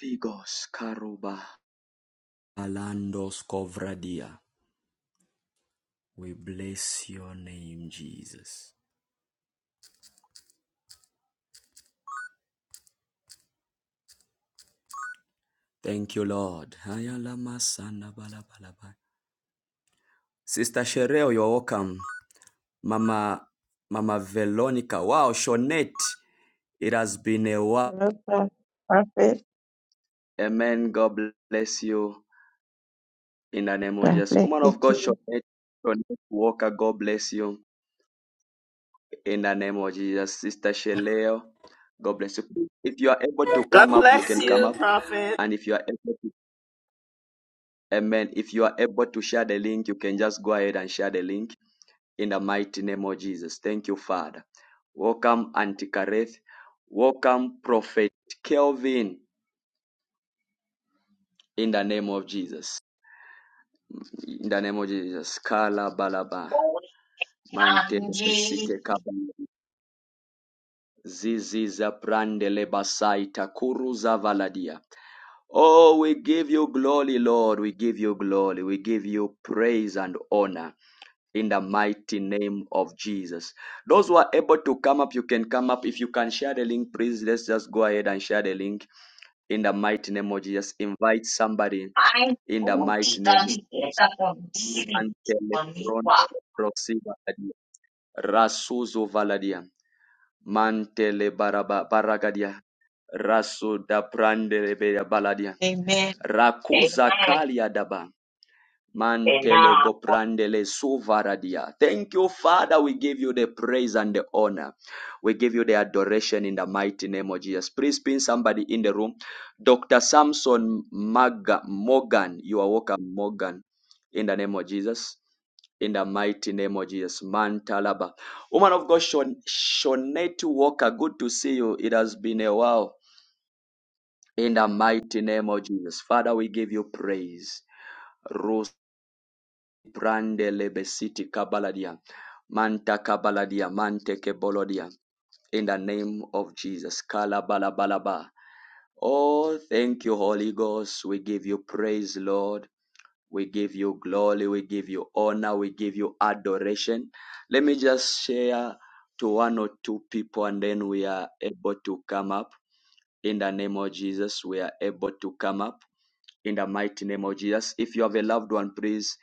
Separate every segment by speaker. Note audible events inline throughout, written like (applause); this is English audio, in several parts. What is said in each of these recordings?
Speaker 1: Rigos Alandos Kovradia. We bless your name, Jesus. Thank you, Lord. Sister Shereo, you're welcome. Mama Mama Veronica. Wow, Shonette. It has been a while.
Speaker 2: Hello, Pro- Prophet.
Speaker 1: Amen. God bless you. In the name of
Speaker 2: God
Speaker 1: Jesus.
Speaker 2: bless
Speaker 1: Woman
Speaker 2: you
Speaker 1: of God,
Speaker 2: too.
Speaker 1: Shonette, Shonette Walker, God bless you. In the name of Jesus, Sister Sheleo, God bless you. If you are able to
Speaker 3: God
Speaker 1: come up, you
Speaker 3: bless
Speaker 1: can come
Speaker 3: you,
Speaker 1: up.
Speaker 3: Prophet.
Speaker 1: And if you are able to, amen. If you are able to share the link, you can just go ahead and share the link in the mighty name of Jesus. Thank you, Father. Welcome, Auntie Kareth. Welcome, Prophet Kelvin, in the name of Jesus. In the name of Jesus. Kala balaba. Mante
Speaker 2: Amen. Keep
Speaker 1: besite kaba. Zizi za prandele basaita kuruza valadia. Oh, we give you glory, Lord. We give you glory. We give you praise and honor in the mighty name of Jesus. Those who are able to come up, you can come up. If you can share the link, please let's just go ahead and share the link in the mighty name of Jesus. Invite somebody in the mighty name of Jesus. And Rasuzo Valadia. Mantele baraba baragadia. Rasu da prandele baladia. Rakuza kalia daba. Mantele goprandele suvaradia. Thank you, Father. We give you the praise and the honor. We give you the adoration in the mighty name of Jesus. Please pin somebody in the room. Dr. Samson Maga, Morgan. You are welcome, Morgan, in the name of Jesus. In the mighty name of Jesus. Mantalaba. Woman of God, Shon- Shonette Walker, good to see you. It has been a while. In the mighty name of Jesus. Father, we give you praise. Brande lebesiti kabaladia. Manta kabaladia. Mante kebolodia. In the name of Jesus. Kalabalabalaba. Oh, thank you, Holy Ghost. We give you praise, Lord. We give you glory. We give you honor. We give you adoration. Let me just share to one or two people and then we are able to come up. In the name of Jesus, we are able to come up in the mighty name of Jesus. If you have a loved one, please,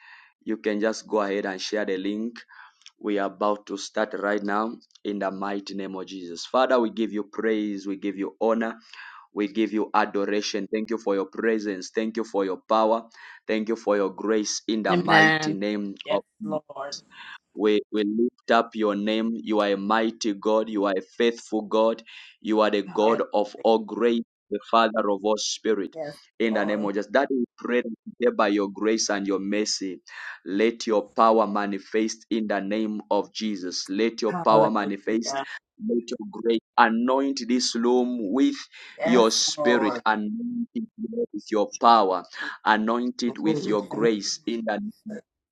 Speaker 1: you can just go ahead and share the link. We are about to start right now in the mighty name of Jesus. Father, we give you praise, we give you honor, we give you adoration. Thank you for your presence, thank you for your power, thank you for your grace in the mighty name
Speaker 3: Yes,
Speaker 1: of Jesus.
Speaker 3: Lord.
Speaker 1: We, we lift up your name. You are a mighty God. You are a faithful God. You are the
Speaker 3: Hallelujah.
Speaker 1: God of all grace, the Father of all spirit.
Speaker 3: Yes,
Speaker 1: In the name
Speaker 3: Lord.
Speaker 1: of Jesus. That we pray that today by your grace and your mercy. Let your power manifest in the name of Jesus. Let your power manifest.
Speaker 3: Hallelujah.
Speaker 1: Let your grace anoint this room with
Speaker 3: Yes,
Speaker 1: your spirit.
Speaker 3: Lord.
Speaker 1: Anoint it with your power. Anoint it with
Speaker 3: Glory.
Speaker 1: your
Speaker 3: Thank
Speaker 1: grace in the name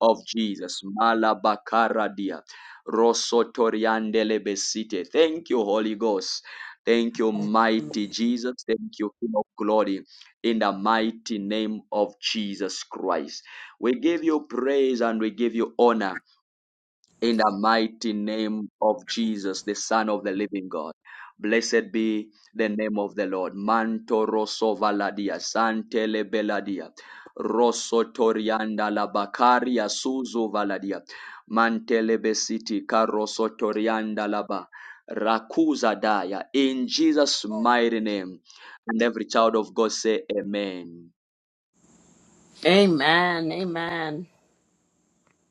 Speaker 1: of Jesus. Malabakaradia. Rosotoriandele besite. Thank you, Holy Ghost. Thank you,
Speaker 3: you.
Speaker 1: mighty Jesus. Thank you, King of glory. In the mighty name of Jesus Christ. We give you praise and we give you honor in the mighty name of Jesus, the Son of the living God. Blessed be the name of the Lord. Manto rosso valadia, santele beladia, rosso torianda la bacaria, suzu valadia, mantele besiti, carosso torianda la ba, rakuza daya. In Jesus' mighty name. And every child of God say amen.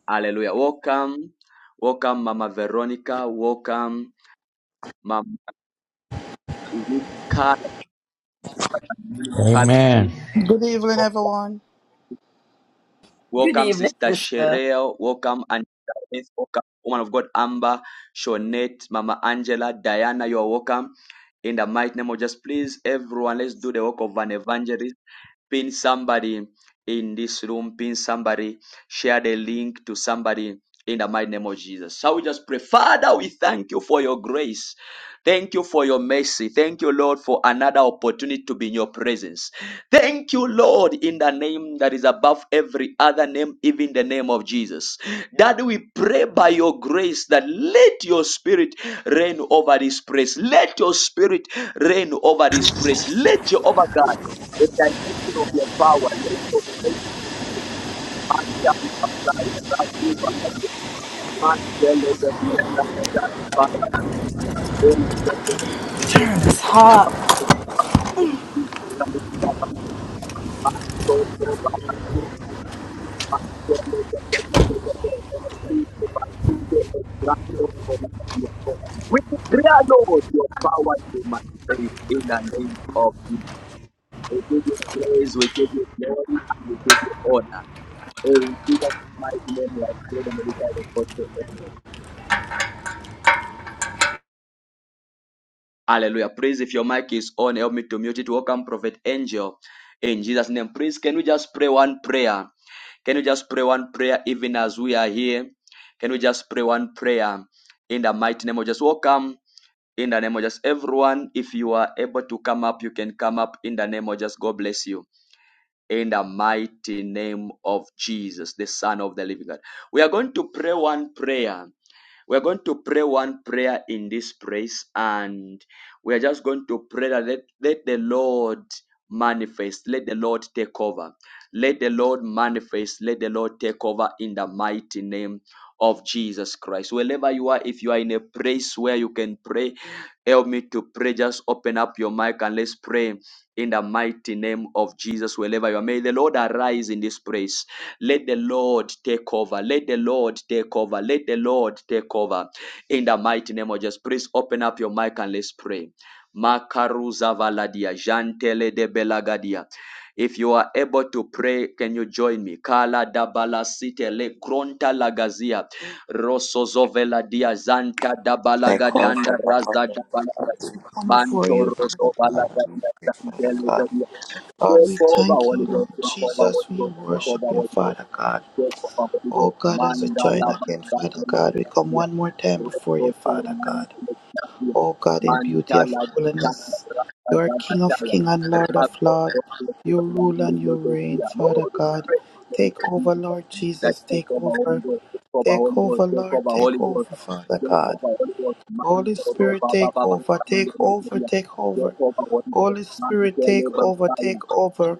Speaker 1: Hallelujah. Welcome. Welcome, Mama Veronica. Welcome, Mama Hallelujah.
Speaker 4: Amen.
Speaker 5: Good evening, everyone.
Speaker 3: Good
Speaker 1: Welcome,
Speaker 3: evening,
Speaker 1: Sister
Speaker 3: sister.
Speaker 1: Sherelle. Welcome, and welcome, woman of God, Amber, Shonette, Mama Angela, Diana. You are welcome. In the mighty name of just please, everyone, let's do the work of an evangelist. Pin somebody in this room. Pin somebody. Share the link to somebody in the mighty name of Jesus. So we just pray. Father, we thank you for your grace. Thank you for your mercy. Thank you, Lord, for another opportunity to be in your presence. Thank you, Lord, in the name that is above every other name, even the name of Jesus. That we pray by your grace that let your spirit reign over this place. Let your spirit reign over this place. Let Jehovah God the dimension of your power. Let your faith shine like a bright beam on the smart yellow that you have done. That Father, then the person of
Speaker 6: Damn, it's hot.
Speaker 1: your right hand, let your feet be a grand hope for the year. We declare, Lord, your power to manifest in the name of Jesus. We give you praise, we give you glory, and we give you honor. In Jesus' mighty name, we are praying and we thank you for Hallelujah. Please, if your mic is on, help me to mute it. Welcome, Prophet Angel. In Jesus' name, please can we just pray one prayer? Can you just pray one prayer even as we are here? Can we just pray one prayer in the mighty name of Jesus? Welcome in the name of just everyone. If you are able to come up, you can come up in the name of just God bless you. In the mighty name of Jesus, the Son of the Living God. We are going to pray one prayer. We're going to pray one prayer in this place, and we are just going to pray that let, let the Lord manifest, let the Lord take over, let the Lord manifest, let the Lord take over in the mighty name of Jesus Christ. Wherever you are, if you are in a place where you can pray, help me to pray. Just open up your mic and let's pray in the mighty name of Jesus. Wherever you are, may the Lord arise in this place. Let the Lord take over. Let the Lord take over. Let the Lord take over. In the mighty name of Jesus, please open up your mic and let's pray. Makaruza valadia, jantele de belagadia. If you are able to pray, can you join me? Kala dabala site le kronta lagazia, rosozovela dia zanta dabala
Speaker 5: Thy call
Speaker 1: gadanda
Speaker 5: for the Lord,
Speaker 1: raza dabala.
Speaker 5: come before
Speaker 1: Manto
Speaker 5: you,
Speaker 1: roso
Speaker 5: Father God,
Speaker 1: valadia,
Speaker 5: and we pray, Father
Speaker 1: jantele
Speaker 5: God.
Speaker 1: de Take
Speaker 5: Lord, we
Speaker 1: over,
Speaker 5: thank you,
Speaker 1: Holy
Speaker 5: Lord
Speaker 1: Ghost. Take over, Holy
Speaker 5: Jesus. We
Speaker 1: Ghost. Take
Speaker 5: worship
Speaker 1: over,
Speaker 5: you,
Speaker 1: Holy Ghost.
Speaker 5: Father God.
Speaker 1: Take take Take
Speaker 5: Oh God, as we join again, Father God, we come one more time before you, Father God. Oh God, in beauty of holiness, you are King of King and Lord of Lord. You rule and you reign, Father God. Take over, Lord
Speaker 1: Take Take Take
Speaker 5: Jesus. Take over. Take
Speaker 1: holy holy
Speaker 5: over,
Speaker 1: holy
Speaker 5: Lord.
Speaker 1: holy holy holy
Speaker 5: Take over,
Speaker 1: ghost.
Speaker 5: Father
Speaker 1: ghost,
Speaker 5: God.
Speaker 1: ghost, ghost,
Speaker 5: Holy Spirit, take over, take over, take over.
Speaker 1: Take over, Holy ghost.
Speaker 5: Holy Spirit, take
Speaker 1: Mandala Basta, Rastafia. Take over, Holy ghost.
Speaker 5: over,
Speaker 1: That
Speaker 5: take over.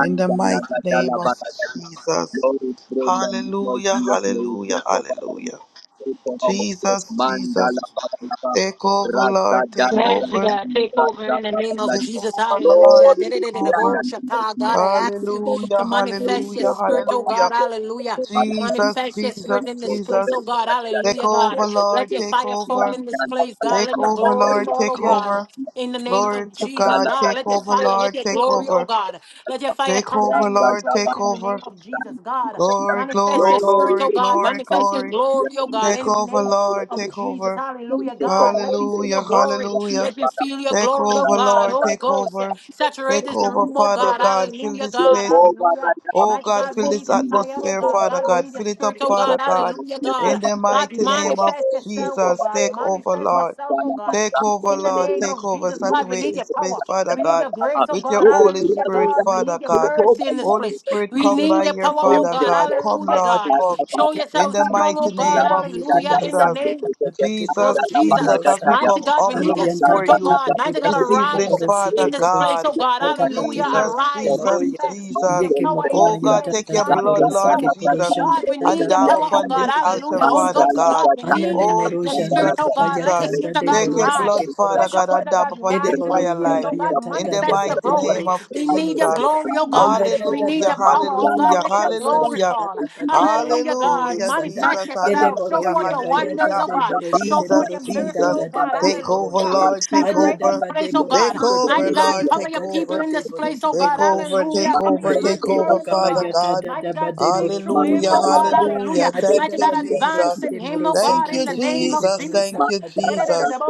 Speaker 5: In the mighty
Speaker 1: lagata
Speaker 5: name of
Speaker 1: labatagadi.
Speaker 5: Jesus.
Speaker 1: Lord, we pray in the name of
Speaker 5: Hallelujah,
Speaker 1: Jesus, may you
Speaker 5: hallelujah,
Speaker 1: take over and
Speaker 5: hallelujah.
Speaker 1: take over our place.
Speaker 5: Jesus,
Speaker 1: Manda
Speaker 5: Jesus,
Speaker 1: labatalaba.
Speaker 5: take over,
Speaker 1: Rasta
Speaker 5: Lord, take
Speaker 1: dana
Speaker 7: Yes,
Speaker 5: over,
Speaker 1: gata
Speaker 7: God, take over
Speaker 1: rasta
Speaker 7: in the name of
Speaker 1: labataladi.
Speaker 5: take
Speaker 7: Jesus.
Speaker 5: over, Lord,
Speaker 7: Hallelujah.
Speaker 1: Lord, we
Speaker 5: take
Speaker 1: pray in
Speaker 5: over.
Speaker 1: the name of
Speaker 7: Da-da-da-da-da-bo-shaka.
Speaker 1: Jesus,
Speaker 7: God, I
Speaker 1: may you
Speaker 7: ask
Speaker 1: take
Speaker 7: you
Speaker 1: over.
Speaker 5: Hallelujah,
Speaker 7: to
Speaker 1: May you
Speaker 7: manifest your
Speaker 5: hallelujah,
Speaker 1: take
Speaker 7: spirit,
Speaker 1: over
Speaker 7: oh
Speaker 1: and
Speaker 5: hallelujah.
Speaker 7: God.
Speaker 1: take
Speaker 7: Hallelujah.
Speaker 1: over labataladi.
Speaker 5: Jesus,
Speaker 7: Manifest your
Speaker 5: Jesus,
Speaker 7: spirit in this
Speaker 1: Rasta
Speaker 7: place, oh
Speaker 5: Jesus,
Speaker 7: God.
Speaker 1: dana
Speaker 5: take
Speaker 7: Hallelujah, God.
Speaker 5: over,
Speaker 7: Let
Speaker 5: Lord,
Speaker 7: your
Speaker 5: take
Speaker 7: fire fall
Speaker 5: over.
Speaker 7: in this place,
Speaker 1: gata
Speaker 7: God.
Speaker 5: Take
Speaker 7: Let your
Speaker 5: over,
Speaker 7: glory
Speaker 1: labataladi.
Speaker 5: Lord,
Speaker 7: fall, oh
Speaker 5: take
Speaker 8: Yeah.
Speaker 7: God.
Speaker 5: over.
Speaker 7: In the name
Speaker 5: Glory
Speaker 7: of
Speaker 5: to
Speaker 1: Rasta
Speaker 7: Jesus,
Speaker 5: God.
Speaker 1: labatalaba.
Speaker 7: God,
Speaker 5: Take
Speaker 7: let your
Speaker 5: over,
Speaker 7: fire, let
Speaker 5: Lord.
Speaker 7: your
Speaker 1: Rasta
Speaker 5: Take
Speaker 7: glory, oh
Speaker 5: over.
Speaker 7: God.
Speaker 1: labatalaba.
Speaker 7: Let your fire
Speaker 5: Take
Speaker 7: come down
Speaker 5: over,
Speaker 7: in this
Speaker 5: Lord.
Speaker 7: place
Speaker 5: Take
Speaker 7: in the
Speaker 5: over.
Speaker 7: name of Jesus, God.
Speaker 5: Glory,
Speaker 7: Manifest
Speaker 5: glory,
Speaker 7: your spirit,
Speaker 5: glory,
Speaker 7: oh God.
Speaker 5: glory,
Speaker 7: Manifest your
Speaker 5: glory.
Speaker 7: glory, oh God.
Speaker 5: Take
Speaker 7: In the
Speaker 5: over,
Speaker 7: name
Speaker 5: Lord.
Speaker 7: of
Speaker 5: Take
Speaker 7: Jesus,
Speaker 5: over.
Speaker 7: hallelujah, God. Let me see
Speaker 5: Hallelujah,
Speaker 7: your glory.
Speaker 5: hallelujah.
Speaker 7: Let me feel your
Speaker 5: Take
Speaker 7: glory, oh
Speaker 5: over,
Speaker 7: God.
Speaker 5: Lord.
Speaker 7: Holy
Speaker 5: Take
Speaker 7: Ghost,
Speaker 5: over.
Speaker 7: saturate
Speaker 5: Take
Speaker 7: this
Speaker 5: over,
Speaker 7: room, oh
Speaker 5: Father
Speaker 7: God.
Speaker 5: God. Fill
Speaker 7: Hallelujah,
Speaker 5: this
Speaker 7: God.
Speaker 5: place with
Speaker 7: Hallelujah.
Speaker 5: Oh
Speaker 7: Mighty
Speaker 5: God,
Speaker 7: God, we
Speaker 5: fill
Speaker 7: need
Speaker 5: this
Speaker 7: your fire, oh
Speaker 5: atmosphere,
Speaker 7: God.
Speaker 5: Father
Speaker 7: God, we
Speaker 5: God.
Speaker 7: need your
Speaker 5: Fill it
Speaker 7: spirit,
Speaker 5: up,
Speaker 7: oh
Speaker 5: Father
Speaker 7: God.
Speaker 5: God.
Speaker 7: Hallelujah, God.
Speaker 5: In the
Speaker 7: God,
Speaker 5: mighty name of
Speaker 7: manifest yourself, oh
Speaker 5: Jesus,
Speaker 7: God.
Speaker 5: take over,
Speaker 7: Manifest
Speaker 5: Lord.
Speaker 7: yourself, oh God.
Speaker 5: Take over,
Speaker 7: In the
Speaker 5: Lord.
Speaker 7: name
Speaker 5: Take
Speaker 7: of
Speaker 5: over.
Speaker 7: Jesus, God, we
Speaker 5: Saturate
Speaker 7: need your
Speaker 5: this place,
Speaker 7: power.
Speaker 5: Father
Speaker 7: We need your
Speaker 5: God,
Speaker 7: grace, oh
Speaker 5: with your
Speaker 7: God.
Speaker 5: Holy
Speaker 7: Hallelujah,
Speaker 5: Spirit,
Speaker 7: God. We
Speaker 5: Father
Speaker 7: need your
Speaker 5: God.
Speaker 7: mercy in this
Speaker 5: Holy
Speaker 7: place.
Speaker 1: Thank
Speaker 5: Spirit,
Speaker 7: We
Speaker 1: you.
Speaker 5: come
Speaker 7: need
Speaker 5: by
Speaker 7: your
Speaker 5: here,
Speaker 7: power,
Speaker 1: They would
Speaker 7: oh
Speaker 5: Father
Speaker 1: say,
Speaker 7: God.
Speaker 5: God.
Speaker 1: well,
Speaker 5: Come,
Speaker 7: Hallelujah,
Speaker 5: Lord,
Speaker 7: God.
Speaker 5: come.
Speaker 7: Show
Speaker 5: In
Speaker 7: yourself
Speaker 5: the
Speaker 7: strong, oh
Speaker 5: mighty
Speaker 7: God.
Speaker 8: Le
Speaker 5: name of
Speaker 8: amarie te
Speaker 7: Hallelujah.
Speaker 8: poro
Speaker 7: In the
Speaker 5: Jesus.
Speaker 8: santa
Speaker 7: name
Speaker 8: tata pate poro
Speaker 5: Jesus,
Speaker 7: of
Speaker 8: kite
Speaker 7: Jesus.
Speaker 5: Jesus,
Speaker 8: moro
Speaker 5: as
Speaker 8: sa.
Speaker 5: we
Speaker 7: Mighty
Speaker 5: come
Speaker 7: God, we need
Speaker 5: humble
Speaker 7: your
Speaker 8: Amayanta
Speaker 7: spirit,
Speaker 5: before
Speaker 7: oh
Speaker 8: tata
Speaker 5: you
Speaker 7: God.
Speaker 8: pate
Speaker 7: Mighty God,
Speaker 8: poro
Speaker 5: this
Speaker 8: kite
Speaker 5: evening,
Speaker 7: arise
Speaker 8: poro sike
Speaker 5: Father
Speaker 7: in this
Speaker 8: poro
Speaker 7: place,
Speaker 5: God.
Speaker 7: oh
Speaker 8: shanta
Speaker 7: God.
Speaker 8: tata pate
Speaker 7: Hallelujah.
Speaker 8: poro
Speaker 5: Jesus,
Speaker 8: kite
Speaker 7: Arise,
Speaker 8: moro
Speaker 5: Jesus,
Speaker 8: ya.
Speaker 7: manifest. Your
Speaker 5: Jesus.
Speaker 8: Yeke
Speaker 7: power in
Speaker 8: mokoma
Speaker 5: Oh
Speaker 7: this
Speaker 5: God,
Speaker 8: yanta
Speaker 7: place,
Speaker 5: take your
Speaker 8: tate
Speaker 7: God, we
Speaker 5: blood,
Speaker 7: need
Speaker 8: poro
Speaker 7: your
Speaker 5: Lord
Speaker 7: power.
Speaker 8: sike poro
Speaker 5: Jesus,
Speaker 8: shanta
Speaker 7: God, we
Speaker 5: and
Speaker 7: need
Speaker 8: tata
Speaker 7: your
Speaker 5: down
Speaker 7: power,
Speaker 8: pate
Speaker 7: oh
Speaker 5: upon
Speaker 8: poro
Speaker 7: God,
Speaker 5: this
Speaker 8: kite
Speaker 5: altar,
Speaker 7: hallelujah.
Speaker 8: poro
Speaker 7: Holy
Speaker 5: Father
Speaker 8: santa.
Speaker 7: Ghost,
Speaker 5: God.
Speaker 7: God, we need
Speaker 8: Anane
Speaker 5: Oh
Speaker 8: moro
Speaker 7: your
Speaker 8: shanta
Speaker 7: spirit,
Speaker 5: Jesus,
Speaker 7: oh God. Let the
Speaker 5: Jesus.
Speaker 8: kabayanta
Speaker 7: spirit of
Speaker 8: tate
Speaker 7: God
Speaker 5: Take your
Speaker 8: poro
Speaker 7: rise.
Speaker 5: blood,
Speaker 8: sike poro
Speaker 5: Father
Speaker 7: Let the
Speaker 5: God,
Speaker 8: shanta.
Speaker 7: spirit
Speaker 5: and
Speaker 7: of
Speaker 5: dab
Speaker 7: God
Speaker 5: upon
Speaker 8: Kede
Speaker 5: this
Speaker 7: rise in
Speaker 8: poro
Speaker 7: this
Speaker 5: fire
Speaker 8: ya
Speaker 7: place,
Speaker 5: line.
Speaker 7: oh God.
Speaker 8: bayata
Speaker 5: In the
Speaker 8: tata
Speaker 7: Manifest your
Speaker 5: mighty
Speaker 8: pate
Speaker 5: name
Speaker 7: glory.
Speaker 8: poro
Speaker 5: of
Speaker 8: kite
Speaker 7: We
Speaker 8: moro
Speaker 7: need your
Speaker 5: Jesus.
Speaker 8: santa.
Speaker 7: glory, oh God.
Speaker 8: Anda
Speaker 1: Thank you.
Speaker 7: We
Speaker 8: dada
Speaker 7: need
Speaker 5: Hallelujah,
Speaker 7: your
Speaker 8: bade
Speaker 7: power, oh God.
Speaker 8: borokite
Speaker 5: hallelujah,
Speaker 7: Let your glory
Speaker 8: borosanta
Speaker 5: hallelujah.
Speaker 7: fall.
Speaker 8: dada bade
Speaker 7: Hallelujah,
Speaker 8: borokite
Speaker 7: God.
Speaker 5: Hallelujah,
Speaker 8: morosanta
Speaker 5: Jesus,
Speaker 7: Manifest
Speaker 8: Dede
Speaker 7: yourself. Show
Speaker 8: boro
Speaker 5: hallelujah,
Speaker 7: forth
Speaker 8: ia
Speaker 7: your
Speaker 8: ba ya
Speaker 7: wonders,
Speaker 8: da
Speaker 5: hallelujah.
Speaker 7: oh
Speaker 8: de
Speaker 7: God.
Speaker 8: boro
Speaker 7: Show
Speaker 8: kite
Speaker 7: forth
Speaker 5: Jesus,
Speaker 8: boro
Speaker 7: your miracle,
Speaker 8: santa
Speaker 5: Jesus.
Speaker 7: oh
Speaker 8: da da
Speaker 7: God.
Speaker 8: ba de
Speaker 5: Take
Speaker 8: boro
Speaker 5: over,
Speaker 7: Hallelujah.
Speaker 8: kite.
Speaker 5: Lord, take
Speaker 8: Ada
Speaker 7: Saturate
Speaker 8: da
Speaker 7: this
Speaker 5: over.
Speaker 8: ba
Speaker 7: place,
Speaker 8: de
Speaker 7: oh
Speaker 8: boro
Speaker 7: God.
Speaker 5: Take
Speaker 8: kite
Speaker 5: over,
Speaker 7: Mighty
Speaker 8: boro
Speaker 7: God,
Speaker 5: Lord,
Speaker 8: santa
Speaker 7: cover
Speaker 5: take
Speaker 7: your
Speaker 8: da da
Speaker 7: people
Speaker 8: ba
Speaker 5: over.
Speaker 7: in
Speaker 8: de
Speaker 7: this
Speaker 8: boro
Speaker 7: place, oh
Speaker 8: kite
Speaker 5: Take
Speaker 7: God.
Speaker 8: boro
Speaker 5: over,
Speaker 8: shanda.
Speaker 7: Hallelujah.
Speaker 5: take
Speaker 7: Cover your
Speaker 5: over,
Speaker 8: Aye
Speaker 7: man
Speaker 5: take
Speaker 8: ke
Speaker 5: over,
Speaker 7: servant,
Speaker 8: boka
Speaker 7: oh
Speaker 8: ma
Speaker 5: Father
Speaker 7: God.
Speaker 8: ya da
Speaker 5: God.
Speaker 8: da
Speaker 7: Mighty
Speaker 8: da
Speaker 7: God,
Speaker 8: ba de
Speaker 7: speak
Speaker 8: boro
Speaker 7: through
Speaker 8: kite
Speaker 7: him,
Speaker 5: Hallelujah,
Speaker 7: oh
Speaker 8: boro
Speaker 7: God.
Speaker 8: santa.
Speaker 5: hallelujah.
Speaker 7: Hallelujah.
Speaker 8: Ada
Speaker 7: Mighty
Speaker 8: da
Speaker 5: Thank you,
Speaker 8: ba
Speaker 7: God,
Speaker 8: de boro
Speaker 5: Jesus.
Speaker 7: advance in
Speaker 8: kite
Speaker 7: him,
Speaker 8: boro
Speaker 7: oh God,
Speaker 5: Thank
Speaker 8: santa
Speaker 7: in
Speaker 5: you,
Speaker 7: the
Speaker 8: ke boro
Speaker 7: name of
Speaker 8: kite
Speaker 5: Jesus.
Speaker 8: boro
Speaker 7: Jesus.
Speaker 5: Thank you,
Speaker 8: santa
Speaker 5: Jesus.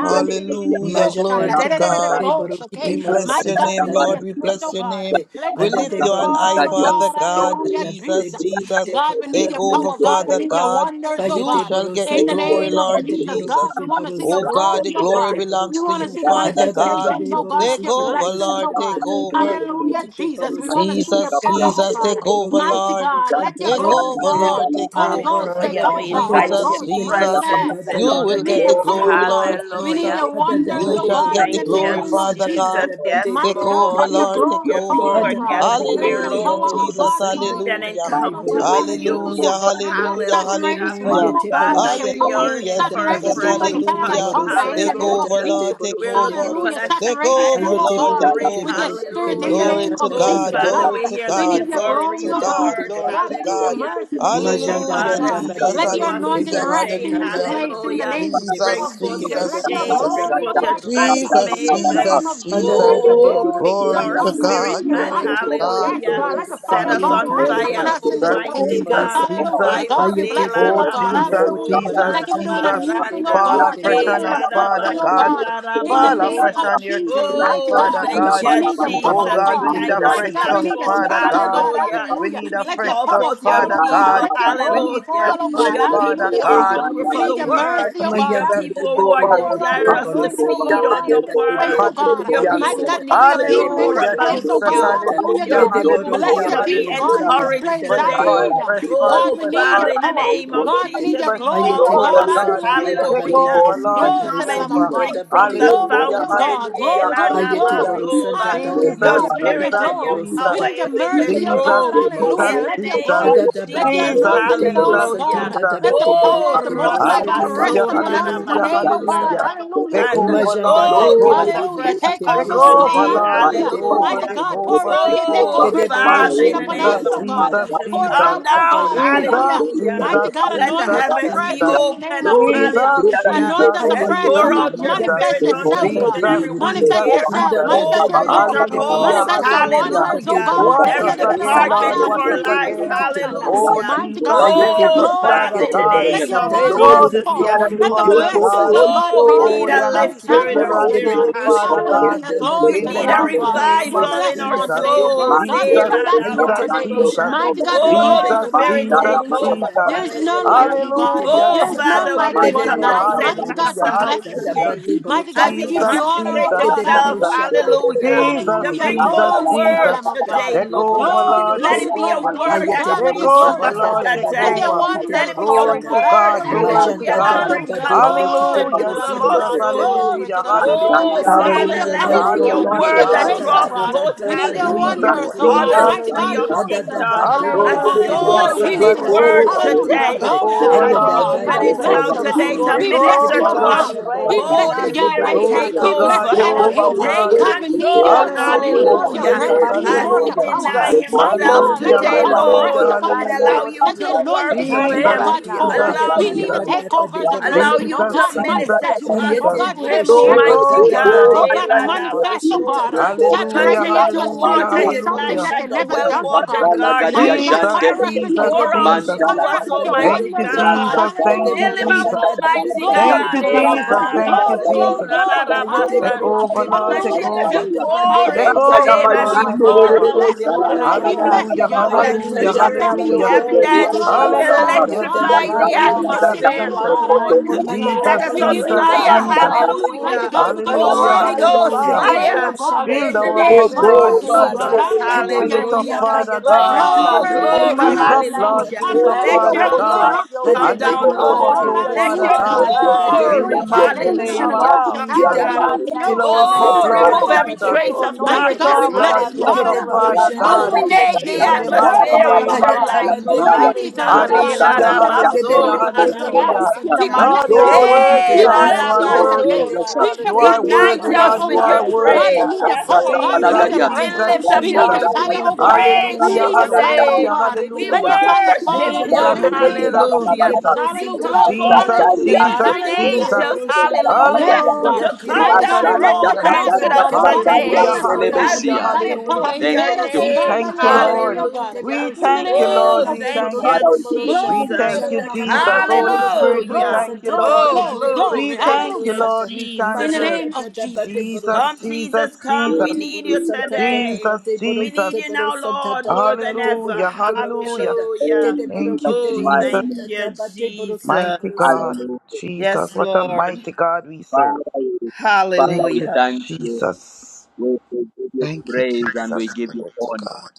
Speaker 5: Hallelujah.
Speaker 8: Maja da
Speaker 5: Glory
Speaker 8: da
Speaker 5: to
Speaker 8: da ba
Speaker 5: God.
Speaker 8: de
Speaker 7: Okay.
Speaker 5: We
Speaker 8: borokite moro
Speaker 5: bless
Speaker 7: Mighty
Speaker 5: your
Speaker 7: God,
Speaker 8: santa
Speaker 5: name,
Speaker 7: we
Speaker 8: da
Speaker 7: need
Speaker 8: da
Speaker 5: Lord.
Speaker 7: your
Speaker 8: ba
Speaker 5: We
Speaker 8: de
Speaker 7: spirit,
Speaker 5: bless
Speaker 7: oh
Speaker 5: your
Speaker 7: God.
Speaker 5: name.
Speaker 8: borokite
Speaker 7: Let
Speaker 5: We
Speaker 7: your
Speaker 8: ada
Speaker 5: lift
Speaker 8: de
Speaker 7: spirit
Speaker 5: you on high,
Speaker 7: fall,
Speaker 8: borokite
Speaker 7: oh
Speaker 1: Gracias.
Speaker 8: boro
Speaker 5: Father
Speaker 7: God.
Speaker 8: santa
Speaker 5: God.
Speaker 8: da
Speaker 7: Hallelujah,
Speaker 8: da ba de
Speaker 5: Jesus,
Speaker 7: Jesus.
Speaker 5: Jesus.
Speaker 8: borokite
Speaker 7: God, we
Speaker 8: boro
Speaker 7: need
Speaker 5: Take
Speaker 7: your
Speaker 8: santa da
Speaker 5: over,
Speaker 7: power.
Speaker 8: da ba
Speaker 7: God, we
Speaker 5: Father
Speaker 8: de
Speaker 7: need your
Speaker 8: boro
Speaker 5: God.
Speaker 7: wonders, oh
Speaker 8: baya
Speaker 5: You
Speaker 8: de
Speaker 7: God.
Speaker 5: shall
Speaker 8: boro
Speaker 5: get the
Speaker 7: In the
Speaker 8: santa da
Speaker 5: glory,
Speaker 8: da
Speaker 7: name of
Speaker 8: ba
Speaker 5: Lord
Speaker 8: de
Speaker 7: Jesus, God,
Speaker 5: Jesus.
Speaker 7: we
Speaker 8: borokite
Speaker 7: want to
Speaker 8: boro
Speaker 7: see your
Speaker 5: Oh
Speaker 8: santa da
Speaker 5: God, the
Speaker 7: glory,
Speaker 8: da
Speaker 7: oh
Speaker 8: ba
Speaker 5: glory
Speaker 7: God.
Speaker 8: de
Speaker 7: We
Speaker 5: belongs to
Speaker 7: want to
Speaker 8: borokite
Speaker 5: you,
Speaker 7: see the
Speaker 5: Father
Speaker 8: ada da ba
Speaker 5: God.
Speaker 7: manifestations,
Speaker 8: de
Speaker 7: oh God, of
Speaker 5: Take
Speaker 7: your
Speaker 8: borosike
Speaker 5: over,
Speaker 8: boro
Speaker 7: blessings, oh
Speaker 8: santa
Speaker 5: Lord,
Speaker 8: da
Speaker 7: God.
Speaker 5: take
Speaker 8: da ba de
Speaker 5: over.
Speaker 7: Hallelujah,
Speaker 8: borokite
Speaker 7: Jesus.
Speaker 8: boro
Speaker 7: We want to
Speaker 8: santa
Speaker 7: see your
Speaker 5: Jesus,
Speaker 7: power,
Speaker 8: kada
Speaker 7: oh
Speaker 8: ke
Speaker 5: Jesus,
Speaker 8: de
Speaker 7: God.
Speaker 5: take over,
Speaker 8: borokite
Speaker 7: Mighty
Speaker 5: Lord.
Speaker 8: boro
Speaker 7: God, let
Speaker 8: santa
Speaker 7: your
Speaker 5: Take
Speaker 8: da
Speaker 3: Holy
Speaker 8: da
Speaker 7: glory
Speaker 8: ba
Speaker 5: over,
Speaker 8: de
Speaker 7: fall.
Speaker 5: Lord, take
Speaker 7: Holy
Speaker 8: borokite
Speaker 5: over.
Speaker 7: Ghost, take
Speaker 3: Hallelujah.
Speaker 8: ada da
Speaker 3: We
Speaker 7: over.
Speaker 8: ba de
Speaker 7: Holy
Speaker 3: invite your
Speaker 5: Jesus,
Speaker 7: Ghost,
Speaker 8: borokite boro
Speaker 5: Jesus,
Speaker 3: presence
Speaker 8: santa
Speaker 7: manifest.
Speaker 8: da
Speaker 3: in
Speaker 8: da
Speaker 5: you
Speaker 3: our
Speaker 8: ba
Speaker 7: We
Speaker 5: will
Speaker 8: de
Speaker 7: need
Speaker 5: get the
Speaker 7: your
Speaker 3: midst.
Speaker 7: power,
Speaker 8: borokite
Speaker 7: oh
Speaker 5: glory,
Speaker 7: God.
Speaker 8: boro
Speaker 5: Lord
Speaker 7: We
Speaker 8: santa
Speaker 7: need
Speaker 3: Hallelujah.
Speaker 7: your
Speaker 5: Jesus.
Speaker 8: Adada
Speaker 7: wonders,
Speaker 5: You
Speaker 7: oh
Speaker 3: Oh,
Speaker 8: bade
Speaker 5: shall
Speaker 7: God,
Speaker 5: get
Speaker 7: in
Speaker 5: the
Speaker 7: the
Speaker 3: thank
Speaker 8: borokite
Speaker 3: you,
Speaker 5: glory,
Speaker 7: name
Speaker 8: borosa
Speaker 7: of
Speaker 5: Father
Speaker 8: dada da
Speaker 7: Jesus.
Speaker 3: Jesus.
Speaker 5: God.
Speaker 8: da
Speaker 1: Thank you.
Speaker 8: bade
Speaker 3: Yes,
Speaker 5: Take
Speaker 7: Mighty God,
Speaker 8: borokite
Speaker 5: over,
Speaker 3: Lord.
Speaker 7: let
Speaker 1: Thank
Speaker 7: your
Speaker 8: borosa
Speaker 5: Lord, take
Speaker 7: glory
Speaker 3: Your
Speaker 7: fall,
Speaker 5: over.
Speaker 3: people
Speaker 7: oh
Speaker 3: are
Speaker 7: God.
Speaker 8: adada
Speaker 3: gathered
Speaker 8: bade
Speaker 7: Let
Speaker 3: here,
Speaker 7: your power,
Speaker 5: Hallelujah,
Speaker 8: borokite
Speaker 3: Lord.
Speaker 7: oh
Speaker 5: Jesus,
Speaker 7: God,
Speaker 8: borosa
Speaker 3: We
Speaker 8: dada
Speaker 3: need
Speaker 7: fall in
Speaker 3: an
Speaker 8: da
Speaker 7: this
Speaker 8: da
Speaker 5: hallelujah.
Speaker 7: place,
Speaker 8: bade
Speaker 7: oh God.
Speaker 3: encounter with
Speaker 8: borokite
Speaker 3: you,
Speaker 7: Hallelujah.
Speaker 5: Hallelujah,
Speaker 8: borosa da.
Speaker 3: Lord.
Speaker 7: Mighty God,
Speaker 5: hallelujah,
Speaker 7: saturate
Speaker 3: Hallelujah.
Speaker 7: this
Speaker 5: hallelujah.
Speaker 7: room, oh
Speaker 8: ayete
Speaker 7: God, by
Speaker 3: Father,
Speaker 7: your
Speaker 8: borosha
Speaker 3: we're
Speaker 7: power.
Speaker 8: ya
Speaker 5: Hallelujah,
Speaker 3: yearning for
Speaker 8: adada
Speaker 3: a
Speaker 7: Saturate this
Speaker 5: Jesus,
Speaker 8: bade
Speaker 7: room
Speaker 3: fresh
Speaker 7: by your fire,
Speaker 8: borokite
Speaker 3: touch.
Speaker 7: by
Speaker 5: hallelujah.
Speaker 7: thunder,
Speaker 8: morosa
Speaker 7: in the
Speaker 5: Take
Speaker 8: dada
Speaker 7: name
Speaker 8: da
Speaker 7: of
Speaker 8: da
Speaker 5: over,
Speaker 3: Hallelujah.
Speaker 8: bade
Speaker 7: Jesus.
Speaker 5: Lord, take
Speaker 3: We're
Speaker 8: borokite
Speaker 5: over.
Speaker 3: looking for
Speaker 7: Hallelujah.
Speaker 8: morosa
Speaker 3: that
Speaker 8: da.
Speaker 5: Take
Speaker 7: Saturate this
Speaker 3: Shekinah
Speaker 5: over,
Speaker 7: room, oh
Speaker 8: ayete
Speaker 5: Lord,
Speaker 7: God,
Speaker 5: take
Speaker 3: glory.
Speaker 8: borokite
Speaker 7: with
Speaker 5: over.
Speaker 7: your
Speaker 8: morosite
Speaker 7: spirit, in the
Speaker 3: Hallelujah.
Speaker 8: moria
Speaker 5: Glory
Speaker 8: da
Speaker 7: name
Speaker 5: to
Speaker 7: of
Speaker 8: da
Speaker 3: Oh,
Speaker 8: da
Speaker 5: God,
Speaker 7: Jesus,
Speaker 8: bade
Speaker 3: Father,
Speaker 5: glory
Speaker 7: God.
Speaker 3: we're
Speaker 5: to
Speaker 3: here
Speaker 8: borokite
Speaker 7: We
Speaker 3: looking
Speaker 5: God,
Speaker 7: need
Speaker 3: for
Speaker 7: your
Speaker 3: a
Speaker 8: borosa
Speaker 5: glory
Speaker 7: glory,
Speaker 5: to
Speaker 7: oh
Speaker 3: Rima
Speaker 8: dada
Speaker 5: God,
Speaker 7: God.
Speaker 8: bade
Speaker 3: word.
Speaker 5: glory
Speaker 7: God,
Speaker 5: to
Speaker 7: we
Speaker 8: borokite
Speaker 7: need your
Speaker 5: God.
Speaker 3: Hallelujah.
Speaker 7: mercy. We need your
Speaker 3: Oh,
Speaker 7: favor,
Speaker 8: Majanda
Speaker 7: oh
Speaker 5: Hallelujah,
Speaker 8: da
Speaker 3: Father,
Speaker 8: da
Speaker 7: God.
Speaker 8: ba de
Speaker 5: Jesus,
Speaker 3: speak
Speaker 7: Let
Speaker 3: to
Speaker 8: boro
Speaker 7: your
Speaker 3: us
Speaker 8: ki te
Speaker 7: anointing
Speaker 5: hallelujah,
Speaker 1: you.
Speaker 8: boro
Speaker 7: rest
Speaker 3: today.
Speaker 7: in
Speaker 8: santa
Speaker 1: (laughs)
Speaker 7: this
Speaker 8: da
Speaker 5: hallelujah.
Speaker 8: da ba
Speaker 7: place, in
Speaker 8: de
Speaker 7: the
Speaker 3: Hallelujah.
Speaker 8: boro ki
Speaker 7: name
Speaker 8: te boro
Speaker 3: Bring
Speaker 5: Jesus,
Speaker 7: of
Speaker 8: si
Speaker 3: forth
Speaker 8: ke
Speaker 7: Jesus.
Speaker 3: your
Speaker 7: Let
Speaker 5: Jesus,
Speaker 7: your
Speaker 8: boyanta
Speaker 3: change,
Speaker 8: da da
Speaker 3: bring
Speaker 5: Jesus.
Speaker 7: glory,
Speaker 8: ba
Speaker 7: oh
Speaker 3: forth
Speaker 8: de
Speaker 3: your
Speaker 7: God,
Speaker 8: boro ki
Speaker 7: thunder.
Speaker 8: te boro
Speaker 5: Jesus,
Speaker 7: In the
Speaker 8: santa
Speaker 3: transformation.
Speaker 7: name
Speaker 5: Jesus,
Speaker 7: of Jesus,
Speaker 8: ada da
Speaker 7: let
Speaker 5: Jesus.
Speaker 7: your
Speaker 8: ba
Speaker 1: Oh,
Speaker 8: de
Speaker 3: Oh,
Speaker 1: it's
Speaker 8: boro
Speaker 7: glory, oh
Speaker 8: ki
Speaker 1: the
Speaker 3: quicken
Speaker 8: te
Speaker 7: God,
Speaker 5: Glory
Speaker 1: end
Speaker 3: our
Speaker 1: of
Speaker 8: moro
Speaker 5: to
Speaker 1: the
Speaker 7: thunder. We
Speaker 8: santa
Speaker 1: world.
Speaker 3: spirit,
Speaker 7: need
Speaker 5: God,
Speaker 8: da
Speaker 7: your
Speaker 1: Jesus,
Speaker 8: da
Speaker 3: man.
Speaker 5: glory
Speaker 8: ba
Speaker 7: fire.
Speaker 1: take
Speaker 5: to
Speaker 8: de
Speaker 1: over.
Speaker 8: boro ki
Speaker 5: God,
Speaker 1: Holy
Speaker 7: Yes,
Speaker 8: te
Speaker 3: Hallelujah.
Speaker 5: glory
Speaker 7: God,
Speaker 1: Ghost.
Speaker 8: moro
Speaker 7: let
Speaker 5: to
Speaker 7: the
Speaker 8: si ke
Speaker 5: God.
Speaker 3: Set
Speaker 7: fire
Speaker 1: Thank
Speaker 7: of
Speaker 3: us
Speaker 7: God
Speaker 3: on
Speaker 8: marianta da
Speaker 7: rest
Speaker 8: da
Speaker 3: fire,
Speaker 7: upon
Speaker 8: ba
Speaker 7: us
Speaker 8: de
Speaker 7: in this
Speaker 5: That's
Speaker 8: boro ki te
Speaker 7: place.
Speaker 3: Almighty
Speaker 8: moro
Speaker 5: Jesus,
Speaker 3: God.
Speaker 8: santa
Speaker 5: Jesus.
Speaker 7: Hallelujah.
Speaker 3: Revive us.
Speaker 7: God, we
Speaker 8: ayete
Speaker 7: bless
Speaker 3: Hela
Speaker 7: you,
Speaker 8: boro
Speaker 5: Oh,
Speaker 7: oh
Speaker 8: ki
Speaker 7: God.
Speaker 8: te
Speaker 3: raba
Speaker 5: Jesus,
Speaker 8: moro
Speaker 7: Hallelujah.
Speaker 8: te
Speaker 3: sorra
Speaker 7: Thank
Speaker 5: Jesus,
Speaker 7: you for
Speaker 8: bariata da
Speaker 7: doing
Speaker 3: raba
Speaker 7: a
Speaker 5: Jesus.
Speaker 8: da ba
Speaker 7: new
Speaker 8: de
Speaker 7: thing, oh
Speaker 3: sanda.
Speaker 8: boro
Speaker 5: Fall
Speaker 8: ki
Speaker 7: God.
Speaker 8: te
Speaker 7: Thank
Speaker 5: afresh
Speaker 7: you
Speaker 8: moro
Speaker 7: for
Speaker 5: on
Speaker 7: doing a
Speaker 5: us,
Speaker 8: santa
Speaker 7: quick
Speaker 3: Hela
Speaker 8: da
Speaker 5: Father
Speaker 7: thing,
Speaker 8: da
Speaker 7: oh
Speaker 8: ba de
Speaker 5: God.
Speaker 7: God.
Speaker 8: boro ki te
Speaker 7: In the
Speaker 5: Fall
Speaker 8: moro
Speaker 7: name
Speaker 5: afresh
Speaker 3: raba
Speaker 8: santa
Speaker 7: of
Speaker 5: on your
Speaker 7: Jesus,
Speaker 5: children,
Speaker 7: mighty
Speaker 3: Oh,
Speaker 5: Father
Speaker 7: God,
Speaker 3: thank
Speaker 8: amasha
Speaker 3: you,
Speaker 5: God.
Speaker 7: we need your
Speaker 8: da de
Speaker 7: power,
Speaker 5: Oh,
Speaker 3: Jesus.
Speaker 7: oh
Speaker 8: boro
Speaker 5: God,
Speaker 8: ki
Speaker 5: we
Speaker 7: God.
Speaker 8: te
Speaker 5: need
Speaker 3: Ignite
Speaker 5: a
Speaker 8: boro
Speaker 3: the
Speaker 7: Mighty
Speaker 5: fresh
Speaker 8: santa
Speaker 7: God,
Speaker 8: da
Speaker 7: we
Speaker 5: touch,
Speaker 7: need your
Speaker 8: da
Speaker 3: platform.
Speaker 8: ba
Speaker 5: Father
Speaker 8: de
Speaker 7: strength, oh
Speaker 5: God.
Speaker 7: God.
Speaker 3: Hallelujah.
Speaker 8: boro
Speaker 5: We
Speaker 7: Hallelujah.
Speaker 5: need a
Speaker 3: We
Speaker 7: Let your
Speaker 5: fresh
Speaker 3: call
Speaker 5: touch,
Speaker 7: power
Speaker 3: forth your
Speaker 7: fall, oh
Speaker 5: Father
Speaker 7: God.
Speaker 3: people.
Speaker 5: God.
Speaker 7: Let your
Speaker 5: We
Speaker 7: glory
Speaker 5: need
Speaker 3: Hallelujah.
Speaker 5: fresh
Speaker 7: fall, oh
Speaker 5: life,
Speaker 7: God.
Speaker 3: Your
Speaker 8: Shanda da
Speaker 3: people
Speaker 5: Father
Speaker 3: who
Speaker 7: Hallelujah,
Speaker 8: ba
Speaker 3: are
Speaker 7: God.
Speaker 8: de
Speaker 5: God.
Speaker 3: hungry
Speaker 8: boro
Speaker 7: We
Speaker 3: for the
Speaker 7: need your
Speaker 8: kite.
Speaker 5: Jesus,
Speaker 3: word.
Speaker 7: mercy, oh
Speaker 1: you.
Speaker 7: God.
Speaker 3: Your
Speaker 5: Jesus,
Speaker 8: Amayanta da
Speaker 1: Take
Speaker 7: Hallelujah.
Speaker 3: people
Speaker 8: ba
Speaker 3: who
Speaker 1: over,
Speaker 3: are
Speaker 8: de
Speaker 5: Jesus.
Speaker 8: boro
Speaker 7: Pour
Speaker 1: Holy
Speaker 7: out
Speaker 8: kite
Speaker 7: your
Speaker 1: Ghost.
Speaker 3: desirous
Speaker 8: boro
Speaker 3: to
Speaker 1: Take
Speaker 7: anointing, oh
Speaker 1: over,
Speaker 8: sata
Speaker 5: Hallelujah,
Speaker 3: feed
Speaker 1: Lord.
Speaker 8: da
Speaker 3: on
Speaker 7: God,
Speaker 8: da
Speaker 3: your
Speaker 7: in
Speaker 1: Take
Speaker 8: ba
Speaker 7: this
Speaker 8: de
Speaker 1: over,
Speaker 5: hallelujah,
Speaker 7: place,
Speaker 3: word.
Speaker 1: Lord.
Speaker 8: boro
Speaker 7: oh
Speaker 1: Take
Speaker 8: kite
Speaker 7: God.
Speaker 3: Your
Speaker 1: over,
Speaker 5: hallelujah.
Speaker 8: boro
Speaker 1: Lord.
Speaker 3: people
Speaker 7: Mighty
Speaker 3: who
Speaker 8: sata
Speaker 7: God,
Speaker 8: da
Speaker 7: cover
Speaker 3: need
Speaker 7: your
Speaker 3: to
Speaker 8: da
Speaker 1: Take
Speaker 3: know
Speaker 8: de
Speaker 7: people
Speaker 8: boro
Speaker 7: in
Speaker 3: more
Speaker 1: over,
Speaker 7: this
Speaker 5: Hallelujah,
Speaker 1: Lord.
Speaker 8: kite
Speaker 7: place,
Speaker 3: about
Speaker 7: oh
Speaker 1: Let
Speaker 8: boro
Speaker 5: Jesus,
Speaker 7: God.
Speaker 1: your
Speaker 3: you.
Speaker 8: sata.
Speaker 1: power,
Speaker 7: Hallelujah,
Speaker 3: Your
Speaker 5: hallelujah,
Speaker 1: let
Speaker 7: God.
Speaker 8: Kede
Speaker 1: your
Speaker 3: people who
Speaker 8: boro
Speaker 1: power,
Speaker 7: Bless
Speaker 3: need
Speaker 5: hallelujah,
Speaker 8: dia
Speaker 7: your
Speaker 3: to
Speaker 1: let your
Speaker 3: be
Speaker 7: people, God,
Speaker 5: hallelujah.
Speaker 8: bariyanta
Speaker 7: in
Speaker 8: da
Speaker 7: this
Speaker 1: grace.
Speaker 8: da
Speaker 3: encouraged
Speaker 8: da
Speaker 7: place.
Speaker 8: ba
Speaker 5: Fresh
Speaker 8: de
Speaker 1: Father,
Speaker 5: oil,
Speaker 3: today.
Speaker 1: I
Speaker 8: boro
Speaker 7: Hallelujah.
Speaker 5: fresh
Speaker 1: pray
Speaker 8: kite
Speaker 1: for
Speaker 8: boro
Speaker 5: oil,
Speaker 1: the
Speaker 7: God,
Speaker 3: Oh,
Speaker 7: we
Speaker 5: fresh
Speaker 8: sata
Speaker 7: need
Speaker 3: Father,
Speaker 7: your
Speaker 5: oil,
Speaker 3: in the
Speaker 1: suffering
Speaker 8: ba
Speaker 7: power.
Speaker 1: of
Speaker 8: de
Speaker 3: name
Speaker 5: fresh
Speaker 1: God
Speaker 8: boro
Speaker 3: of
Speaker 7: God, we
Speaker 8: kite.
Speaker 5: wind,
Speaker 1: Almighty.
Speaker 7: need
Speaker 3: Jesus,
Speaker 7: your
Speaker 3: we
Speaker 5: fresh wind,
Speaker 7: glory,
Speaker 3: call
Speaker 7: oh
Speaker 8: Ayete
Speaker 1: Lord,
Speaker 3: forth
Speaker 5: Father
Speaker 7: God.
Speaker 8: boro
Speaker 1: let
Speaker 3: others.
Speaker 5: God.
Speaker 8: santa
Speaker 1: you
Speaker 8: da
Speaker 7: Hallelujah,
Speaker 8: da
Speaker 1: that
Speaker 8: ba
Speaker 5: Take
Speaker 1: you
Speaker 8: de
Speaker 3: Hallelujah
Speaker 1: call
Speaker 8: boro
Speaker 5: over,
Speaker 7: Jesus.
Speaker 1: me
Speaker 3: to
Speaker 5: Lord,
Speaker 8: kite
Speaker 1: and
Speaker 7: Glory
Speaker 8: boro
Speaker 5: take
Speaker 7: to
Speaker 1: I
Speaker 3: come
Speaker 7: the Lamb
Speaker 3: and
Speaker 1: see
Speaker 8: sata
Speaker 7: of
Speaker 5: over.
Speaker 8: da
Speaker 7: God.
Speaker 1: that.
Speaker 8: da
Speaker 3: drink
Speaker 8: ba
Speaker 3: from
Speaker 8: de
Speaker 3: the
Speaker 8: boro
Speaker 1: Therefore,
Speaker 7: Glory,
Speaker 5: Hallelujah,
Speaker 1: the
Speaker 7: oh
Speaker 1: man
Speaker 3: fountain.
Speaker 7: God.
Speaker 1: that
Speaker 5: hallelujah,
Speaker 7: Glory,
Speaker 1: has
Speaker 7: glory,
Speaker 1: done the
Speaker 8: Hayete
Speaker 5: hallelujah.
Speaker 1: Lord's
Speaker 7: glory.
Speaker 8: boro
Speaker 1: will.
Speaker 8: santa
Speaker 3: Eladabasoda.
Speaker 8: dada
Speaker 7: Hallelujah,
Speaker 1: Therefore,
Speaker 3: Your
Speaker 5: Jesus,
Speaker 8: bade
Speaker 7: God. We
Speaker 1: I
Speaker 7: need
Speaker 1: am
Speaker 7: your
Speaker 8: borokite
Speaker 3: spirit
Speaker 1: not
Speaker 5: Jesus,
Speaker 1: the
Speaker 3: and
Speaker 8: kite
Speaker 3: your
Speaker 1: one
Speaker 8: boro
Speaker 7: glory.
Speaker 1: who
Speaker 7: We
Speaker 5: Jesus.
Speaker 3: power
Speaker 8: santa
Speaker 7: need your
Speaker 3: is
Speaker 1: can
Speaker 8: dada
Speaker 3: in
Speaker 1: do
Speaker 3: this
Speaker 7: mercy,
Speaker 8: bade
Speaker 1: that.
Speaker 7: oh
Speaker 5: Jesus,
Speaker 8: borokite
Speaker 7: God.
Speaker 3: room.
Speaker 8: kite
Speaker 1: Therefore,
Speaker 8: moro
Speaker 1: I
Speaker 5: Jesus,
Speaker 7: Hallelujah.
Speaker 8: santa.
Speaker 3: In
Speaker 1: am
Speaker 3: the
Speaker 1: the
Speaker 7: Let your
Speaker 1: one who
Speaker 3: name
Speaker 5: Jesus.
Speaker 3: of
Speaker 7: glory,
Speaker 1: follows
Speaker 8: Hadada
Speaker 7: let
Speaker 8: bade
Speaker 7: your
Speaker 3: Jesus,
Speaker 8: boro
Speaker 5: Jesus,
Speaker 7: anointing fall,
Speaker 8: boro
Speaker 7: oh
Speaker 5: Jesus,
Speaker 8: santa
Speaker 3: hallelujah.
Speaker 7: God.
Speaker 5: Jesus.
Speaker 8: dada
Speaker 7: Let
Speaker 1: the
Speaker 7: the
Speaker 8: bade
Speaker 1: Lord's will.
Speaker 7: power
Speaker 3: Oh,
Speaker 7: of
Speaker 8: borokite
Speaker 1: Lord,
Speaker 7: the
Speaker 8: kite
Speaker 1: we are
Speaker 7: Most
Speaker 8: moro
Speaker 7: High God
Speaker 8: santa dada
Speaker 7: rest
Speaker 5: Hallelujah,
Speaker 7: upon
Speaker 8: bade
Speaker 3: rababasora,
Speaker 7: us
Speaker 8: borokite
Speaker 5: hallelujah,
Speaker 8: kite
Speaker 7: today, oh
Speaker 8: moro
Speaker 7: God.
Speaker 3: rabasira,
Speaker 5: hallelujah.
Speaker 8: santa.
Speaker 7: Hallelujah.
Speaker 5: Take
Speaker 3: rabasanda.
Speaker 5: over,
Speaker 8: Majanda
Speaker 5: Lord,
Speaker 3: Oh,
Speaker 5: take
Speaker 8: dada
Speaker 3: give us a
Speaker 5: over.
Speaker 8: bade
Speaker 7: Hallelujah.
Speaker 3: fresh
Speaker 7: Take
Speaker 8: borokite
Speaker 5: Take
Speaker 7: over,
Speaker 3: touch
Speaker 8: moro
Speaker 7: oh
Speaker 1: people
Speaker 8: santa
Speaker 5: over,
Speaker 7: God.
Speaker 1: you
Speaker 3: today.
Speaker 8: dada
Speaker 5: Lord,
Speaker 1: by
Speaker 5: take
Speaker 7: Hallelujah.
Speaker 1: your
Speaker 8: bade
Speaker 5: over,
Speaker 1: power.
Speaker 7: Mighty
Speaker 3: Hallelujah.
Speaker 8: borokite
Speaker 5: take
Speaker 7: God,
Speaker 1: We
Speaker 8: moro
Speaker 7: pour
Speaker 1: are
Speaker 5: over,
Speaker 7: out
Speaker 8: santa.
Speaker 5: take
Speaker 7: your
Speaker 1: Lord by
Speaker 3: Oh,
Speaker 5: over.
Speaker 8: Kede
Speaker 7: takeovers,
Speaker 1: your
Speaker 8: boro
Speaker 1: power. We
Speaker 3: Father,
Speaker 1: are
Speaker 7: anointing
Speaker 3: in
Speaker 8: jia
Speaker 3: the
Speaker 7: upon
Speaker 5: Jesus,
Speaker 7: us,
Speaker 3: name
Speaker 7: oh
Speaker 3: of
Speaker 1: Lord by
Speaker 7: God.
Speaker 8: dada
Speaker 5: Jesus,
Speaker 1: your
Speaker 3: Jesus,
Speaker 8: bade
Speaker 7: Pour it
Speaker 5: Jesus.
Speaker 8: boro
Speaker 7: out,
Speaker 3: come
Speaker 1: power.
Speaker 7: oh
Speaker 3: down.
Speaker 7: God.
Speaker 8: apaya
Speaker 5: Jesus,
Speaker 7: Hallelujah.
Speaker 8: borokite
Speaker 3: Hallelujah.
Speaker 7: Mighty
Speaker 5: Jesus,
Speaker 8: boro
Speaker 7: God,
Speaker 3: Let the
Speaker 7: anoint
Speaker 8: santa
Speaker 5: Jesus,
Speaker 7: us
Speaker 3: heavens
Speaker 8: dada
Speaker 3: be
Speaker 7: afresh
Speaker 5: Jesus.
Speaker 8: bade
Speaker 7: in the name
Speaker 3: open
Speaker 7: of
Speaker 3: up.
Speaker 8: borokite
Speaker 1: Lord, we
Speaker 8: boro.
Speaker 7: Jesus.
Speaker 5: Jesus,
Speaker 1: declare that you
Speaker 3: Hallelujah.
Speaker 7: Anoint
Speaker 5: Jesus,
Speaker 1: take
Speaker 7: us
Speaker 1: over
Speaker 3: And
Speaker 1: Lord
Speaker 7: afresh, oh
Speaker 5: Jesus,
Speaker 3: pour
Speaker 8: Hayeyoya
Speaker 7: God.
Speaker 1: Jesus.
Speaker 3: out your
Speaker 5: Jesus.
Speaker 7: Manifest
Speaker 8: mayanta
Speaker 3: spirit
Speaker 1: Take
Speaker 8: da
Speaker 3: onto
Speaker 8: da
Speaker 1: over
Speaker 7: yourself,
Speaker 8: ba
Speaker 3: each
Speaker 1: Lord
Speaker 7: God.
Speaker 3: and
Speaker 8: de
Speaker 5: Jesus,
Speaker 1: Jesus.
Speaker 3: every one
Speaker 1: Take
Speaker 8: borokite.
Speaker 5: Jesus,
Speaker 7: Manifest
Speaker 3: here.
Speaker 7: yourself.
Speaker 8: Anda
Speaker 5: Jesus.
Speaker 8: da
Speaker 7: Manifest
Speaker 8: de
Speaker 3: Oh,
Speaker 7: your
Speaker 3: visit our
Speaker 7: glory.
Speaker 8: borokite
Speaker 5: Hallelujah,
Speaker 3: homes.
Speaker 7: Manifest your
Speaker 8: borosanta da da
Speaker 5: hallelujah.
Speaker 8: ba
Speaker 7: wonders, oh
Speaker 8: de
Speaker 3: Hallelujah.
Speaker 7: God.
Speaker 5: Wash
Speaker 8: borokite
Speaker 3: Every
Speaker 5: us again, Lord,
Speaker 8: borosanta
Speaker 3: department
Speaker 7: Da-da-da-da-da-da-bo-ha-ya.
Speaker 8: da
Speaker 3: of
Speaker 5: wash
Speaker 3: our
Speaker 8: ba
Speaker 5: us
Speaker 8: de
Speaker 3: lives.
Speaker 5: again.
Speaker 7: Di-di-di-di-di-di-di-oh,
Speaker 8: borokite
Speaker 7: Shanda.
Speaker 5: Oh,
Speaker 3: Hallelujah.
Speaker 8: borosanta.
Speaker 7: Mighty
Speaker 5: Jesus,
Speaker 1: over
Speaker 7: God, let
Speaker 5: cleanse
Speaker 7: your
Speaker 8: Ayeke
Speaker 3: Oh,
Speaker 5: us,
Speaker 8: boka
Speaker 7: glory
Speaker 3: Father,
Speaker 5: Father
Speaker 3: in
Speaker 7: fall.
Speaker 3: the
Speaker 8: bayete
Speaker 5: God.
Speaker 1: my
Speaker 7: Let
Speaker 3: name
Speaker 7: your
Speaker 3: of
Speaker 8: borosanta
Speaker 5: Make
Speaker 8: da
Speaker 1: Lord,
Speaker 8: da
Speaker 1: it
Speaker 7: wonders
Speaker 5: us
Speaker 8: ba
Speaker 1: is
Speaker 3: Jesus.
Speaker 5: be
Speaker 8: de
Speaker 7: fall.
Speaker 1: clear
Speaker 3: Yes,
Speaker 1: that
Speaker 5: holy,
Speaker 1: we
Speaker 7: Let the
Speaker 8: borokite
Speaker 1: pray
Speaker 3: Lord.
Speaker 5: Father
Speaker 1: for the
Speaker 7: blessings
Speaker 5: God.
Speaker 8: borosanta
Speaker 7: of
Speaker 1: Holy
Speaker 7: God
Speaker 3: Oh, we
Speaker 8: da
Speaker 7: fall
Speaker 1: Ghost.
Speaker 8: ba
Speaker 7: in
Speaker 3: need
Speaker 5: Holy
Speaker 8: de
Speaker 7: this
Speaker 3: a
Speaker 5: and
Speaker 7: place.
Speaker 1: Pray
Speaker 3: lifter
Speaker 8: borokite.
Speaker 3: in
Speaker 1: for the
Speaker 5: acceptable
Speaker 3: our
Speaker 7: Hallelujah,
Speaker 5: unto
Speaker 1: Holy
Speaker 8: Kede
Speaker 3: spirit.
Speaker 7: God.
Speaker 1: Ghost.
Speaker 5: you,
Speaker 1: Pray for
Speaker 5: Father
Speaker 1: the
Speaker 8: boroshanda
Speaker 1: Holy
Speaker 3: Hallelujah.
Speaker 8: da
Speaker 5: God.
Speaker 7: Hallelujah.
Speaker 8: da
Speaker 1: Ghost.
Speaker 8: ba
Speaker 1: Pray
Speaker 7: Glory
Speaker 3: We
Speaker 8: de
Speaker 1: for
Speaker 5: In
Speaker 7: to
Speaker 1: the
Speaker 7: the
Speaker 5: the
Speaker 3: need
Speaker 7: Lamb
Speaker 3: a
Speaker 1: Holy
Speaker 7: of
Speaker 8: borokite
Speaker 1: Ghost.
Speaker 5: mighty
Speaker 7: God.
Speaker 5: name
Speaker 7: We
Speaker 5: of
Speaker 8: borosanta
Speaker 3: revival in
Speaker 7: bless
Speaker 8: da
Speaker 7: you
Speaker 3: our
Speaker 8: da
Speaker 7: on
Speaker 5: Jesus,
Speaker 8: ba
Speaker 7: today,
Speaker 8: de
Speaker 7: oh
Speaker 3: souls.
Speaker 1: Man
Speaker 7: God. God, we
Speaker 8: borokite.
Speaker 3: Eh,
Speaker 5: Jesus,
Speaker 7: shall
Speaker 1: solo
Speaker 3: la,
Speaker 1: de
Speaker 7: back you
Speaker 3: da,
Speaker 7: on
Speaker 5: Jesus,
Speaker 3: ba,
Speaker 8: Ayete
Speaker 7: today.
Speaker 1: Sabrando
Speaker 3: so,
Speaker 5: Jesus,
Speaker 3: ra.
Speaker 8: boroshanda
Speaker 7: Mighty
Speaker 8: da
Speaker 7: God,
Speaker 8: da
Speaker 7: we
Speaker 1: Sobelia.
Speaker 8: ba
Speaker 3: Holy
Speaker 8: de
Speaker 5: Jesus,
Speaker 1: Man
Speaker 7: glorify
Speaker 3: Spirit,
Speaker 7: you
Speaker 8: borokite
Speaker 7: on
Speaker 1: Dala
Speaker 5: Jesus,
Speaker 3: take
Speaker 7: today.
Speaker 3: over.
Speaker 8: boroshanda
Speaker 1: Balabala.
Speaker 5: Jesus.
Speaker 8: da
Speaker 7: There is
Speaker 8: da ba
Speaker 7: none
Speaker 8: de
Speaker 3: Hallelujah.
Speaker 7: like you,
Speaker 1: Ranti
Speaker 8: borokite
Speaker 7: God.
Speaker 5: Hallelujah,
Speaker 3: Oh,
Speaker 7: There
Speaker 1: Balabala.
Speaker 7: is
Speaker 8: borosanta.
Speaker 5: Jesus,
Speaker 7: none
Speaker 3: Father, we
Speaker 7: like
Speaker 1: Man
Speaker 7: you
Speaker 3: lift
Speaker 7: on
Speaker 8: Gede
Speaker 3: up
Speaker 1: jala
Speaker 3: the
Speaker 5: hallelujah,
Speaker 8: boro
Speaker 7: tonight.
Speaker 1: bala
Speaker 8: kite
Speaker 3: set
Speaker 1: bala,
Speaker 7: Mighty
Speaker 3: man
Speaker 8: boro
Speaker 3: of
Speaker 7: God,
Speaker 5: hallelujah,
Speaker 7: we
Speaker 3: the
Speaker 8: santa
Speaker 3: house
Speaker 8: da
Speaker 7: bless
Speaker 8: da
Speaker 7: you.
Speaker 1: run,
Speaker 5: hallelujah.
Speaker 8: ba
Speaker 3: today
Speaker 8: de
Speaker 1: shoot,
Speaker 8: boro
Speaker 7: Mighty
Speaker 3: as
Speaker 1: jump,
Speaker 7: God,
Speaker 8: kite
Speaker 7: we
Speaker 3: he
Speaker 1: bala
Speaker 7: give
Speaker 8: boro
Speaker 5: Jesus,
Speaker 1: bala,
Speaker 7: you
Speaker 8: santa.
Speaker 7: honor,
Speaker 1: bala
Speaker 7: oh
Speaker 3: consecrates
Speaker 5: Jesus,
Speaker 7: God.
Speaker 8: Gede
Speaker 1: bala,
Speaker 8: boro
Speaker 3: himself.
Speaker 1: bala
Speaker 5: Jesus,
Speaker 7: Hallelujah,
Speaker 1: go
Speaker 8: shanda
Speaker 7: God.
Speaker 1: go
Speaker 8: da
Speaker 1: go go
Speaker 8: da
Speaker 3: Hallelujah.
Speaker 8: ba
Speaker 1: go.
Speaker 8: de
Speaker 5: Jesus,
Speaker 3: To
Speaker 8: boro
Speaker 7: Hallelujah.
Speaker 3: bring
Speaker 1: man,
Speaker 8: kite
Speaker 3: forth
Speaker 5: Jesus,
Speaker 3: the
Speaker 8: boro
Speaker 1: jala
Speaker 7: Glory to
Speaker 8: santa
Speaker 1: bala
Speaker 7: the
Speaker 3: word
Speaker 7: Lamb
Speaker 8: da
Speaker 5: Jesus.
Speaker 7: of
Speaker 8: da
Speaker 1: bala
Speaker 7: God.
Speaker 8: ba
Speaker 3: today,
Speaker 5: Take
Speaker 8: de
Speaker 1: bala, bala
Speaker 8: boro
Speaker 1: bala,
Speaker 3: Lord.
Speaker 5: over,
Speaker 8: kite
Speaker 7: Glory,
Speaker 5: Lord,
Speaker 8: boro
Speaker 3: Let
Speaker 7: glory,
Speaker 5: take
Speaker 3: it
Speaker 1: run,
Speaker 3: be
Speaker 8: santa.
Speaker 3: a
Speaker 7: glory,
Speaker 1: man,
Speaker 5: over.
Speaker 1: Dala
Speaker 3: word
Speaker 7: glory.
Speaker 1: Balabala. Ranti
Speaker 3: that
Speaker 8: Hayete
Speaker 7: God, let
Speaker 5: Take
Speaker 8: boro
Speaker 7: your
Speaker 3: speaks to
Speaker 5: over,
Speaker 7: glory
Speaker 8: santa
Speaker 3: us
Speaker 8: da
Speaker 5: Lord,
Speaker 7: fall.
Speaker 8: da ba
Speaker 5: take
Speaker 1: Balabala.
Speaker 8: de
Speaker 7: Let
Speaker 3: today.
Speaker 7: your
Speaker 8: boro
Speaker 5: over.
Speaker 1: Ram
Speaker 8: kite
Speaker 3: Let
Speaker 7: wonders
Speaker 3: it
Speaker 8: boro
Speaker 3: be
Speaker 7: fall,
Speaker 3: a
Speaker 7: oh
Speaker 5: Glory
Speaker 8: santa.
Speaker 5: to
Speaker 7: God.
Speaker 3: word,
Speaker 5: God, glory
Speaker 7: Hallelujah.
Speaker 5: to
Speaker 3: hallelujah,
Speaker 8: Majanda da
Speaker 3: that
Speaker 5: God.
Speaker 8: da
Speaker 3: bring
Speaker 8: ba
Speaker 7: Hallelujah.
Speaker 8: de boro kite
Speaker 7: Glory
Speaker 3: conviction
Speaker 7: to
Speaker 8: boro
Speaker 7: the
Speaker 5: Hallelujah,
Speaker 3: to
Speaker 7: Lamb
Speaker 3: the
Speaker 7: of
Speaker 8: santa
Speaker 5: Jesus,
Speaker 3: lost
Speaker 8: da
Speaker 7: God.
Speaker 8: da ba
Speaker 3: soul.
Speaker 8: de
Speaker 7: Glory
Speaker 5: hallelujah,
Speaker 7: to the
Speaker 8: boro
Speaker 7: Lamb of
Speaker 8: kite
Speaker 7: God.
Speaker 1: Dala
Speaker 8: boro
Speaker 3: Oh,
Speaker 5: hallelujah,
Speaker 7: We
Speaker 8: santa.
Speaker 1: Balabala.
Speaker 7: need your
Speaker 3: Father,
Speaker 9: Hallelujah.
Speaker 3: let
Speaker 5: hallelujah,
Speaker 7: power,
Speaker 1: Ram
Speaker 9: Let
Speaker 3: it
Speaker 7: oh
Speaker 3: be
Speaker 9: your
Speaker 3: a
Speaker 7: God.
Speaker 1: Dala
Speaker 7: We
Speaker 8: Hallelujah.
Speaker 7: need
Speaker 9: anointing
Speaker 5: hallelujah,
Speaker 7: your
Speaker 3: word
Speaker 1: Balabala.
Speaker 3: that
Speaker 9: fall,
Speaker 7: grace, oh
Speaker 3: draw
Speaker 8: Mashanta
Speaker 9: God. We
Speaker 5: hallelujah.
Speaker 7: God.
Speaker 8: da
Speaker 3: forth,
Speaker 8: da
Speaker 7: We
Speaker 8: ba
Speaker 7: need
Speaker 9: refreshing
Speaker 7: your
Speaker 8: de
Speaker 9: of us,
Speaker 8: boro
Speaker 3: hallelujah,
Speaker 5: Jesus,
Speaker 1: Thank
Speaker 7: wonders,
Speaker 9: Lord.
Speaker 8: kite
Speaker 7: oh
Speaker 8: boro
Speaker 7: God.
Speaker 5: Jesus,
Speaker 8: santa.
Speaker 3: others
Speaker 7: Mighty
Speaker 3: to
Speaker 7: God,
Speaker 3: your
Speaker 9: Hallelujah,
Speaker 5: Jesus.
Speaker 7: show
Speaker 9: Jesus.
Speaker 8: Adada
Speaker 7: yourself
Speaker 3: kingdom.
Speaker 9: Right
Speaker 8: bade
Speaker 7: strong.
Speaker 9: now,
Speaker 3: A
Speaker 9: God, every
Speaker 8: borokite
Speaker 5: Hallelujah,
Speaker 9: yes,
Speaker 7: Hallelujah,
Speaker 3: soul
Speaker 9: God,
Speaker 5: Jesus,
Speaker 8: morosanta
Speaker 3: winning
Speaker 9: Lord,
Speaker 7: Jesus.
Speaker 9: have
Speaker 8: dada
Speaker 3: word
Speaker 9: your
Speaker 5: hallelujah.
Speaker 8: bade
Speaker 9: way,
Speaker 7: Hallelujah.
Speaker 9: God,
Speaker 3: today.
Speaker 9: right
Speaker 5: Take
Speaker 8: borokite
Speaker 7: Glory to the
Speaker 9: now.
Speaker 5: over,
Speaker 7: Lamb
Speaker 3: As
Speaker 7: of
Speaker 3: he
Speaker 8: andada
Speaker 5: Lord,
Speaker 7: God.
Speaker 9: In
Speaker 5: take
Speaker 3: opened
Speaker 9: the
Speaker 7: God, we
Speaker 3: his
Speaker 8: bayete
Speaker 5: over.
Speaker 7: bless
Speaker 9: presence
Speaker 3: mouth
Speaker 7: you,
Speaker 9: of
Speaker 3: today
Speaker 7: God.
Speaker 9: you, Lord,
Speaker 3: to
Speaker 8: borosanda
Speaker 5: Take
Speaker 7: We
Speaker 9: we
Speaker 7: bless
Speaker 9: thank
Speaker 3: minister
Speaker 8: kede
Speaker 7: you
Speaker 9: you,
Speaker 5: over,
Speaker 7: out
Speaker 3: to
Speaker 9: God.
Speaker 3: us,
Speaker 5: Lord,
Speaker 7: now.
Speaker 9: We
Speaker 5: take
Speaker 8: boroshanda
Speaker 9: praise
Speaker 7: We
Speaker 9: you.
Speaker 5: over.
Speaker 8: dada
Speaker 9: We
Speaker 7: bless
Speaker 3: Holy
Speaker 7: you,
Speaker 9: honor
Speaker 8: bade
Speaker 9: you right
Speaker 3: Spirit,
Speaker 7: Yahweh.
Speaker 9: now,
Speaker 8: borokite
Speaker 5: Glory
Speaker 3: take
Speaker 5: to
Speaker 7: We
Speaker 9: God.
Speaker 7: bless
Speaker 5: God,
Speaker 7: you,
Speaker 3: over.
Speaker 8: borosanta
Speaker 5: glory
Speaker 9: Have
Speaker 8: dada
Speaker 5: to
Speaker 9: your
Speaker 7: Elohim.
Speaker 9: holy
Speaker 3: Take
Speaker 8: bade
Speaker 5: God.
Speaker 9: way.
Speaker 7: God, we
Speaker 8: borokite
Speaker 7: need you,
Speaker 3: control,
Speaker 7: oh
Speaker 9: Have your
Speaker 7: God. We
Speaker 9: holy
Speaker 8: borosanta
Speaker 7: need
Speaker 9: way,
Speaker 5: Hallelujah,
Speaker 7: more of your
Speaker 9: Lord.
Speaker 3: hallelujah,
Speaker 9: In the
Speaker 5: Jesus,
Speaker 7: grace. We
Speaker 9: mighty
Speaker 7: need
Speaker 8: Hallelujah.
Speaker 3: as
Speaker 9: name
Speaker 7: more of
Speaker 9: of
Speaker 3: he
Speaker 7: your
Speaker 8: Thank
Speaker 5: hallelujah.
Speaker 8: you,
Speaker 7: power.
Speaker 3: deny
Speaker 9: Jesus.
Speaker 8: Jesus.
Speaker 7: Mighty
Speaker 3: himself
Speaker 7: God,
Speaker 8: Hallelujah.
Speaker 5: Hallelujah,
Speaker 7: let your
Speaker 9: Hallelujah.
Speaker 3: today,
Speaker 7: power
Speaker 5: hallelujah,
Speaker 3: Lord,
Speaker 7: rest
Speaker 9: Hallelujah.
Speaker 7: upon
Speaker 3: and
Speaker 9: Thank
Speaker 7: this
Speaker 9: you,
Speaker 3: allow
Speaker 5: hallelujah.
Speaker 9: Lord
Speaker 7: place.
Speaker 3: you
Speaker 7: Let the
Speaker 9: Jesus.
Speaker 3: to work
Speaker 7: anointing
Speaker 3: through
Speaker 8: Hayate
Speaker 9: Thank you
Speaker 7: of
Speaker 5: Jesus,
Speaker 3: him.
Speaker 9: right
Speaker 7: God
Speaker 8: boroti
Speaker 9: now.
Speaker 7: fall.
Speaker 5: Jesus,
Speaker 3: Allow
Speaker 7: We
Speaker 8: abayata
Speaker 7: need
Speaker 9: Hallelujah,
Speaker 7: to
Speaker 8: da
Speaker 5: Jesus,
Speaker 3: you
Speaker 8: da
Speaker 7: take
Speaker 8: ba
Speaker 9: Jesus.
Speaker 7: over
Speaker 8: de
Speaker 7: his
Speaker 3: Allow
Speaker 7: anointing.
Speaker 8: borokite
Speaker 3: you
Speaker 7: Oh
Speaker 5: Jesus,
Speaker 3: to
Speaker 7: God,
Speaker 8: borosanta.
Speaker 5: Jesus,
Speaker 3: minister
Speaker 7: manifest.
Speaker 3: to us
Speaker 1: you
Speaker 7: Oh
Speaker 5: Jesus.
Speaker 8: Hayete
Speaker 7: God,
Speaker 3: through him,
Speaker 7: shift
Speaker 1: no,
Speaker 7: the
Speaker 5: Take
Speaker 8: boroshanda
Speaker 3: Almighty
Speaker 8: dada
Speaker 5: over,
Speaker 7: atmosphere.
Speaker 8: bade ba
Speaker 3: God.
Speaker 8: de
Speaker 5: Lord,
Speaker 7: Oh
Speaker 1: Jehovah,
Speaker 7: God,
Speaker 5: take
Speaker 1: that is
Speaker 8: borokite
Speaker 1: the
Speaker 5: over.
Speaker 7: manifest. Oh
Speaker 1: King of
Speaker 8: boroshanta
Speaker 7: God,
Speaker 1: the
Speaker 3: Eladabasora.
Speaker 8: da da
Speaker 1: Lord,
Speaker 8: ba de
Speaker 1: Lord,
Speaker 5: Hallelujah,
Speaker 7: saturate the
Speaker 3: Continue
Speaker 1: God,
Speaker 3: to
Speaker 8: borokite.
Speaker 1: Lord,
Speaker 7: atmosphere.
Speaker 5: hallelujah,
Speaker 3: water
Speaker 7: Do
Speaker 1: Lord, Lord.
Speaker 3: his
Speaker 8: Kede
Speaker 7: something
Speaker 3: life
Speaker 5: hallelujah.
Speaker 7: that you
Speaker 3: like
Speaker 8: boroshanda
Speaker 3: a
Speaker 7: never
Speaker 8: da
Speaker 3: well
Speaker 8: da
Speaker 7: done.
Speaker 8: ba
Speaker 7: Oh
Speaker 8: de
Speaker 3: watered
Speaker 7: God,
Speaker 8: borokite
Speaker 1: Rastakalagadia
Speaker 3: garden
Speaker 7: mighty God,
Speaker 5: Jesus,
Speaker 7: cover
Speaker 3: as
Speaker 8: boroshanta.
Speaker 7: us
Speaker 3: he
Speaker 7: with
Speaker 1: Jantelagadia
Speaker 7: your
Speaker 5: Jesus,
Speaker 8: Kede
Speaker 3: pour
Speaker 7: glory.
Speaker 3: out
Speaker 5: Jesus.
Speaker 3: into
Speaker 1: Mantala
Speaker 7: Cover
Speaker 8: boroshanda
Speaker 7: us
Speaker 3: us,
Speaker 8: da
Speaker 7: with
Speaker 8: da
Speaker 7: your
Speaker 8: ba
Speaker 1: Balagadia
Speaker 5: Thank
Speaker 8: de
Speaker 3: Almighty
Speaker 5: you,
Speaker 7: wonders. Oh God,
Speaker 3: God.
Speaker 8: borokite.
Speaker 5: Jesus, thank
Speaker 8: Kede
Speaker 5: you,
Speaker 3: Fill
Speaker 7: hallelujah,
Speaker 3: him up,
Speaker 5: Jesus.
Speaker 7: Jesus.
Speaker 8: boroshanda da da
Speaker 3: Almighty
Speaker 8: ba
Speaker 1: Rastakalagadia
Speaker 7: Glory
Speaker 8: de
Speaker 5: Thank
Speaker 3: God.
Speaker 7: to
Speaker 5: you,
Speaker 7: the Lamb of
Speaker 5: Jesus,
Speaker 8: borosanta
Speaker 7: God.
Speaker 8: da
Speaker 5: thank
Speaker 8: da
Speaker 5: you,
Speaker 8: ba
Speaker 7: Glory,
Speaker 8: de
Speaker 7: glory,
Speaker 5: Jesus.
Speaker 8: boro.
Speaker 3: Eladabasora,
Speaker 7: glory.
Speaker 8: Hayete
Speaker 5: Take
Speaker 3: ladabasa.
Speaker 7: Hallelujah.
Speaker 5: over,
Speaker 8: borokite
Speaker 5: Lord, take
Speaker 7: Hallelujah,
Speaker 3: Continue
Speaker 8: boroshanta da
Speaker 5: over.
Speaker 3: to
Speaker 8: da
Speaker 7: Jesus.
Speaker 8: ba de
Speaker 3: pour
Speaker 5: Take
Speaker 7: Hallelujah
Speaker 3: into
Speaker 8: borokite
Speaker 5: over,
Speaker 3: him
Speaker 7: to the
Speaker 3: as
Speaker 5: Lord,
Speaker 7: Lamb
Speaker 3: he
Speaker 7: of
Speaker 5: take
Speaker 8: boroshanta
Speaker 9: Almighty
Speaker 8: da
Speaker 3: pour
Speaker 7: God.
Speaker 9: God,
Speaker 7: We
Speaker 5: over.
Speaker 8: da
Speaker 9: show
Speaker 8: ba
Speaker 3: out
Speaker 7: bless
Speaker 8: de
Speaker 3: to
Speaker 9: your
Speaker 7: you,
Speaker 3: us,
Speaker 7: Adonai.
Speaker 8: boroki.
Speaker 9: presence,
Speaker 7: We
Speaker 3: Lord.
Speaker 9: God.
Speaker 7: bless you,
Speaker 5: Hallelujah,
Speaker 7: Yahweh.
Speaker 3: Let your
Speaker 8: Mayanta
Speaker 9: Hallelujah,
Speaker 5: hallelujah,
Speaker 7: We
Speaker 8: da
Speaker 7: shall
Speaker 9: just
Speaker 8: da
Speaker 3: spirit
Speaker 7: back
Speaker 9: have
Speaker 8: ba
Speaker 7: you,
Speaker 3: be
Speaker 9: your
Speaker 5: hallelujah.
Speaker 8: de
Speaker 7: God.
Speaker 9: way.
Speaker 7: We
Speaker 3: evident
Speaker 8: borokite boro
Speaker 9: Hallelujah,
Speaker 7: glorify
Speaker 8: santa
Speaker 7: you,
Speaker 9: Jesus.
Speaker 8: da
Speaker 5: Hallelujah,
Speaker 8: da
Speaker 7: God.
Speaker 8: ba
Speaker 7: We,
Speaker 3: Electrify
Speaker 8: de
Speaker 5: Jesus,
Speaker 9: Right
Speaker 3: the
Speaker 7: we
Speaker 9: now,
Speaker 7: bless
Speaker 9: God,
Speaker 8: borokite.
Speaker 5: Jesus,
Speaker 7: your
Speaker 9: in the
Speaker 7: name,
Speaker 3: atmosphere,
Speaker 7: oh
Speaker 5: Jesus,
Speaker 9: mighty
Speaker 7: God.
Speaker 3: Lord.
Speaker 9: name of
Speaker 7: Hallelujah,
Speaker 9: you,
Speaker 7: God.
Speaker 8: Amayete
Speaker 9: Lord,
Speaker 3: Set
Speaker 5: Jesus,
Speaker 9: we
Speaker 3: us
Speaker 7: We
Speaker 8: boro
Speaker 3: on
Speaker 7: give
Speaker 9: pray,
Speaker 7: you
Speaker 5: Jesus,
Speaker 8: santa
Speaker 9: God.
Speaker 7: honor,
Speaker 3: fire.
Speaker 8: da
Speaker 7: oh
Speaker 8: da
Speaker 5: Jesus.
Speaker 8: ba
Speaker 7: God.
Speaker 8: de boro
Speaker 7: Mighty
Speaker 9: Hallelujah,
Speaker 3: Hallelujah.
Speaker 7: God,
Speaker 8: kite
Speaker 9: just
Speaker 7: because
Speaker 9: let
Speaker 7: you're
Speaker 8: boro
Speaker 9: your
Speaker 5: Hallelujah,
Speaker 7: worthy
Speaker 3: Holy
Speaker 8: shanta.
Speaker 7: to be
Speaker 9: anointing
Speaker 3: Ghost
Speaker 7: praised. You're
Speaker 5: hallelujah.
Speaker 9: fall,
Speaker 8: Kede
Speaker 9: Lord.
Speaker 7: worthy,
Speaker 8: boro
Speaker 7: oh
Speaker 3: fire.
Speaker 7: God,
Speaker 8: shanda
Speaker 5: Fill
Speaker 3: In the
Speaker 7: to
Speaker 8: ke
Speaker 9: Hallelujah,
Speaker 5: our
Speaker 7: be
Speaker 9: like
Speaker 8: boro
Speaker 5: cup,
Speaker 3: name
Speaker 9: fresh
Speaker 8: kite
Speaker 3: of
Speaker 5: Lord
Speaker 8: boro
Speaker 9: rain,
Speaker 7: exalted, oh
Speaker 9: God.
Speaker 8: santa.
Speaker 9: And
Speaker 5: Jesus.
Speaker 7: God.
Speaker 3: Jesus.
Speaker 9: yes, I
Speaker 8: Kede
Speaker 9: start
Speaker 5: Fill
Speaker 7: Hallelujah,
Speaker 9: here
Speaker 5: it
Speaker 8: boro
Speaker 9: from
Speaker 5: up,
Speaker 3: Hallelujah.
Speaker 8: ya
Speaker 9: on us
Speaker 7: Jesus.
Speaker 5: Father
Speaker 8: payata
Speaker 9: right
Speaker 8: da
Speaker 5: God.
Speaker 9: now,
Speaker 8: ba de
Speaker 9: God.
Speaker 3: Oh,
Speaker 7: Glory.
Speaker 8: boro
Speaker 5: Fill
Speaker 9: In the
Speaker 3: glory.
Speaker 8: kite
Speaker 5: my
Speaker 8: boro
Speaker 9: mighty
Speaker 5: cup,
Speaker 7: Hallelujah.
Speaker 9: name of
Speaker 5: Lord.
Speaker 8: santa
Speaker 3: Hallelujah.
Speaker 5: Fill
Speaker 8: da
Speaker 9: Jesus,
Speaker 5: it
Speaker 8: ba
Speaker 5: up,
Speaker 9: have
Speaker 8: de
Speaker 7: Hallelujah,
Speaker 3: Let
Speaker 1: Jehovah,
Speaker 9: your
Speaker 8: boro
Speaker 5: Father
Speaker 3: your
Speaker 9: way,
Speaker 1: Lord,
Speaker 7: God. No
Speaker 9: Lord,
Speaker 8: kite.
Speaker 1: my
Speaker 5: God.
Speaker 3: glory
Speaker 9: have
Speaker 7: rocks
Speaker 9: your
Speaker 7: will
Speaker 9: way.
Speaker 3: come
Speaker 5: And
Speaker 7: take
Speaker 8: Ade de
Speaker 5: let
Speaker 7: my
Speaker 5: it
Speaker 1: faithful
Speaker 3: down,
Speaker 7: place,
Speaker 8: boro
Speaker 7: oh
Speaker 3: Lord.
Speaker 1: God.
Speaker 8: kite
Speaker 7: God.
Speaker 5: overflow,
Speaker 9: Hallelujah,
Speaker 8: boro
Speaker 3: Let
Speaker 9: you
Speaker 5: Father
Speaker 7: Hallelujah,
Speaker 3: your
Speaker 9: are
Speaker 8: santa
Speaker 9: the
Speaker 1: Let
Speaker 8: da
Speaker 5: God.
Speaker 7: God.
Speaker 8: da
Speaker 1: your
Speaker 9: God,
Speaker 8: ba de
Speaker 9: and
Speaker 1: grace
Speaker 5: In
Speaker 9: yes,
Speaker 8: boro
Speaker 5: the
Speaker 3: glory.
Speaker 1: and your
Speaker 9: God,
Speaker 7: Hallelujah.
Speaker 8: kite
Speaker 7: da
Speaker 5: mighty
Speaker 7: da da
Speaker 8: boro
Speaker 7: da da
Speaker 1: mercy
Speaker 5: name
Speaker 9: of
Speaker 7: da, da da da da da
Speaker 5: of
Speaker 8: shanta.
Speaker 1: come
Speaker 3: Hallelujah.
Speaker 9: all.
Speaker 7: da,
Speaker 3: Come
Speaker 1: to
Speaker 5: Jesus.
Speaker 9: In
Speaker 8: Kede
Speaker 7: God,
Speaker 1: our
Speaker 9: the
Speaker 1: lives.
Speaker 8: boro
Speaker 3: down.
Speaker 9: mighty name
Speaker 8: kite
Speaker 5: Fill
Speaker 9: of
Speaker 7: Di-di-di-di-di-o-sha,
Speaker 8: boro
Speaker 5: our cup,
Speaker 9: Jesus,
Speaker 3: Oh,
Speaker 8: santa
Speaker 5: Lord
Speaker 8: da
Speaker 9: Lord.
Speaker 3: remove
Speaker 8: da ba
Speaker 3: every
Speaker 8: de
Speaker 5: Jesus.
Speaker 9: Let
Speaker 7: da-da-da-da-da-da-bo-sha.
Speaker 3: trace
Speaker 9: your
Speaker 8: boro
Speaker 3: of
Speaker 8: kite
Speaker 5: Fill
Speaker 7: Mighty
Speaker 9: anointing
Speaker 5: it
Speaker 8: boro
Speaker 7: God,
Speaker 3: darkness.
Speaker 5: up,
Speaker 7: we
Speaker 9: power,
Speaker 8: santa.
Speaker 5: Lord.
Speaker 7: bless
Speaker 9: God,
Speaker 7: you.
Speaker 5: Fill
Speaker 9: take
Speaker 5: it up,
Speaker 8: Kede
Speaker 3: Hallelujah.
Speaker 9: over us.
Speaker 8: boro
Speaker 7: Hallelujah.
Speaker 5: Father
Speaker 8: janda
Speaker 5: God.
Speaker 8: da da
Speaker 7: Hallelujah,
Speaker 9: Hallelujah,
Speaker 8: ba
Speaker 3: Illuminate
Speaker 8: de
Speaker 9: Jesus.
Speaker 3: the
Speaker 5: In
Speaker 8: boro
Speaker 5: the
Speaker 9: Just
Speaker 7: Jesus.
Speaker 9: have
Speaker 8: kite.
Speaker 9: your
Speaker 5: mighty
Speaker 7: Worthy is
Speaker 3: atmosphere
Speaker 7: the
Speaker 9: mighty
Speaker 7: Lamb
Speaker 3: with
Speaker 5: name
Speaker 7: of
Speaker 9: way,
Speaker 5: of
Speaker 3: your
Speaker 7: God.
Speaker 8: Hayata
Speaker 9: God.
Speaker 8: ba
Speaker 3: light,
Speaker 8: de
Speaker 5: Jesus.
Speaker 8: boro
Speaker 7: Worthy
Speaker 3: Almighty
Speaker 7: is the Lamb
Speaker 8: kite
Speaker 9: Hallelujah.
Speaker 3: God.
Speaker 7: of
Speaker 9: Let
Speaker 8: boro
Speaker 7: God
Speaker 9: your
Speaker 7: that is
Speaker 5: Hallelujah,
Speaker 8: shanta.
Speaker 9: words
Speaker 7: seated
Speaker 9: of
Speaker 7: seated on the
Speaker 9: comfort
Speaker 8: Dede
Speaker 7: throne
Speaker 5: hallelujah,
Speaker 9: come
Speaker 3: Eladabaso,
Speaker 7: of
Speaker 8: boro
Speaker 9: to us,
Speaker 8: kite
Speaker 9: Lord.
Speaker 8: boro
Speaker 7: Israel.
Speaker 5: hallelujah.
Speaker 9: In the
Speaker 7: We
Speaker 8: santa
Speaker 9: mighty
Speaker 5: Lord,
Speaker 8: daba
Speaker 5: you
Speaker 7: bless
Speaker 8: de
Speaker 7: you,
Speaker 5: are
Speaker 9: name of
Speaker 8: boro
Speaker 7: God.
Speaker 5: worthy,
Speaker 8: kite
Speaker 3: Hey,
Speaker 7: We
Speaker 9: Jesus.
Speaker 8: boro
Speaker 5: Lord, you
Speaker 3: Rada
Speaker 7: bless you
Speaker 5: are
Speaker 8: santa
Speaker 7: on
Speaker 9: Oh,
Speaker 8: daba
Speaker 5: worthy.
Speaker 9: yes,
Speaker 7: today.
Speaker 8: de
Speaker 3: Basora,
Speaker 8: boro
Speaker 7: We shall
Speaker 5: You
Speaker 8: kite
Speaker 5: are
Speaker 9: hallelujah.
Speaker 7: back
Speaker 8: boro
Speaker 7: you on
Speaker 3: Ignite
Speaker 5: worthy,
Speaker 8: santa
Speaker 7: today,
Speaker 5: Lord,
Speaker 9: Yay,
Speaker 3: us
Speaker 7: oh
Speaker 5: you
Speaker 8: daba
Speaker 3: with
Speaker 9: God,
Speaker 8: de
Speaker 3: your
Speaker 7: God.
Speaker 5: are
Speaker 9: I-
Speaker 8: boro
Speaker 9: yes,
Speaker 7: God, we
Speaker 5: worthy.
Speaker 8: kite
Speaker 3: praise.
Speaker 9: God.
Speaker 7: need
Speaker 9: I
Speaker 8: boro
Speaker 7: your
Speaker 3: Yes,
Speaker 7: power.
Speaker 8: santa
Speaker 9: praise
Speaker 7: God,
Speaker 9: you
Speaker 7: we
Speaker 3: Lord.
Speaker 7: need
Speaker 5: Jesus,
Speaker 9: right
Speaker 7: your
Speaker 9: now,
Speaker 3: We
Speaker 8: bayete
Speaker 9: Lord.
Speaker 7: grace.
Speaker 5: Jesus,
Speaker 8: boro
Speaker 3: lift up
Speaker 7: We
Speaker 3: your
Speaker 8: shanda
Speaker 7: need your
Speaker 5: Jesus.
Speaker 8: da
Speaker 3: people.
Speaker 7: fire,
Speaker 3: We
Speaker 8: daba
Speaker 7: oh
Speaker 8: de
Speaker 9: Hallelujah,
Speaker 7: God.
Speaker 8: boro
Speaker 9: Jesus.
Speaker 3: praise
Speaker 8: kite
Speaker 7: We
Speaker 3: you
Speaker 5: Hallelujah,
Speaker 9: Thank
Speaker 7: need
Speaker 9: you,
Speaker 8: boro
Speaker 7: your
Speaker 9: Lord.
Speaker 7: fire,
Speaker 8: santa
Speaker 7: oh
Speaker 3: today.
Speaker 5: hallelujah,
Speaker 8: daba
Speaker 7: God.
Speaker 8: de
Speaker 3: We
Speaker 8: boro
Speaker 7: Let
Speaker 5: hallelujah.
Speaker 7: your
Speaker 8: kite
Speaker 7: fire fall,
Speaker 3: worship
Speaker 7: oh
Speaker 8: majanda
Speaker 3: you.
Speaker 7: God,
Speaker 5: Jesus,
Speaker 7: in the
Speaker 8: daba de
Speaker 7: name
Speaker 5: Jesus,
Speaker 7: of
Speaker 8: boro
Speaker 1: Thank
Speaker 3: Hallelujah.
Speaker 8: kite
Speaker 1: you.
Speaker 7: Jesus.
Speaker 5: Jesus.
Speaker 8: boro
Speaker 3: We
Speaker 8: santa
Speaker 7: Hallelujah.
Speaker 8: da
Speaker 3: call forth
Speaker 8: daba
Speaker 5: Jesus,
Speaker 8: de
Speaker 3: the
Speaker 7: Hallelujah,
Speaker 8: boro
Speaker 7: God.
Speaker 5: Jesus,
Speaker 8: kite
Speaker 3: ministering
Speaker 7: Hallelujah.
Speaker 8: dede
Speaker 5: Jesus.
Speaker 3: angels.
Speaker 8: boro shanda daba
Speaker 7: Yes,
Speaker 3: Hallelujah.
Speaker 8: de boro
Speaker 5: Hallelujah,
Speaker 7: God.
Speaker 3: To
Speaker 8: kite
Speaker 3: come
Speaker 5: Jesus,
Speaker 7: Mighty
Speaker 8: boro
Speaker 3: down
Speaker 7: God,
Speaker 3: and
Speaker 8: santa
Speaker 7: rest
Speaker 3: hold
Speaker 5: hallelujah.
Speaker 7: upon us,
Speaker 3: hands
Speaker 8: mada
Speaker 3: with
Speaker 7: oh
Speaker 8: de
Speaker 3: us
Speaker 7: God. Oh God,
Speaker 8: kene de boro
Speaker 7: invade
Speaker 5: Hallelujah,
Speaker 3: today
Speaker 7: us, oh
Speaker 8: santa da
Speaker 7: God.
Speaker 3: as we
Speaker 5: hallelujah,
Speaker 8: daba
Speaker 7: By
Speaker 8: de
Speaker 7: your
Speaker 3: lift
Speaker 8: boro
Speaker 7: power,
Speaker 5: hallelujah.
Speaker 3: up
Speaker 8: kite
Speaker 1: Thank
Speaker 3: your
Speaker 7: invade
Speaker 8: boro
Speaker 7: us,
Speaker 1: you,
Speaker 7: oh
Speaker 5: We
Speaker 8: santa
Speaker 7: God,
Speaker 3: name.
Speaker 7: by
Speaker 5: thank
Speaker 7: your
Speaker 5: you,
Speaker 8: Kede
Speaker 1: Father.
Speaker 7: glory,
Speaker 5: Lord.
Speaker 7: oh
Speaker 8: boro
Speaker 7: God.
Speaker 8: kite moro
Speaker 3: Hallelujah.
Speaker 5: We
Speaker 7: In the
Speaker 8: shanda
Speaker 5: thank you,
Speaker 8: da da
Speaker 7: name
Speaker 5: Lord.
Speaker 3: Oh,
Speaker 8: ba
Speaker 7: of
Speaker 5: We
Speaker 8: de
Speaker 3: thank
Speaker 8: boro
Speaker 5: thank
Speaker 7: Jesus.
Speaker 5: you.
Speaker 3: you,
Speaker 1: Father,
Speaker 8: kite
Speaker 1: we give
Speaker 8: moro
Speaker 1: you
Speaker 8: shanda.
Speaker 7: Glory
Speaker 5: We
Speaker 1: praise.
Speaker 7: to
Speaker 3: Jesus.
Speaker 7: the
Speaker 5: thank you,
Speaker 7: Lamb
Speaker 8: Janda
Speaker 7: of God.
Speaker 5: Jesus.
Speaker 8: kapayete
Speaker 5: Holy
Speaker 8: boro
Speaker 7: Hallelujah.
Speaker 8: kite
Speaker 5: Spirit, we
Speaker 8: boro
Speaker 3: Hallelujah.
Speaker 7: Glory,
Speaker 5: thank you,
Speaker 8: santa dada
Speaker 7: glory,
Speaker 5: Lord.
Speaker 8: da
Speaker 3: Oh,
Speaker 8: ba
Speaker 7: glory,
Speaker 8: boro
Speaker 3: glory.
Speaker 5: We
Speaker 7: glory.
Speaker 8: kite
Speaker 3: Thank
Speaker 5: thank
Speaker 8: boro
Speaker 5: you,
Speaker 3: you,
Speaker 7: Hallelujah.
Speaker 5: Lord.
Speaker 8: santa
Speaker 5: We
Speaker 7: In
Speaker 5: thank
Speaker 7: the
Speaker 5: you.
Speaker 3: Jesus.
Speaker 8: majanda
Speaker 7: name of
Speaker 8: dada da ba de
Speaker 7: Jesus.
Speaker 8: boro
Speaker 3: Come,
Speaker 5: Jesus,
Speaker 8: kite
Speaker 3: Jesus,
Speaker 5: Jesus,
Speaker 3: come. We
Speaker 5: Jesus.
Speaker 8: ayete
Speaker 1: In
Speaker 3: need
Speaker 8: boro
Speaker 3: you
Speaker 1: Jesus,
Speaker 8: santa dada da
Speaker 3: today.
Speaker 8: ba
Speaker 5: Jesus,
Speaker 8: de boro
Speaker 3: We need
Speaker 8: kite
Speaker 3: you
Speaker 5: Jesus.
Speaker 8: boro
Speaker 3: now,
Speaker 8: santa
Speaker 3: Lord,
Speaker 8: da da
Speaker 3: more than
Speaker 8: boro
Speaker 3: ever.
Speaker 5: Hallelujah,
Speaker 8: kite boro
Speaker 5: hallelujah.
Speaker 8: shanda
Speaker 3: Hallelujah.
Speaker 8: kede
Speaker 1: in
Speaker 8: boro
Speaker 1: Jesus'
Speaker 5: Thank you,
Speaker 8: kite
Speaker 3: Oh,
Speaker 8: boro
Speaker 1: mighty
Speaker 5: Jesus.
Speaker 3: thank
Speaker 1: name.
Speaker 8: santa dada
Speaker 3: you,
Speaker 8: ba de boro kite
Speaker 3: Jesus.
Speaker 5: Mighty
Speaker 8: boro
Speaker 5: God,
Speaker 8: santa.
Speaker 1: Hallelujah.
Speaker 5: Jesus.
Speaker 3: Yes,
Speaker 5: What a
Speaker 3: Lord.
Speaker 5: mighty God we serve.
Speaker 1: Father, we, Father,
Speaker 5: Thank
Speaker 1: we
Speaker 5: you,
Speaker 3: Hallelujah.
Speaker 1: thank you.
Speaker 5: Jesus.
Speaker 1: We, we give you
Speaker 5: Thank you,
Speaker 1: praise and we
Speaker 5: Jesus.
Speaker 1: give you
Speaker 5: Glory to
Speaker 1: honor.
Speaker 5: God.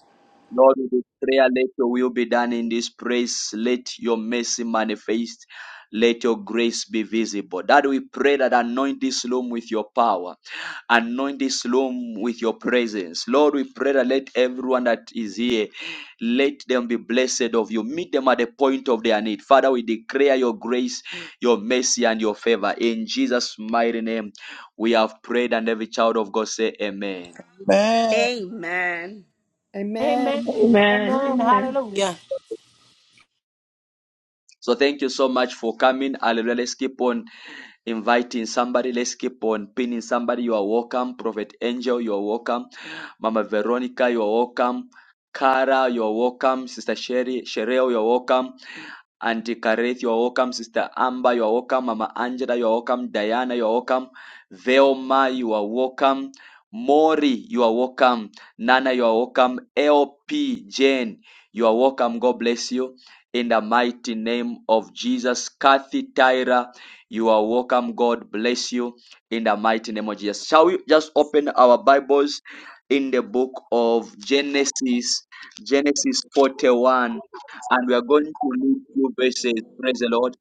Speaker 1: Lord, we declare, let your will be done in this place. Let your mercy manifest. Let your grace be visible. That we pray that anoint this room with your power. Anoint this room with your presence. Lord, we pray that let everyone that is here, let them be blessed of you. Meet them at the point of their need. Father, we declare your grace, your mercy, and your favor. In Jesus' mighty name, we have prayed, and every child of God say, Amen.
Speaker 5: Amen.
Speaker 3: Amen.
Speaker 7: Amen.
Speaker 8: Amen.
Speaker 7: Amen. Hallelujah.
Speaker 1: So thank you so much for coming. Hallelujah. Let's keep on inviting somebody. Let's keep on pinning somebody. You are welcome. Prophet Angel, you are welcome. Mama Veronica, you are welcome. Cara, you are welcome. Sister Sherry, Sherelle, you are welcome. Auntie Kareth, you are welcome. Sister Amber, you are welcome. Mama Angela, you are welcome. Diana, you are welcome. Velma, you are welcome. Mori, you are welcome. Nana, you are welcome. LP, Jane, you are welcome. God bless you. In the mighty name of Jesus. Kathy, Tyra, you are welcome. God bless you. In the mighty name of Jesus. Shall we just open our Bibles in the book of Genesis? Genesis 41 and we are going to read two verses. Praise the Lord.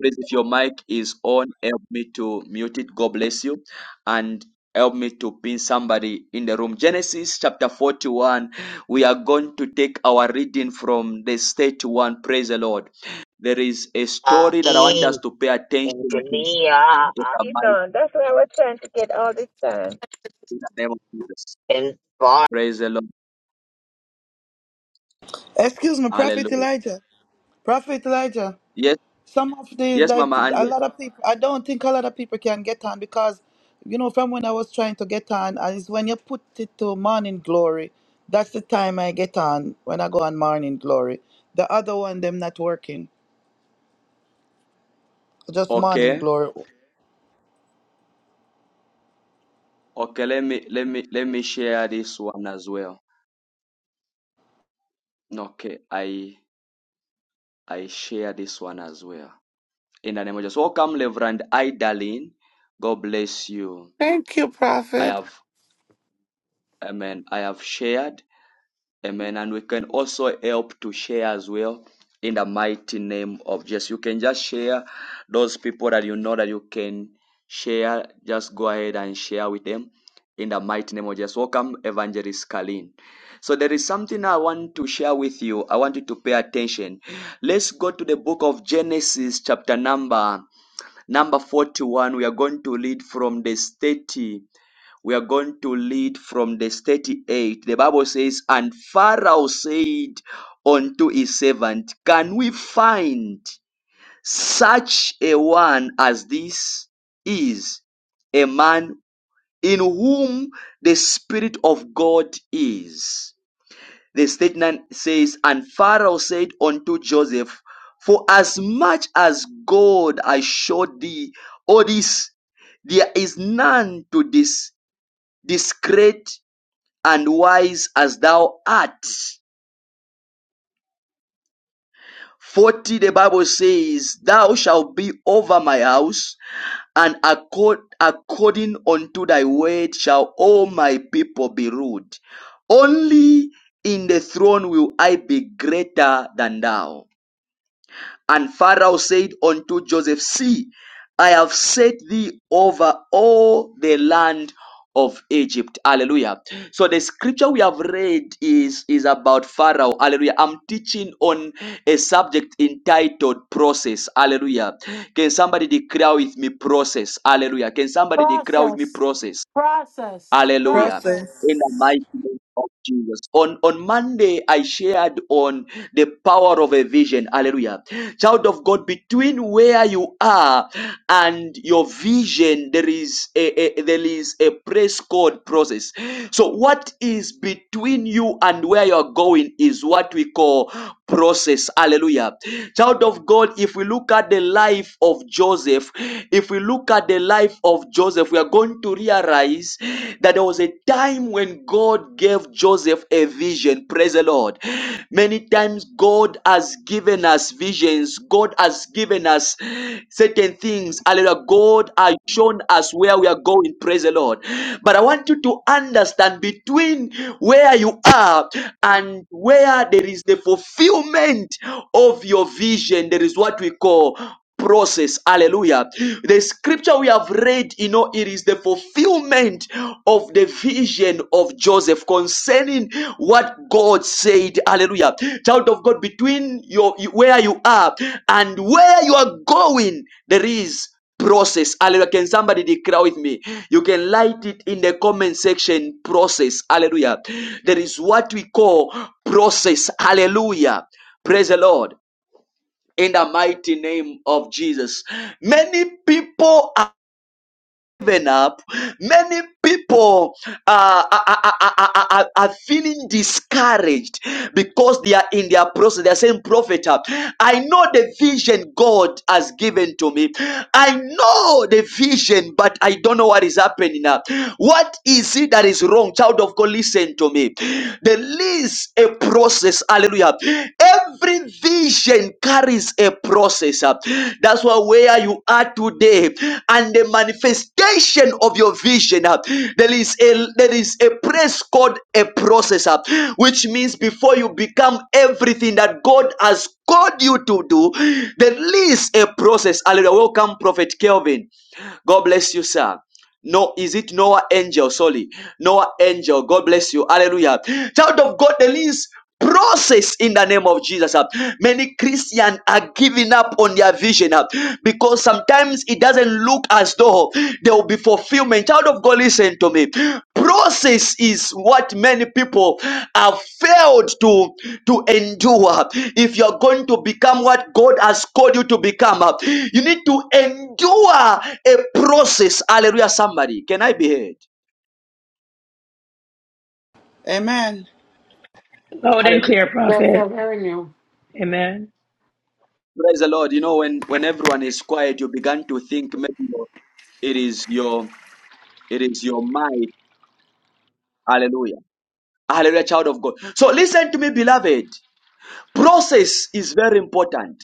Speaker 1: Please, if your mic is on, help me to mute it. God bless you. And help me to pin somebody in the room. Genesis chapter 41. We are going to take our reading from the stage one. Praise the Lord. There is a story that I want us to pay attention to in the mighty
Speaker 2: on. That's what I was trying to get all this time.
Speaker 1: in the name of Jesus. Praise the Lord.
Speaker 5: Excuse me, Prophet
Speaker 1: Hallelujah.
Speaker 5: Elijah. Prophet Elijah.
Speaker 1: Yes,
Speaker 5: some of the
Speaker 1: yes,
Speaker 5: that
Speaker 1: Mama
Speaker 5: a
Speaker 1: Angel.
Speaker 5: lot of people i don't think a lot of people can get on because you know from when i was trying to get on and it's when you put it to morning glory that's the time i get on when i go on morning glory the other one them not working just morning
Speaker 1: Okay.
Speaker 5: glory
Speaker 1: Okay, let me let me let me share this one as well. Okay, I I share this one as well. In the name of Jesus. Welcome, Reverend Idalin. God bless you.
Speaker 10: Thank you,
Speaker 1: I
Speaker 10: Prophet.
Speaker 1: have amen. I have shared Amen. And we can also help to share as well in the mighty name of Jesus. You can just share those people that you know that you can share. Just go ahead and share with them in the mighty name of Jesus. Welcome, Evangelist Kalin. So there is something I want to share with you. I want you to pay attention. Let's go to the book of Genesis, chapter number number 41. We are going to read from this 30 we are going to lead from the 38. The Bible says, And Pharaoh said unto his servant, Can we find such a one as this is? A man in whom the Spirit of God is. The statement says, And Pharaoh said unto Joseph, For as much as God I showed thee all this, there is none to this discreet and wise as thou art. 40 the Bible says, Thou shalt be over my house, and accord, according unto thy word shall all my people be ruled. Only in the throne will I be greater than thou. And Pharaoh said unto Joseph, See, I have set thee over all the land of Egypt. Hallelujah. So the scripture we have read is, is about Pharaoh. Hallelujah. I'm teaching on a subject entitled process. Hallelujah. Can somebody declare with me process? Hallelujah. Can somebody declare with me
Speaker 7: Process.
Speaker 1: process?
Speaker 7: Process.
Speaker 1: Hallelujah.
Speaker 7: Process.
Speaker 1: In
Speaker 5: process
Speaker 1: the mighty name of Jesus. On on Monday, I shared on the power of a vision. Hallelujah. Child of God, between where you are and your vision, there is a, a there is a praise code process. So what is between you and where you're going is what we call process. Hallelujah. Child of God, if we look at the life of Joseph, if we look at the life of Joseph. Joseph, we are going to realize that there was a time when God gave Joseph a vision. Praise the Lord. Many times God has given us visions. God has given us certain things. Hallelujah. God has shown us where we are going. Praise the Lord. But I want you to understand between where you are and where there is the fulfillment of your vision, there is what we call process hallelujah the scripture we have read you know it is the fulfillment of the vision of joseph concerning what god said hallelujah child of god between your where you are and where you are going there is process hallelujah can somebody declare with me you can light it in the comment section process hallelujah there is what we call process hallelujah praise the lord in the mighty name of Jesus. Many people are given up. Many people uh, are, are, are, are- are feeling discouraged because they are in their process. They are saying, Prophet, uh, I know the vision God has given to me. I know the vision, but I don't know what is happening now. What is it that is wrong? Child of God, listen to me. There is a process process. Hallelujah. Every vision carries a process. That's why where you are today and the manifestation of your vision, there is a there is a place called a process, which means before you become everything that God has called you to do, there is a process. Hallelujah. Welcome, Prophet Kelvin. God bless you, sir. No, is it Noah angel? Sorry, Noah angel. God bless you. Hallelujah. Child of God, there is process in the name of Jesus. uh. Many Christians are giving up on their vision uh, because sometimes it doesn't look as though there will be fulfillment. Child of God, listen to me. Process is what many people have failed to to endure. If you're going to become what God has called you to become, uh, you need to endure a process. Hallelujah, somebody. Can I be heard?
Speaker 5: amen
Speaker 1: Hallelujah.
Speaker 11: Yes, sir. Very new.
Speaker 1: Praise the Lord. You know, when, when everyone is quiet, you begin to think maybe it is your it is your mind. Hallelujah. Hallelujah, child of God. So listen to me, beloved. Process is very important.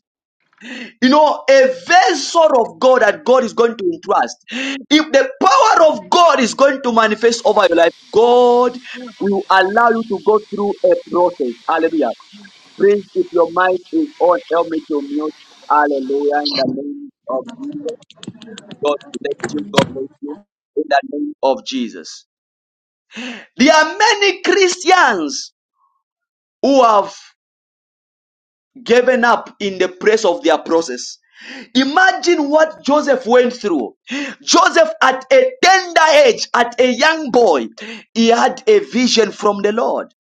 Speaker 1: You know, a vessel of God that God is going to entrust. If the power of God is going to manifest over your life, God will allow you to go through a process. Hallelujah. Praise if your mind is on, help me to mute. Hallelujah. In the name of Jesus, God bless you. God bless you. In the name of Jesus. There are many Christians who have given up in the praise of their process. Imagine what Joseph went through. Joseph, at a tender age, at a young boy, he had a vision from the Lord.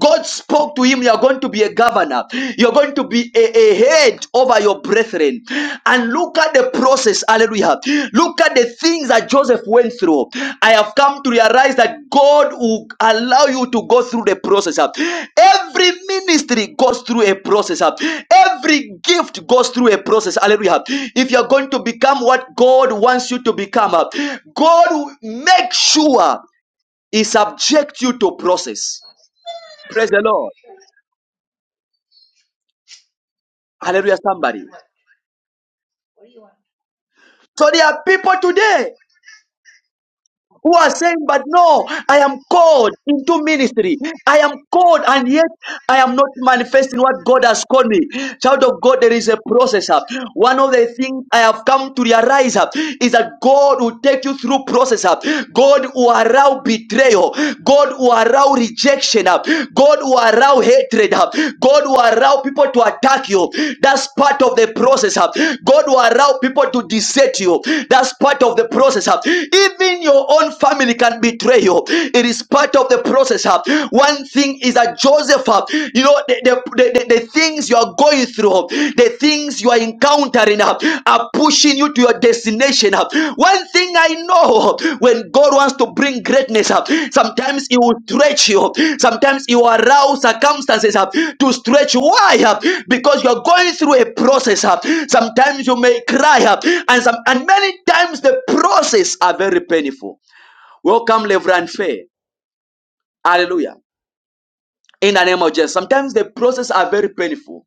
Speaker 1: God spoke to him, You're going to be a governor, you're going to be a, a head over your brethren. And look at the process, hallelujah. Look at the things that Joseph went through, I have come to realize that God will allow you to go through the process. Every ministry goes through a process. Every gift goes through a process. Hallelujah. If you're going to become what God wants you to become, God will make sure He subject you to process.
Speaker 12: What
Speaker 1: Praise the Lord. Hallelujah,
Speaker 12: do you
Speaker 1: somebody.
Speaker 12: want? What do you want?
Speaker 1: So there are people today. who are saying, But no, I am called into ministry. I am called, and yet I am not manifesting what God has called me. Child of God, there is a process. uh. One of the things I have come to realize uh, is that God will take you through process. uh. God will allow betrayal. God will allow rejection. uh. God will allow hatred. uh. God will allow people to attack you. That's part of the process. uh. God will allow people to desert you. That's part of the process. uh. Even your own own family can betray you. It is part of the process. huh? One thing is that Joseph, huh, you know, the, the, the, the- things you are going through, huh, the things you are encountering huh, are pushing you to your destination. huh. One thing I know huh, when God wants to bring greatness, huh, sometimes He will stretch you, sometimes He will arouse circumstances huh, to stretch you. Why? huh? Because you are going through a process. huh. Sometimes you may cry, huh, and, some, and many times the process are very painful. Welcome, Reverend Faye. Hallelujah. In the name of Jesus. Sometimes the process are very painful.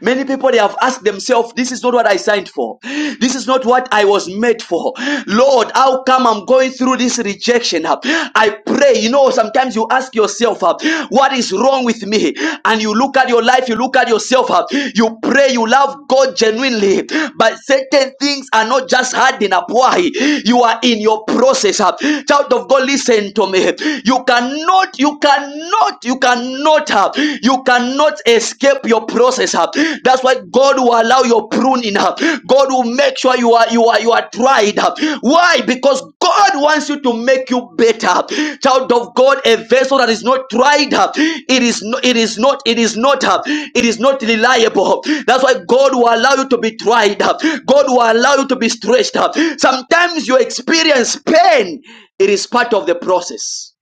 Speaker 1: Many people they have asked themselves, This is not what I signed for. This is not what I was made for. Lord, how come I'm going through this rejection? I pray, you know, sometimes you ask yourself, uh, What is wrong with me? And you look at your life, you look at yourself, uh, you pray, you love God genuinely, but certain things are not just hard enough. Why? You are in your process. uh. Child of God, listen to me. You cannot, you cannot, you cannot uh, You cannot escape your process. uh. That's why God will allow your pruning. uh. God will make sure you are you are you are tried. uh. Why? Because God wants you to make you better. Child of God, a vessel that is not tried, uh, it is not it is not it is not uh, it is not reliable. That's why God will allow you to be tried. uh. God will allow you to be stretched. uh. Sometimes you experience pain. It is part of the process.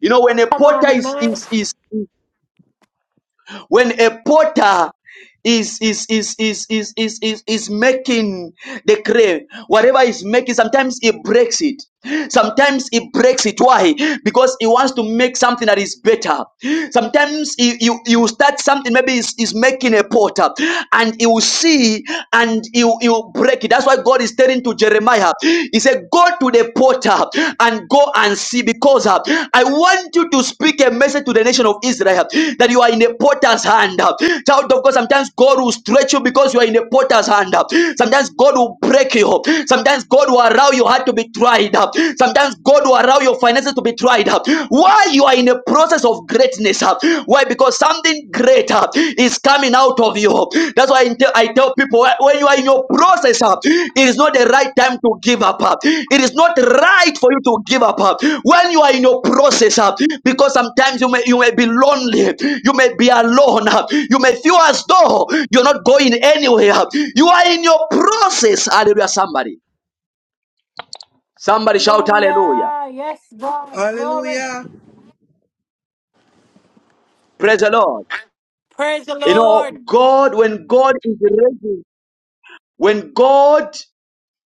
Speaker 1: You know, when a
Speaker 7: Come
Speaker 1: potter
Speaker 7: on,
Speaker 1: is
Speaker 7: amen.
Speaker 1: is is when a potter is is is is is is is, is making the clay whatever is making sometimes he breaks it sometimes he breaks it why because he wants to make something that is better sometimes you you, you start something maybe he's, he's making a potter and you will see and you you break it that's why god is telling to jeremiah he said go to the report uh, and go and see because uh, I want you to speak a message to the nation of Israel that you are in a potter's hand. uh. Child of God, sometimes God will stretch you because you are in a potter's hand. uh. Sometimes God will break you. Sometimes God will allow your heart to be tried. uh. Sometimes God will allow your finances to be tried. uh. Why you are in a process of greatness? uh. Why? Because something greater is coming out of you. That's why I tell, I tell people uh, when you are in your process, uh, it is not the right time to give up. uh. It is not right for you to give up uh, when you are in your process, uh, because sometimes you may you may be lonely, you may be alone, uh, you may feel as though you're not going anywhere. uh. You are in your process. Hallelujah! Somebody, somebody shout hallelujah!
Speaker 7: Hallelujah. Yes, God. Glory.
Speaker 5: hallelujah
Speaker 1: Praise the Lord.
Speaker 7: Praise the
Speaker 1: You know,
Speaker 7: Lord.
Speaker 1: God, when God is ready, when God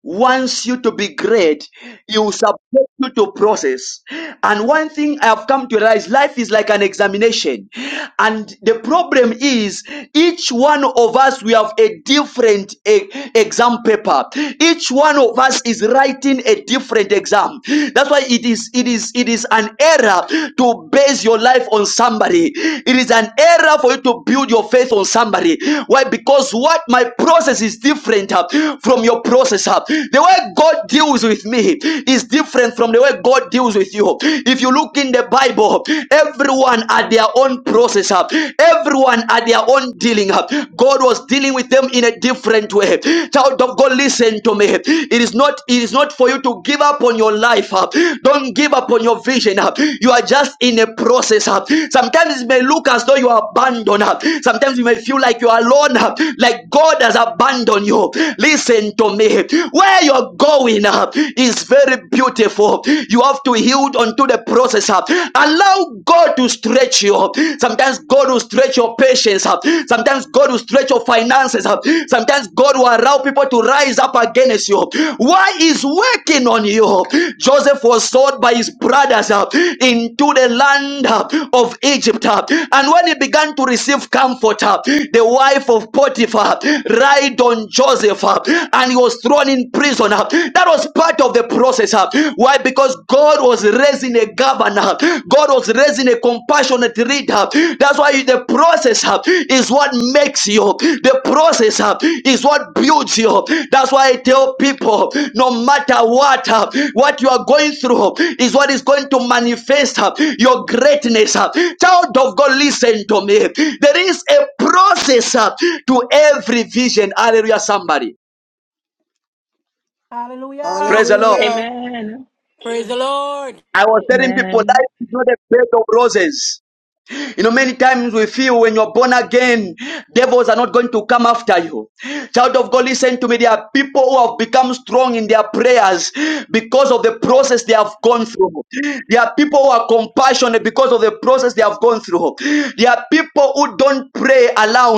Speaker 1: wants you to be great, he will subject you to process. And one thing I have come to realize life is like an examination. And the problem is, each one of us, we have a different eh, exam paper. Each one of us is writing a different exam. That's why it is, it is, it is an error to base your life on somebody. It is an error for you to build your faith on somebody. Why? Because what my process is different uh, from your process process. uh, The way God deals with me is different from the way God deals with you. If you look in the Bible, everyone had their own process. uh, Everyone had their own dealing. uh, God was dealing with them in a different way. Child of God, listen to me. It is not it is not for you to give up on your life. uh, Don't give up on your vision. uh, You are just in a process. uh, Sometimes it may look as though you are abandoned. uh, Sometimes you may feel like you are alone, uh, like God has abandoned you. Listen to to me. Where you're going uh, is very beautiful. You have to yield unto the process. uh. Allow God to stretch you. Sometimes God will stretch your patience. uh. Sometimes God will stretch your finances. uh. Sometimes God will allow people to rise up against you. Why is working on you? Joseph was sold by his brothers uh, into the land uh, of Egypt. uh, And when he began to receive comfort, uh, the wife of Potiphar lied on Joseph. uh, and he was thrown in prison. That was part of the process. Why? Because God was raising a governor, God was raising a compassionate leader. That's why the process is what makes you, the process is what builds you. That's why I tell people no matter what, what you are going through is what is going to manifest your greatness. Child of God, listen to me. There is a process to every vision. Hallelujah, somebody.
Speaker 7: Hallelujah.
Speaker 1: Praise the Lord.
Speaker 5: hallelujah
Speaker 7: Praise the Lord.
Speaker 1: I was telling people life is not a bed of roses. You know, many times we feel when you're born again, devils are not going to come after you. Child of God, listen to me. There are people who have become strong in their prayers because of the process they have gone through. There are people who are compassionate because of the process they have gone through. There are people who don't pray aloud.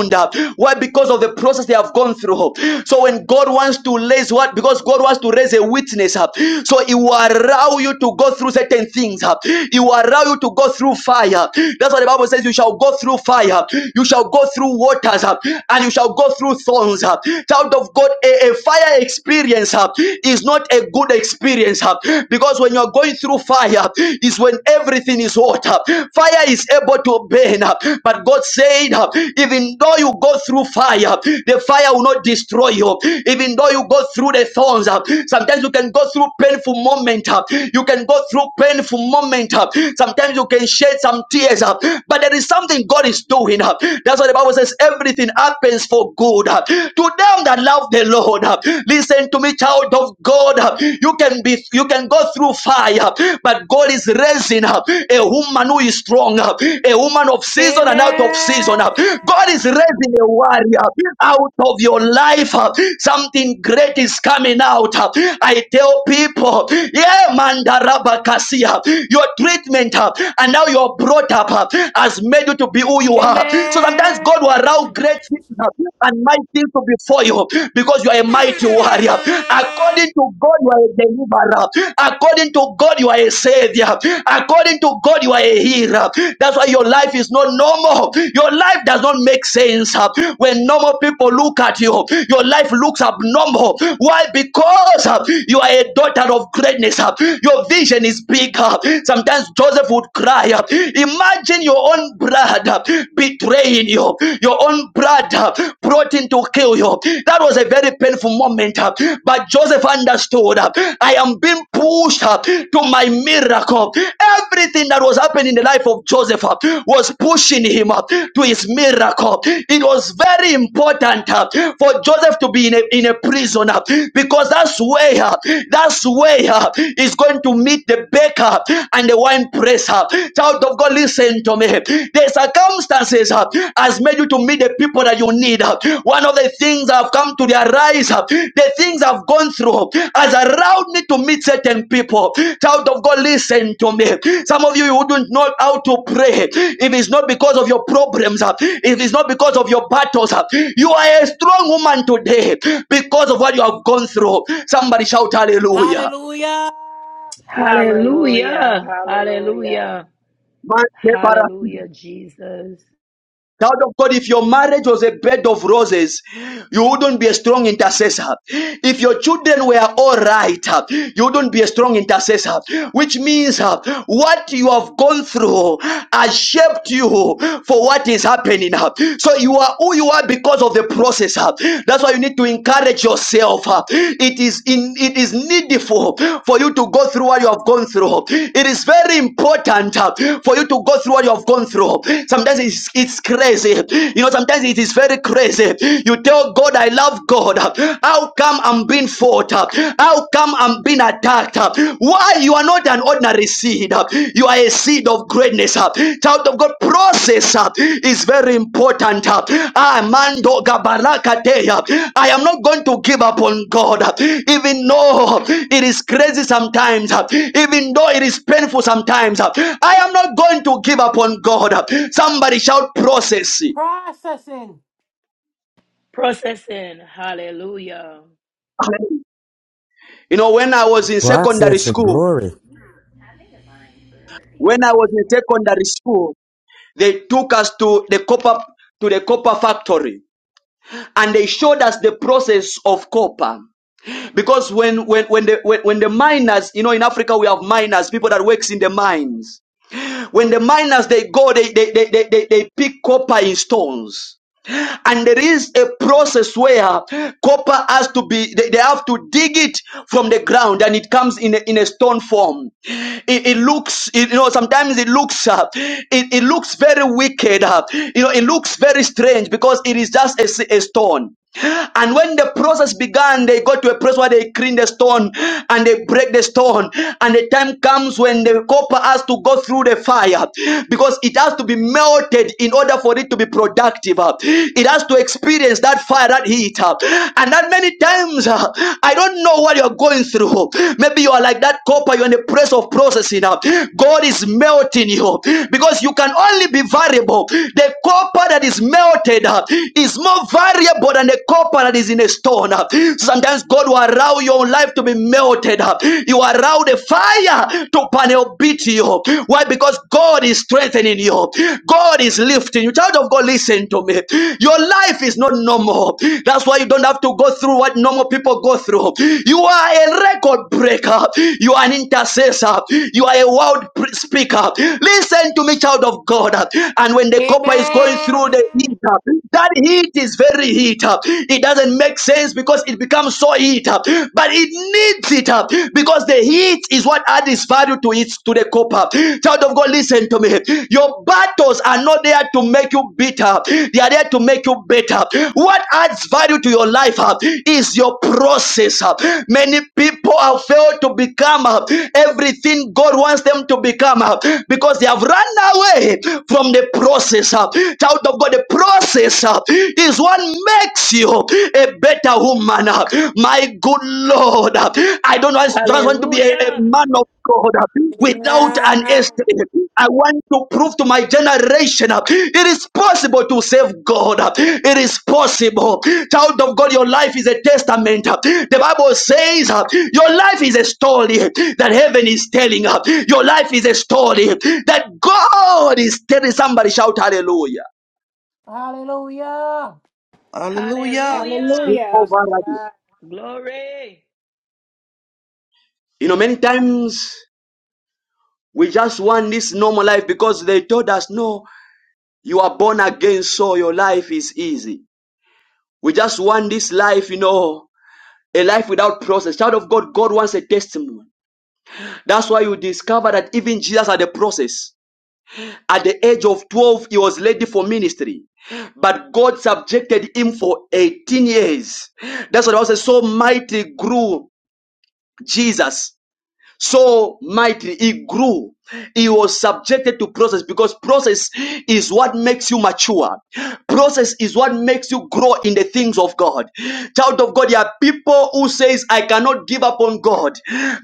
Speaker 1: Why? Because of the process they have gone through. So when God wants to raise what? Because God wants to raise a witness up. So He will allow you to go through certain things. up. He will allow you to go through fire fire. That's what the Bible says. You shall go through fire. You shall go through waters uh, and you shall go through thorns. uh. Child of God, a, a fire experience uh, is not a good experience uh, because when you're going through fire is when everything is hot. uh. Fire is able to burn. uh, But God said, uh, even though you go through fire, the fire will not destroy you. Even though you go through the thorns, uh, sometimes you can go through painful moments. You can go through painful moments. Sometimes sometimes you can shed some tears, uh, but there is something God is doing. uh. That's what the Bible says everything happens for good uh, to them that love the Lord. uh. Listen to me, child of God. uh, You can be you can go through fire, uh, but God is raising up uh, a woman who is strong, uh, a woman of season and out of season.
Speaker 7: Amen.
Speaker 1: uh. God is raising a warrior out of your life. uh. Something great is coming out. uh. I tell people, yeah, mandarabakasia. you your treatment uh, and now you're brought up uh, has made you to be who you are. So sometimes God will allow
Speaker 7: Amen.
Speaker 1: great things uh, and mighty things to be for you because you are a mighty warrior. According to God, you are a deliverer. According to God, you are a savior. According to God, you are a healer. That's why your life is not normal. Your life does not make sense uh, when normal people look at you. Your life looks abnormal. Why? Because uh, you are a daughter of greatness. uh, Your vision is speak. uh, Sometimes Joseph would cry. uh, Imagine your own brother betraying you, your own brother brought in to kill you. That was a very painful moment. uh, But Joseph understood uh, I am being pushed uh, to my miracle. Everything that was happening in the life of Joseph uh, was pushing him to his miracle. It was very important uh, for Joseph to be in a, in a prison uh, because that's where uh, that's where uh, his is going to meet the baker and the wine presser. Child of God, listen to me. The circumstances uh, has made you to meet the people that you need. uh. One of the things that have come to their rise, uh, the things I've gone through has allowed me to meet certain people. Child of God, listen to me. Some of you, you wouldn't know how to pray if it's not because of your problems, uh, if it's not because of your battles. uh. You are a strong woman today because of what you have gone through. Somebody shout hallelujah.
Speaker 7: Hallelujah.
Speaker 3: Hallelujah. Hallelujah.
Speaker 1: Child of God, if your marriage was a bed of roses, you wouldn't be a strong intercessor. If your children were all right, uh, you wouldn't be a strong intercessor. Which means uh, what you have gone through has shaped you for what is happening. uh. So you are who you are because of the process. uh. That's why you need to encourage yourself yourself. uh, It is in it is needful for you to go through what you have gone through. It is very important uh, for you to go through what you have gone through. Sometimes it's it's crazy. You know, sometimes it is very crazy. You tell God, I love God. How come I'm being fought? How come I'm being attacked? Why you are not an ordinary sinner? seed. uh, You are a seed of greatness. uh. Child of God, process uh, is very important. uh. Ah, mando gabarakate, uh, I am not going to give up on God. uh, Even though it is crazy sometimes, uh, even though it is painful sometimes, uh, I am not going to give up on God. uh. Somebody shout process.
Speaker 7: Processing.
Speaker 1: You know, when I was in secondary
Speaker 4: Process and
Speaker 1: school,
Speaker 4: glory.
Speaker 1: when I was in secondary school, they took us to the copper to the copper factory and they showed us the process of copper because when when when the when, when the miners you know in africa we have miners people that works in the mines when the miners they go they they they, they, they, they pick copper in stones and there is a process where copper has to be they, they have to dig it from the ground and it comes in a, in a stone form it, it looks it, you know sometimes it looks uh, it, it looks very wicked uh, you know it looks very strange because it is just a a stone and when the process began, they got to a place where they clean the stone and they break the stone. And the time comes when the copper has to go through the fire because it has to be melted in order for it to be productive. uh. It has to experience that fire, that heat. uh. And that many times, uh, I don't know what you're going through. Maybe you are like that copper, you're in the place of processing. uh. God is melting you because you can only be variable. The copper that is melted uh, is more variable than a copper that is in a stone. Sometimes God will allow your life to be melted. You allow the fire to panel beat you. Why? Because God is strengthening you. God is lifting you. Child of God, listen to me. Your life is not normal. That's why you don't have to go through what normal people go through. You are a record breaker. You are an intercessor. You are a world speaker. Listen to me, child of God. And when the copper is going through
Speaker 7: Amen.
Speaker 1: the heat, that heat is very heat. uh, It doesn't make sense because it becomes so heat, uh, but it needs it uh, because the heat is what adds value to it to the copper. Child of God, listen to me. Your battles are not there to make you bitter, they are there to make you better. What adds value to your life uh, is your process. uh. Many people have failed to become uh, everything God wants them to become uh, because they have run away from the process. uh. Child of God, the process uh, is what makes you a better woman. uh. My good Lord, uh, I don't want- just want to be a, a man of God uh, without an
Speaker 7: Amen.
Speaker 1: estate. I want to prove to my generation uh, it is possible to save God. uh. It is possible. Child of God, your life is a testament. uh. The Bible says uh, your life is a story that heaven is telling. uh. Your life is a story that God is telling. Somebody shout hallelujah.
Speaker 7: Hallelujah.
Speaker 5: hallelujah
Speaker 13: Hallelujah. Amen.
Speaker 1: You know, many times we just want this normal life because they told us, no, you are born again, so your life is easy. We just want this life, you know, a life without process. Child of God, God wants a testimony. That's why you discover that even Jesus had a process. At the age of 12, he was ready for ministry. But God subjected him for 18 years. That's what I was saying. so mighty grew Jesus so mightily he grew he was subjected to process because process is what makes you mature process is what makes you grow in the things of god child of god there are people who says i cannot give up on god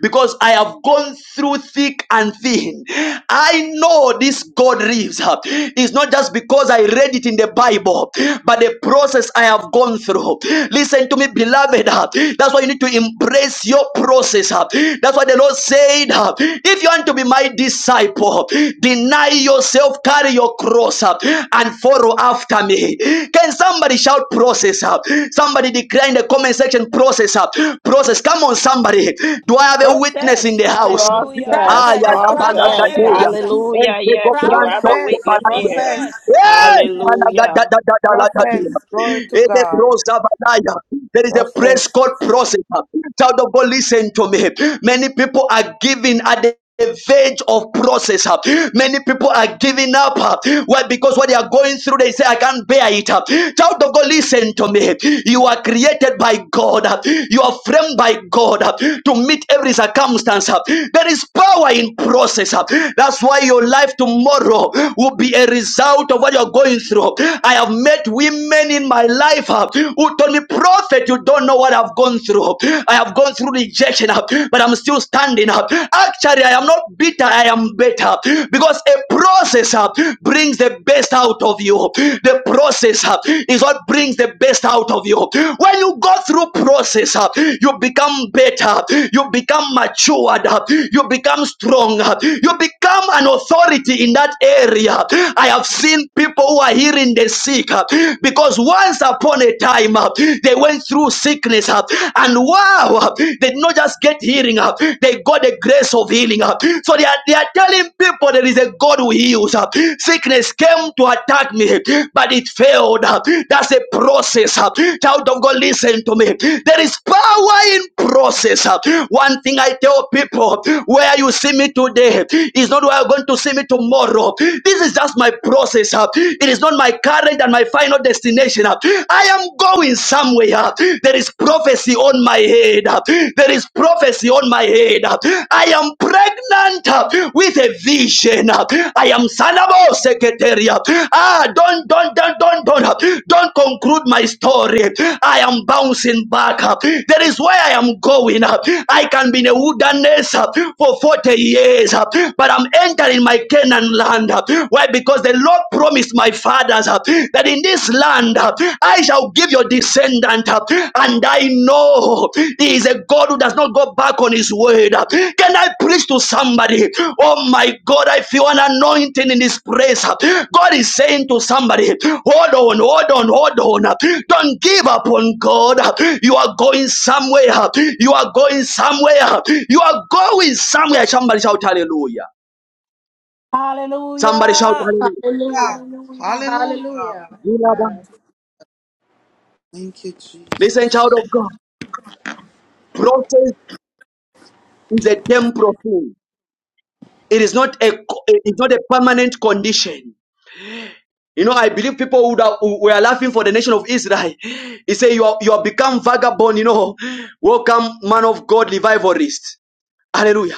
Speaker 1: because i have gone through thick and thin i know this god lives It's not just because i read it in the bible but the process I have gone through. Listen to me, beloved. uh, That's why you need to embrace your process. uh. That's why the Lord said, uh, if you want to be my disciple, deny yourself, carry your cross up, and follow after me. Can somebody shout process up? Somebody declare in the comment section process up. Process. Come on, somebody. Do I have a witness in the house? Ah,
Speaker 3: Process,
Speaker 1: yeah,
Speaker 5: process
Speaker 7: Process,
Speaker 3: process.
Speaker 7: process,
Speaker 5: process
Speaker 7: process,
Speaker 1: yeah.
Speaker 3: Hallelujah. Yes, you have
Speaker 7: process.
Speaker 3: a
Speaker 5: process
Speaker 3: witness here.
Speaker 5: process
Speaker 1: Hey!
Speaker 5: amen
Speaker 3: Hallelujah.
Speaker 1: Managadadadadadadadu.
Speaker 5: process glory to god
Speaker 1: Elebrozabadaya. There is a praise
Speaker 5: process
Speaker 1: called process. Child of God, listen to me. Many people are giving at the verge of process. Many people are giving up. Why? Because what they are going through, they say, I can't bear it. Child of God, listen to me. You are created by God. You are framed by God to meet every circumstance. There is power in process. That's why your life tomorrow will be a result of what you're going through. I have met women in my life uh, who told me, Prophet, you don't know what I've gone through. I have gone through rejection, uh, but I'm still standing up. Actually, I am not bitter, I am better because a process uh, brings the best out of you. The process uh, is what brings the best out of you. When you go through process, uh, you become better, you become matured, uh, you become strong, uh, you become an authority in that area area. I have seen people who are healing the sick uh, because once upon a time uh, they went through sickness uh, and wow, uh, they did not just get healing, uh, they got the grace of healing. uh. So they are, they are telling people there is a God who heals. uh. Sickness came to attack me, but it failed. uh. That's a process. uh. Child of God, listen to me. There is power in process. uh. One thing I tell people where you see me today is not where you're going to see me tomorrow tomorrow. This is just my process. uh. It is not my current and my final destination. uh. I am going somewhere. uh. There is prophecy on my head. uh. There is prophecy on my head. uh. I am pregnant uh, with a vision. uh. I am Sanabo secretary. uh. Ah, don't, don't, don't, don't, don't, uh, don't conclude my story. I am bouncing back. uh. There is where I am going. uh. I can be in a wilderness uh, for 40 years, uh, but I'm entering enter in my Canaan land. Why? Because the Lord promised my fathers uh, that in this land uh, I shall give your descendant, uh, and I know He is a God who does not go back on His word. Can I preach to somebody? Oh my God, I feel an anointing in this place. God is saying to somebody, hold on, hold on, hold on. Don't give up on God. You are going somewhere. You are going somewhere. You are going somewhere. Somebody shout hallelujah. Somebody shout
Speaker 7: Hallelujah.
Speaker 13: Hallelujah.
Speaker 7: Hallelujah.
Speaker 5: Hallelujah.
Speaker 13: Hallelujah.
Speaker 5: Glory
Speaker 1: hallelujah.
Speaker 13: Amen.
Speaker 5: to Thank you,
Speaker 1: Listen, child
Speaker 5: Jesus.
Speaker 1: of God. Process is a temporal thing. It is not a it's not a permanent condition. You know, I believe people would have, who were laughing for the nation of Israel. (laughs) He said, "You are you have become vagabond." You know, welcome, man of God, revivalist. Hallelujah.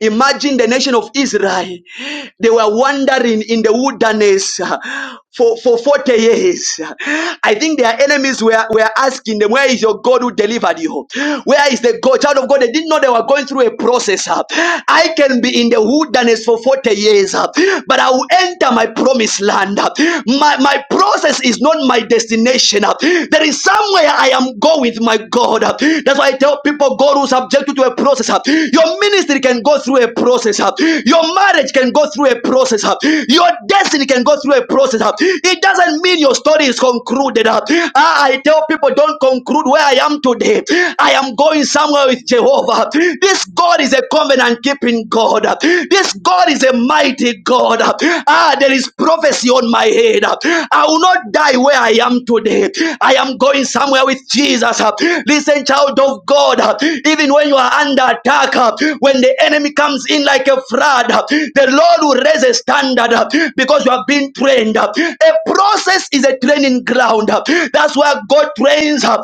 Speaker 1: Imagine the nation of Israel. They were wandering in the wilderness uh, for, for 40 years. I think their enemies were, were asking them, Where is your God who delivered you? Where is the God? Child of God, they didn't know they were going through a process. uh. I can be in the wilderness for 40 years, uh, but I will enter my promised land. Uh, My, my process is not my destination. uh. There is is somewhere I am going with my God. That's why I tell people God will subject you to a process. Your ministry can go through a process. Your marriage can go through a process. Your destiny can go through a process. It doesn't mean your story is concluded. Ah, I tell people don't conclude where I am today. I am going somewhere with Jehovah. This God is a covenant keeping God. This God is a mighty God. Ah, there is prophecy on my head. I will not die where I am today. I am going somewhere with Jesus. Listen, child of God, even when you are under attack, when the enemy comes in like a flood, the Lord will raise a standard because you have been trained. A process is a training ground. That's where God trains how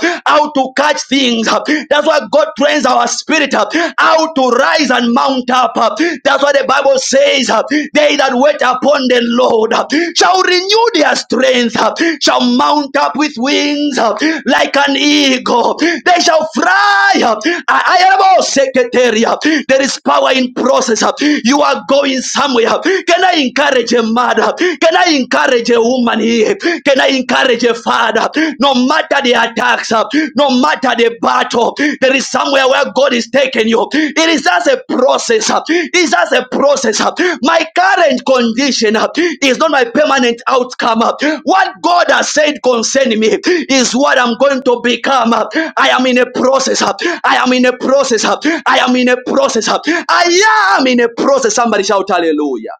Speaker 1: to catch things. That's why God trains our spirit wait, uh, how to rise and mount up. uh. That's what the Bible says. uh, They that wait upon the Lord uh, shall renew their strength, uh, shall mount up with wings uh, like an eagle. They shall fly. uh, I am all secretary. uh, There is power in process. uh, You are going somewhere. uh. Can I encourage a mother? Can I encourage a woman here? Can I encourage a father? No matter the attacks, uh, no matter the battle, there is somewhere where God is taking you. It is just a process. It's just a process. uh. My current condition uh, is not my permanent outcome. uh. What God has said concerning me is what I'm going to become. uh. I am in a process. uh, I am in a process. uh, I am in a process. uh. I am in a process. Somebody shout hallelujah.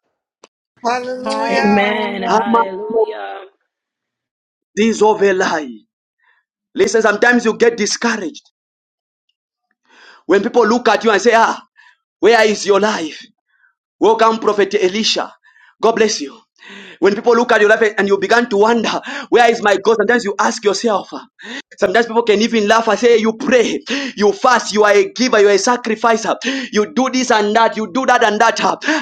Speaker 5: Hallelujah.
Speaker 7: Hallelujah.
Speaker 1: Ama- This over lie. Listen, sometimes you get discouraged. When people look at you and say, ah, where is your life? Welcome, Prophet Elisha. God bless you. When people look at your life and you begin to wonder, where is my God? Sometimes you ask yourself. Sometimes people can even laugh and say, You pray, you fast, you are a giver, you are a sacrificer, you do this and that, you do that and that.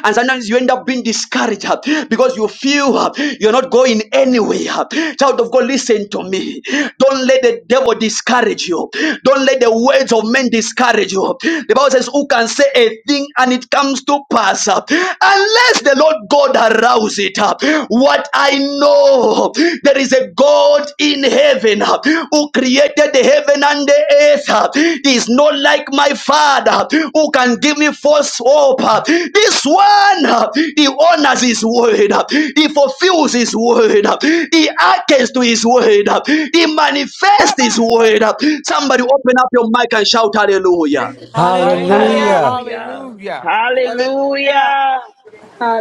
Speaker 1: And sometimes you end up being discouraged because you feel you're not going anywhere. Child of God, listen to me. Don't let the devil discourage you. Don't let the words of men discourage you. The Bible says, Who can say a thing and it comes to pass? Unless the Lord God arise house it up. What I know, there is a God in heaven uh, who created the heaven and the earth. uh. He is not like my father who can give me false hope. uh. This one, uh, he honors his word, uh. he fulfills his word, uh. he hearkens to his word, uh. he manifests his word. uh. Somebody open up your mic and shout hallelujah.
Speaker 14: Hallelujah.
Speaker 7: Hallelujah.
Speaker 4: Hallelujah.
Speaker 15: Hallelujah.
Speaker 5: Hallelujah.
Speaker 3: Hallelujah.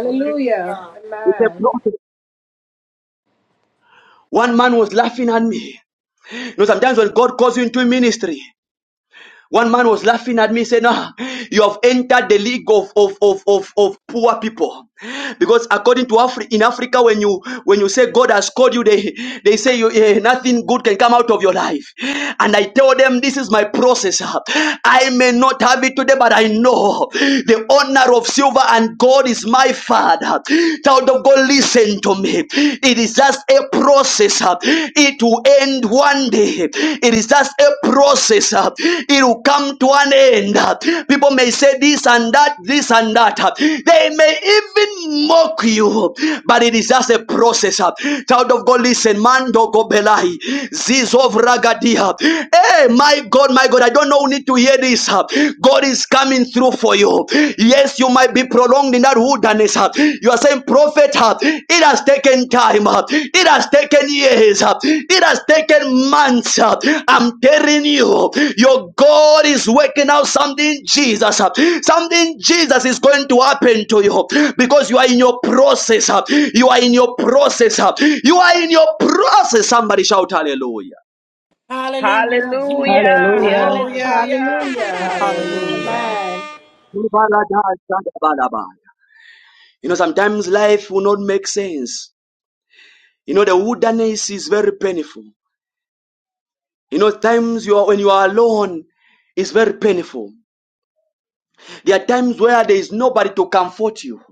Speaker 5: Glory to God.
Speaker 1: It's a
Speaker 13: Amen.
Speaker 1: prophet. One man was laughing at me. You know, sometimes when God calls you into ministry, One man was laughing at me, saying, "Ah, you have entered the league of, of, of, of, of poor people. Because according to Afri- in Africa, when you when you say God has called you, they, they say you eh, nothing good can come out of your life. And I tell them this is my process. I may not have it today, but I know the honor of silver and gold is my father. Child of God, listen to me. It is just just a process. uh, It will end one day. It is just a process. uh, It will come to an end. uh. People may say this and that, this and that. uh. They may even mock you, but it is just a process. uh. Child of God, listen, Mando Gobelai, Zizov Ragadia. Hey, my God, my God, I don't know who need to hear this. uh. God is coming through for you. Yes, you might be prolonged in that wilderness. uh. You are saying, Prophet, uh, it has taken time. uh. It has taken years. uh. It has taken months. uh. I'm telling you, your God is working out something, Jesus. uh. Something, Jesus, is going to happen to you because you are in your process. uh. You are in your process. uh. You are in your process. Somebody shout hallelujah.
Speaker 7: Hallelujah, Jesus.
Speaker 3: Hallelujah.
Speaker 7: Lord.
Speaker 5: Hallelujah.
Speaker 3: Hallelujah.
Speaker 13: Hallelujah.
Speaker 15: Hallelujah.
Speaker 13: Amen.
Speaker 1: You know, sometimes life will not make sense You know, the wilderness is very painful. You know, times you are when you are alone is very painful. There are times where there is nobody to comfort you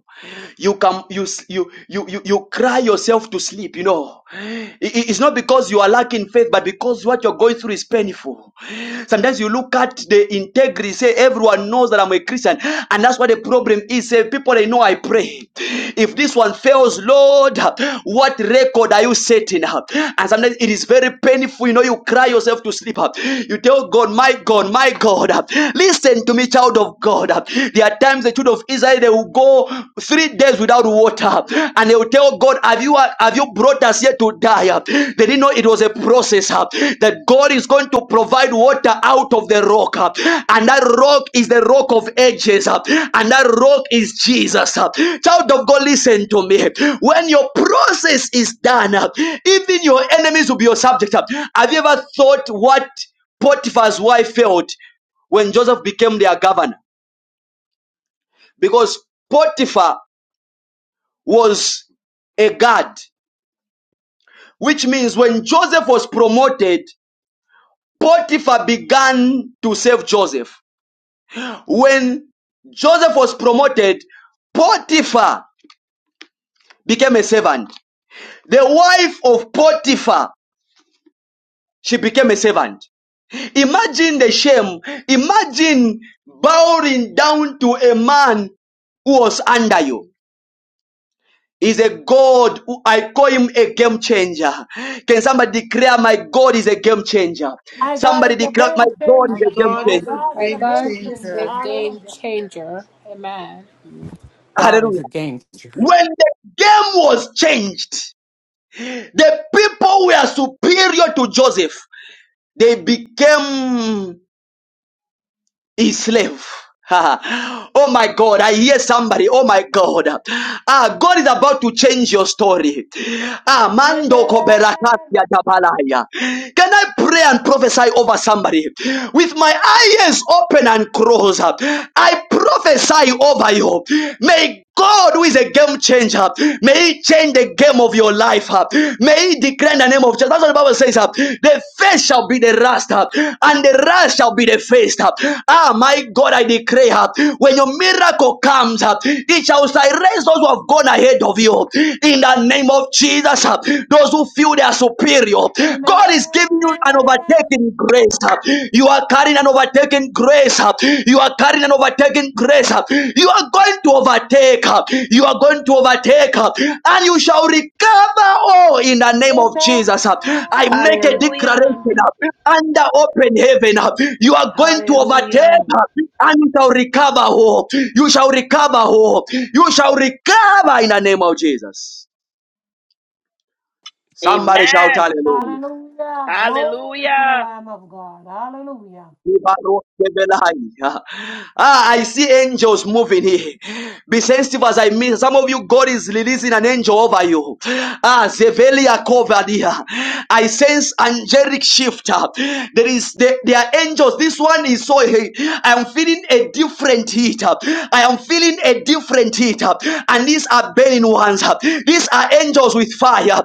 Speaker 1: you can you you you you, you cry yourself to sleep you know I- it's not because you are lacking faith but because what you're going through is painful sometimes you look at the integrity say everyone knows that i'm a christian and that's what the problem is say people they know i pray if this one fails lord what record are you setting up and sometimes it is very painful you know you cry yourself to sleep you tell god my god my god listen to me child of god there are times the children of Israel they will go three days without water, and they will tell God, "Have you have you brought us here to die?" They didn't know it was a process uh, that God is going to provide water out of the rock, uh, and that rock is the rock of ages, uh, and that rock is Jesus. uh. Child of God, listen to me. When your process is done, uh, even your enemies will be your subject. uh. Have you ever thought what Potiphar's wife felt when Joseph became their governor? because Potiphar was a guard, which means when Joseph was promoted, Potiphar began to serve Joseph. When Joseph was promoted, Potiphar became a servant. The wife of Potiphar, she became a servant. Imagine the shame. Imagine bowing down to a man who was under you. is a God who I call him a game changer. Can somebody declare my God is a game changer?
Speaker 7: My God
Speaker 1: Somebody
Speaker 7: is a
Speaker 1: declare my
Speaker 7: game
Speaker 1: God is
Speaker 5: My
Speaker 7: changer.
Speaker 1: a game
Speaker 5: God
Speaker 7: My
Speaker 5: is
Speaker 1: changer.
Speaker 5: a
Speaker 7: God is
Speaker 13: My
Speaker 7: a
Speaker 5: game
Speaker 13: God
Speaker 7: game
Speaker 13: is
Speaker 7: changer.
Speaker 13: a
Speaker 5: changer.
Speaker 13: game
Speaker 7: Hallelujah.
Speaker 13: changer. Amen.
Speaker 15: God is
Speaker 1: Hallelujah.
Speaker 15: a gangster.
Speaker 1: When the game was changed, the people were superior to Joseph. They became is slave. (laughs) oh my God, I hear somebody. Oh my God. Ah, God is about to change your story. Ah, Mando
Speaker 7: Amen.
Speaker 1: Koberakasia Dabalaya. Can I pray and prophesy over somebody? With my eyes open and closed, I prophesy over you. May God, who is a game changer, may He change the game of your life. uh. May He declare in the name of Jesus. That's what the Bible says. uh, The face shall be the rust, uh, and the rust shall be the face. uh. Ah, my God, I declare, uh, when your miracle comes, uh, it shall silence those who have gone ahead of you. In the name of Jesus, uh, those who feel they are superior,
Speaker 7: Amen.
Speaker 1: God is giving you an overtaking grace. huh? You are carrying an overtaking grace. You are carrying an overtaking grace. You are going to overtake. You are going to overtake. And you shall recover all in the name of
Speaker 7: Amen.
Speaker 1: Jesus. I make a declaration under open heaven. You are going to overtake and you shall recover all. You shall recover all. You shall recover in the name of Jesus. Somebody shout
Speaker 3: Amen.
Speaker 1: hallelujah.
Speaker 7: Hallelujah. Glory to the
Speaker 3: Hallelujah.
Speaker 7: Lamb of God. Hallelujah.
Speaker 1: Ah, I see angels moving here. Be sensitive as I mean. Some of you, God is releasing an angel over you. Ah, Zevelia covered here. I sense angelic shift. Ah, There is there, there are angels. This one is so hey, I am feeling a different heat. Ah, I am feeling a different heat. Ah, And these are burning ones. Ah, These are angels with fire.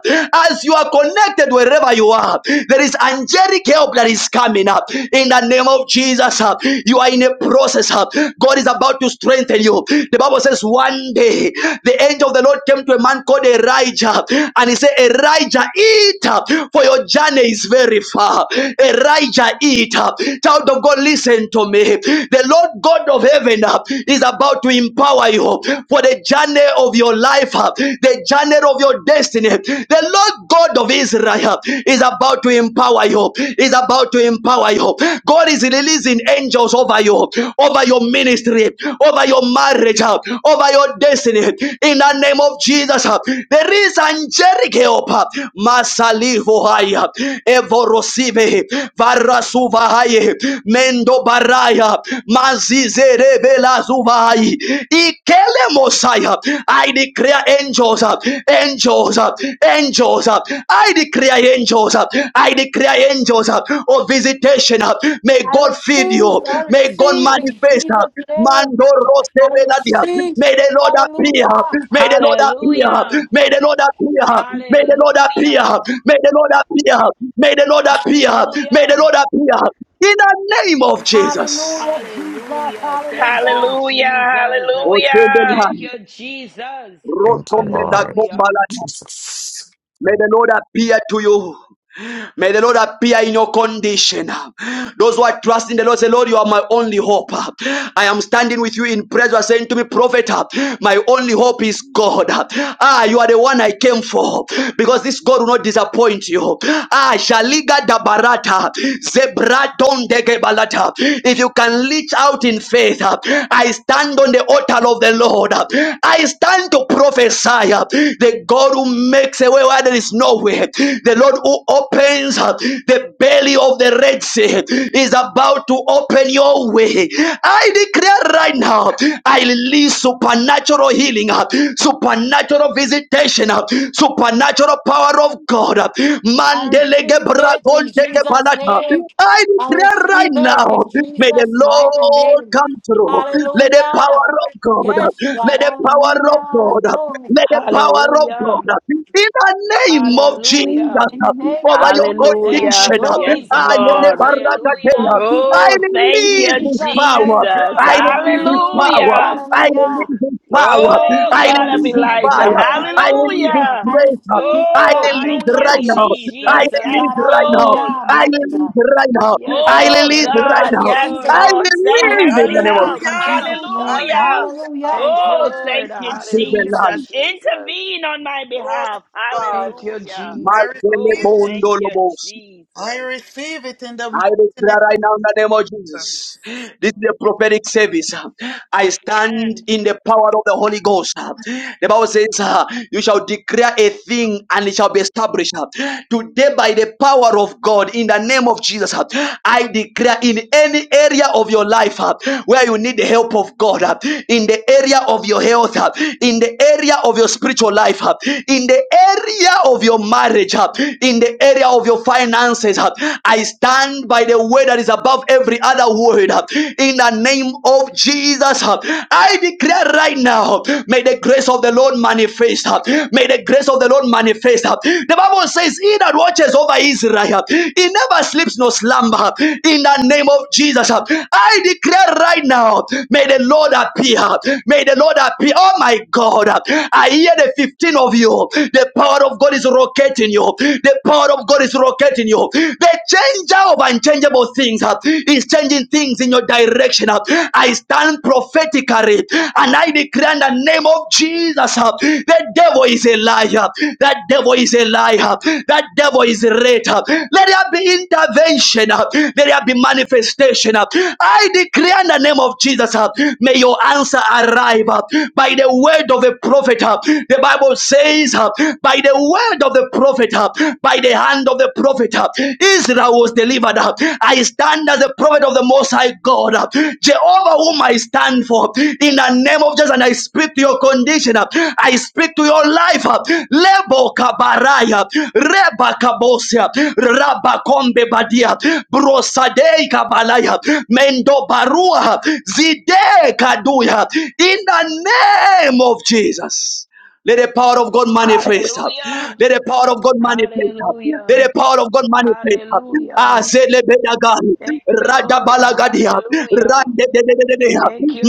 Speaker 1: As you are connected wherever you are up. There is angelic help that is coming up in the name of Jesus. uh, You are in a process. uh, God is about to strengthen you. The Bible says one day the angel of the Lord came to a man called Elijah and he said, Elijah, eat up, for your journey is very far. Elijah, eat up. Child of God, listen to me. The Lord God of heaven uh, is about to empower you for the journey of your life, uh, the journey of your of your destiny. The Lord God of Israel is about to empower you, is about to empower you. God is releasing angels over you, over your ministry, over your marriage, uh, over your destiny. In the name of Jesus, uh, there is angelic help. uh, Masalihohaya, Evorosive, Varasuvahaye, Mendo Baraya, Mazizerebe Lazuvahai, Elemosaya. I declare angels, uh, angels, uh, angels. uh, I declare angels. uh, I declare angels uh, of visitation. uh, May
Speaker 7: I
Speaker 1: God feed
Speaker 7: receive,
Speaker 1: you.
Speaker 7: I
Speaker 1: May God
Speaker 7: receive in
Speaker 1: manifest. uh,
Speaker 7: Jesus' name.
Speaker 1: Mando rose
Speaker 7: I
Speaker 1: veladia.
Speaker 7: receive.
Speaker 1: May the Lord appear.
Speaker 7: Hallelujah.
Speaker 1: May the Lord appear. May the Lord appear. May the Lord appear. May the Lord appear. May the Lord appear. May the Lord appear. In the name of Jesus.
Speaker 7: Hallelujah, Jesus. Hallelujah.
Speaker 3: Hallelujah. Hallelujah.
Speaker 16: Thank you,
Speaker 1: Rotomela
Speaker 16: Lord. Jesus.
Speaker 1: May
Speaker 16: Thank
Speaker 1: the Lord appear to you. May the Lord appear in your condition. Those who are trusting the Lord say, Lord, you are my only hope. I am standing with you in prayer. You are saying to me, Prophet, my only hope is God. Ah, you are the one I came for because this God will not disappoint you. Ah, Shaliga da Barata, Zebraton dege balata. If you can reach out in faith, I stand on the altar of the Lord. I stand to prophesy uh, the God who makes a way where there is no way, the Lord who opens uh, the belly of the Red Sea is about to open your way. I declare right now, I release supernatural healing, uh, supernatural visitation, uh, supernatural power of God. uh,
Speaker 7: I
Speaker 1: Mandelege
Speaker 7: receive it in
Speaker 1: bragontege
Speaker 7: Jesus'
Speaker 1: palata.
Speaker 7: name.
Speaker 1: I
Speaker 7: I
Speaker 1: declare right
Speaker 7: receive it
Speaker 1: now,
Speaker 7: in
Speaker 1: may the
Speaker 7: Jesus' mighty
Speaker 1: Lord
Speaker 7: name.
Speaker 1: come through. Let the
Speaker 7: Hallelujah.
Speaker 1: power of God,
Speaker 7: Yes,
Speaker 1: uh, let
Speaker 7: God.
Speaker 1: the power of
Speaker 7: Hallelujah.
Speaker 1: God. uh,
Speaker 7: Glory.
Speaker 1: May the power of God in the name of Jesus
Speaker 7: In the name
Speaker 1: over
Speaker 7: of
Speaker 1: your
Speaker 7: Jesus.
Speaker 3: Hallelujah.
Speaker 1: condition.
Speaker 3: Yes,
Speaker 7: Glory.
Speaker 1: I
Speaker 7: I
Speaker 1: release
Speaker 3: Lord.
Speaker 7: receive. I receive.
Speaker 3: Oh, thank
Speaker 7: In
Speaker 3: you,
Speaker 1: his
Speaker 7: Jesus'
Speaker 1: power.
Speaker 7: name.
Speaker 3: Jesus.
Speaker 1: I
Speaker 7: I
Speaker 1: release his
Speaker 7: receive it.
Speaker 1: power.
Speaker 3: Hallelujah.
Speaker 1: I
Speaker 7: Hallelujah.
Speaker 1: release his power.
Speaker 7: Glory
Speaker 3: Oh,
Speaker 7: to
Speaker 1: I
Speaker 7: the Lamb
Speaker 3: God of
Speaker 7: of
Speaker 1: release his
Speaker 7: God.
Speaker 3: Elijah.
Speaker 1: fire.
Speaker 7: Glory.
Speaker 1: I release his
Speaker 3: Hallelujah.
Speaker 7: I
Speaker 1: grace.
Speaker 7: receive.
Speaker 1: I
Speaker 3: Oh, thank
Speaker 1: release
Speaker 3: you,
Speaker 1: right
Speaker 7: Hallelujah.
Speaker 1: now. I
Speaker 3: Jesus.
Speaker 7: Yes,
Speaker 3: Yes,
Speaker 7: God.
Speaker 1: release right now.
Speaker 3: Lord.
Speaker 7: Hallelujah.
Speaker 1: I
Speaker 7: Mighty
Speaker 1: release
Speaker 7: God.
Speaker 1: right now.
Speaker 7: I
Speaker 1: I
Speaker 7: receive
Speaker 3: Oh,
Speaker 1: release
Speaker 7: it.
Speaker 1: right
Speaker 7: I
Speaker 3: God.
Speaker 1: now.
Speaker 3: Yes,
Speaker 7: receive it.
Speaker 1: I
Speaker 3: Lord. Send
Speaker 7: I
Speaker 1: release
Speaker 7: receive
Speaker 1: in
Speaker 3: heavenly
Speaker 1: the name of
Speaker 7: it
Speaker 3: help.
Speaker 1: Jesus.
Speaker 7: in
Speaker 5: Hallelujah.
Speaker 7: Jesus' name.
Speaker 3: Hallelujah.
Speaker 5: Hallelujah.
Speaker 7: Hallelujah.
Speaker 3: Oh,
Speaker 5: Glory.
Speaker 3: thank you,
Speaker 5: Hallelujah.
Speaker 3: Jesus. Intervene on my
Speaker 5: Glory to
Speaker 3: behalf.
Speaker 5: God.
Speaker 3: Hallelujah.
Speaker 5: I
Speaker 1: Marcele
Speaker 3: Oh,
Speaker 5: receive it.
Speaker 3: thank you,
Speaker 1: Bondolobos.
Speaker 3: Jesus.
Speaker 5: I receive it in the
Speaker 1: I
Speaker 5: mighty name
Speaker 1: declare right now in the name of
Speaker 5: of Jesus.
Speaker 1: Jesus. This is a
Speaker 3: Lord.
Speaker 1: prophetic service. I stand
Speaker 3: Amen.
Speaker 1: in the power of the Holy Ghost. The Bible says, uh, You shall declare a thing and it shall be established. Today, by the power of God, in the name of Jesus, uh, I declare in any area of your life uh, where you need the help of God, uh, in the area of your health, uh, in the area of your spiritual life, uh, in the area of your marriage, uh, in the area of your finances finances. uh, I stand by the word that is above every other word. uh, In the name of Jesus, uh, I declare right now, uh, may the grace of the Lord manifest. uh, May the grace of the Lord manifest. uh. The Bible says, He that watches over Israel, he never sleeps nor slumber. In the name of Jesus, uh, I declare right now, may the Lord appear. May the Lord appear. Oh my God, uh, I hear the 15 of you. The power of God is rocketing you you. The power of God is locating you. The changer of unchangeable things uh, is changing things in your direction. uh. I stand prophetically and I declare in the name of Jesus uh, the devil is a liar. That devil is a liar. That devil is a traitor. Let there be intervention. uh, Let there be manifestation. uh. I declare in the name of Jesus, uh, may your answer arrive uh, by the word of a prophet. uh. The Bible says, uh, by the word of the prophet, uh, by the hand of the prophet, uh, Israel was delivered. uh. I stand as the prophet of the Most High God, uh, Jehovah, whom I stand for, in the name of Jesus. And I speak to your condition, uh, I speak to your life. uh. Lebo kabaraya, reba kabosia, raba kombe badia, brosadei kabalaya, mendo barua, zide kaduya, in the name of Jesus. Let the power of God manifest. Let the power of God manifest. Let the power of God manifest. Ah, zele bedagari, raja balagadia, rande de de de de de,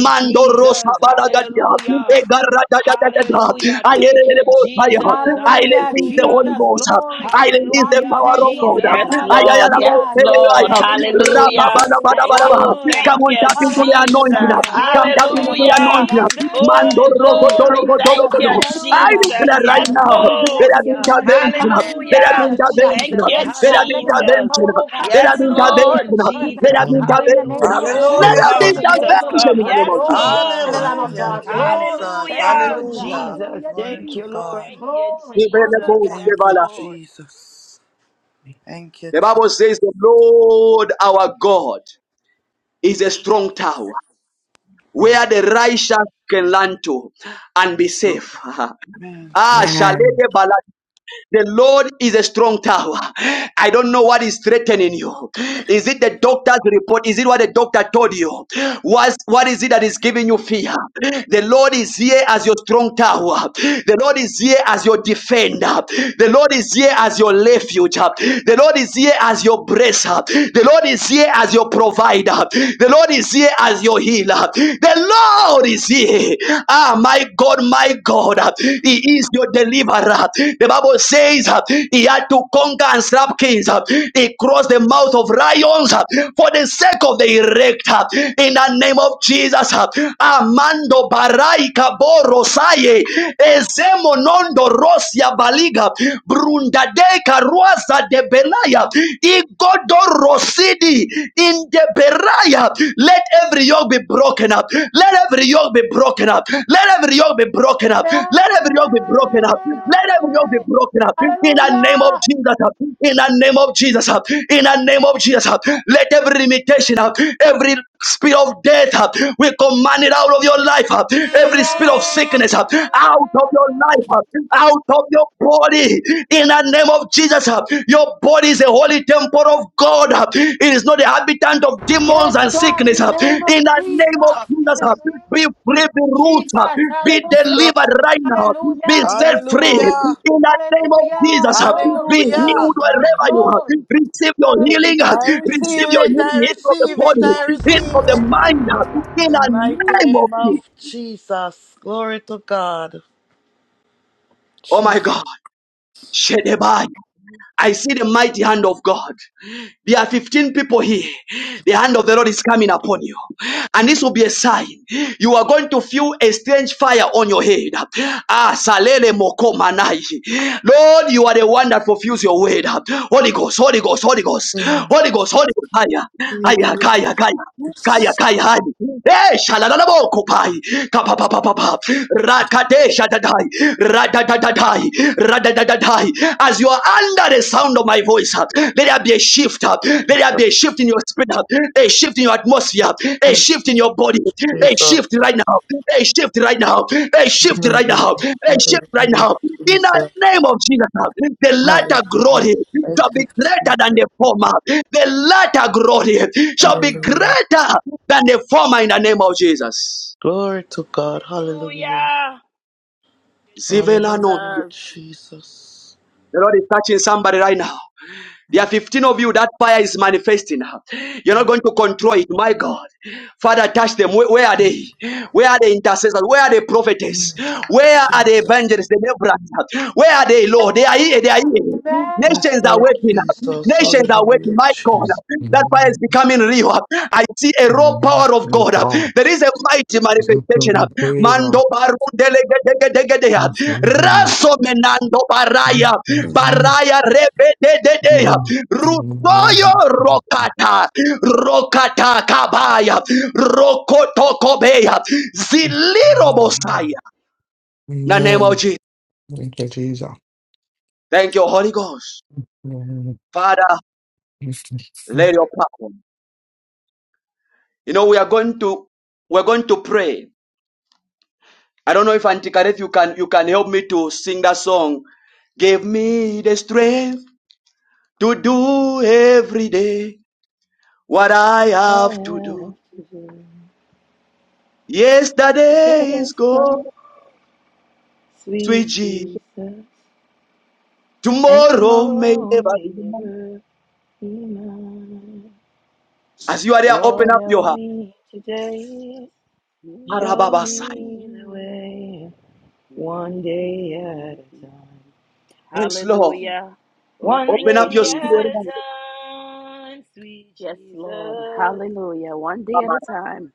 Speaker 1: mando rosa balagadia, ega rada da da da da. I hear the voice, I hear. I
Speaker 7: Hallelujah.
Speaker 1: receive the Holy
Speaker 7: Jesus,
Speaker 1: Ghost.
Speaker 7: glory.
Speaker 1: I release the
Speaker 7: God, we
Speaker 1: power
Speaker 7: thank
Speaker 1: of
Speaker 7: you, oh
Speaker 1: God. I
Speaker 7: God.
Speaker 3: Yes,
Speaker 1: I am
Speaker 3: Lord. Yes,
Speaker 7: Hallelujah. Yes,
Speaker 1: Ayayaraboseleaya.
Speaker 3: Lord.
Speaker 7: God, in the name of
Speaker 3: Hallelujah.
Speaker 7: Jesus.
Speaker 3: Oh,
Speaker 7: Hallelujah.
Speaker 3: thank
Speaker 1: Come on,
Speaker 3: you,
Speaker 1: tap into the
Speaker 7: Hallelujah,
Speaker 1: anointing.
Speaker 3: Jesus.
Speaker 7: God.
Speaker 1: Come
Speaker 7: Glory
Speaker 1: tap
Speaker 7: to the
Speaker 1: into
Speaker 7: Lamb
Speaker 1: the
Speaker 7: of God.
Speaker 3: Hallelujah.
Speaker 7: God, we
Speaker 1: anointing.
Speaker 7: thank you.
Speaker 3: Oh,
Speaker 1: Mando rogo dolo
Speaker 3: glory.
Speaker 1: go
Speaker 7: Hallelujah,
Speaker 1: dolo
Speaker 3: Thank
Speaker 1: go
Speaker 7: God. We
Speaker 3: you,
Speaker 1: do.
Speaker 7: thank you,
Speaker 1: I
Speaker 7: oh God.
Speaker 3: Jesus.
Speaker 1: declare right
Speaker 3: Yes,
Speaker 7: Mighty
Speaker 1: now,
Speaker 7: God, we
Speaker 1: there
Speaker 3: Lord.
Speaker 7: bless
Speaker 1: have been
Speaker 7: you in the name of
Speaker 1: intervention. There
Speaker 7: Jesus.
Speaker 1: have been
Speaker 3: Hallelujah.
Speaker 7: Hallelujah.
Speaker 3: Thank you,
Speaker 1: intervention.
Speaker 7: Yes,
Speaker 1: There have
Speaker 7: God.
Speaker 1: been
Speaker 7: Thank you for your
Speaker 3: Jesus.
Speaker 1: intervention.
Speaker 7: power, oh God.
Speaker 1: There
Speaker 7: Thank
Speaker 3: Yes,
Speaker 7: you
Speaker 1: have
Speaker 7: for
Speaker 1: been
Speaker 7: your
Speaker 3: Lord.
Speaker 7: manifested
Speaker 1: intervention. There
Speaker 7: presence.
Speaker 1: have been intervention.
Speaker 16: you,
Speaker 7: In the name of
Speaker 1: There
Speaker 3: Oh,
Speaker 1: have
Speaker 7: Jesus.
Speaker 3: come,
Speaker 1: been
Speaker 5: Hallelujah.
Speaker 7: In the
Speaker 16: Lord.
Speaker 3: Jesus,
Speaker 7: name of
Speaker 1: intervention
Speaker 3: come.
Speaker 1: in the
Speaker 7: Jesus.
Speaker 1: name
Speaker 3: Yes,
Speaker 1: of Jesus.
Speaker 7: Glory to the
Speaker 3: Lord.
Speaker 7: Lamb of
Speaker 5: Hallelujah,
Speaker 7: God. Glory.
Speaker 5: Jesus.
Speaker 3: Hallelujah.
Speaker 7: Hallelujah.
Speaker 5: Hallelujah.
Speaker 7: Hallelujah.
Speaker 5: Glory to
Speaker 3: Oh,
Speaker 7: Jesus.
Speaker 5: God.
Speaker 3: thank you,
Speaker 7: Glory.
Speaker 1: We pray The
Speaker 3: Jesus.
Speaker 1: Lord's
Speaker 7: Hallelujah.
Speaker 5: Thank
Speaker 3: Yes,
Speaker 1: favor.
Speaker 5: you,
Speaker 3: Lord.
Speaker 5: Jesus. Thank you,
Speaker 1: The
Speaker 5: Jesus.
Speaker 1: Bible says the Lord our God is a strong tower where the righteous can learn to and be safe. (laughs)
Speaker 5: Amen.
Speaker 1: ah,
Speaker 16: Man.
Speaker 1: Shalede Balada the Lord is a strong tower. I don't know what is threatening you. Is it the doctor's report? Is it what the doctor told you? What's, what is it that is giving you fear? The Lord is here as your strong tower. The Lord is here as your defender. The Lord is here as your refuge. The Lord is here as your bracer. The Lord is here as your provider. The Lord is here as your healer. The Lord is here. (laughs) today. Ah, my God, my God, He is your deliverer. The Bible says uh, He had to conquer and slap kings. uh, He crossed the mouth of lions uh, for the sake of the elect. uh, In the name of Jesus, uh, Amando Baraika Borosaye, Ezemo Nondo Rosia Baliga, Brundadeka Ruasa de Belaya, Igodo Rosidi thee in the Beriah. Let every yoke be broken up. Let every yoke be broken up. Let every yoke be broken up. Let every yoke be
Speaker 7: Amen.
Speaker 1: broken up. Let every yoke be broken up. In the name of
Speaker 7: Hallelujah.
Speaker 1: Jesus. uh, In the name of Jesus. uh, In the name of Jesus. uh, Let every limitation, uh, every spirit of death, uh, we command it out of your life. uh, Every spirit of
Speaker 7: Amen.
Speaker 1: sickness, uh, out of your life, uh, out of your body thee in the name of Jesus. Your body is a holy temple of God. It is not the habitant of
Speaker 7: Yes,
Speaker 1: demons and
Speaker 7: God, in
Speaker 1: sickness.
Speaker 7: the name of
Speaker 1: In the
Speaker 7: Jesus.
Speaker 1: name of
Speaker 7: In
Speaker 1: Jesus,
Speaker 7: the
Speaker 1: be
Speaker 7: name
Speaker 1: free,
Speaker 7: of
Speaker 1: be
Speaker 7: Jesus.
Speaker 1: rooted, be
Speaker 7: Hallelujah.
Speaker 5: Lord.
Speaker 1: delivered right now, be
Speaker 7: Hallelujah.
Speaker 1: set
Speaker 7: Yes,
Speaker 1: free.
Speaker 7: God.
Speaker 5: Hallelujah.
Speaker 1: In the name of
Speaker 7: Hallelujah.
Speaker 1: Jesus,
Speaker 7: Glory
Speaker 1: be
Speaker 7: to the Lamb
Speaker 5: Hallelujah.
Speaker 1: healed
Speaker 7: of God.
Speaker 1: wherever you are.
Speaker 7: Glory.
Speaker 1: Receive your healing,
Speaker 7: Hallelujah.
Speaker 5: I
Speaker 7: Jesus.
Speaker 1: receive
Speaker 5: receive
Speaker 1: your
Speaker 5: it.
Speaker 1: healing
Speaker 5: I
Speaker 1: healing the
Speaker 5: receive
Speaker 1: body,
Speaker 5: it.
Speaker 7: Jesus.
Speaker 5: I
Speaker 1: healing
Speaker 5: receive
Speaker 1: the
Speaker 5: it.
Speaker 1: mind. In
Speaker 5: In the
Speaker 1: the
Speaker 7: Jesus. Jesus.
Speaker 5: mighty
Speaker 1: name of
Speaker 5: name of
Speaker 1: Jesus.
Speaker 5: Jesus. Glory to God.
Speaker 1: Oh my
Speaker 5: Jesus.
Speaker 1: God. Shedebai. I see the mighty hand of God. There are 15 people here. The hand of the Lord is coming upon you. And this will be a sign. You are going to feel a strange fire on your head. Ah, salele moko manai. Lord, you are the one that fulfills your word. Holy Ghost, Holy Ghost, Holy Ghost, Holy Ghost, Holy Ghost. Kaya, kaya,
Speaker 5: Jesus.
Speaker 1: kaya, kaya, kaya, kaya, Shaddai. Eh, Shalalabo Kopai. Kapapapapapa. Rakade Shaddai. Radadadadai. Radadadadai. As you are under the sound of my voice, uh, let there be a shift. uh, Let there be a shift in your spirit, uh, a shift in your atmosphere, a shift in your body, a
Speaker 5: Jesus.
Speaker 1: shift right now, a shift right now, a shift right now, a shift right now. In the
Speaker 5: Jesus.
Speaker 1: name of Jesus, uh, the latter glory
Speaker 5: Hallelujah.
Speaker 1: shall
Speaker 5: Thank
Speaker 1: be
Speaker 5: you, Jesus.
Speaker 1: greater than the former. The latter glory shall be
Speaker 5: Hallelujah.
Speaker 1: greater than the former in the name of Jesus.
Speaker 5: Glory to God. Hallelujah.
Speaker 3: Hallelujah. Thank you,
Speaker 1: Zivelano.
Speaker 5: Hallelujah.
Speaker 3: Jesus.
Speaker 5: Jesus.
Speaker 1: The Lord is touching somebody right now. There are 15 of you that fire is manifesting. You're not going to control it. My God. Father, touch them. Where, where are they? Where are the intercessors? Where are the prophetess? Where are the
Speaker 5: Jesus,
Speaker 1: evangelists? The laborers? Where are they, Lord? They are here. They are here.
Speaker 5: Yes,
Speaker 1: Nations are
Speaker 5: Lord
Speaker 7: Amen.
Speaker 1: waiting.
Speaker 5: Jesus.
Speaker 1: Nations are waiting.
Speaker 5: Hallelujah,
Speaker 1: My God.
Speaker 5: Jesus.
Speaker 1: That fire is becoming real. I see a raw power of God. There is a mighty manifestation. Mando barundelegedegedegedea. Raso menando baraya.
Speaker 5: Jesus,
Speaker 1: Baraya rebedededea. Rutoyo rokata. Rokata kabaya. Rokotokobeya. Zilirobosaya.
Speaker 16: Amen.
Speaker 1: In the name of Jesus.
Speaker 16: Thank you, Jesus.
Speaker 1: Thank you, Holy Ghost. Father, let your power. You know, we are going to we're going to pray I don't know if Auntie Kareth, you can you can help me to sing that song. Give me the strength to do every day what I have to do. Yesterday is gone, sweet Jesus. Tomorrow may never be. As you are there, open up your heart. Marababasai. Yes, Lord.
Speaker 3: Hallelujah. Oh, thank
Speaker 1: Open
Speaker 3: you,
Speaker 1: up your spirit.
Speaker 3: Jesus. Yes, Lord. Hallelujah. One day at a time.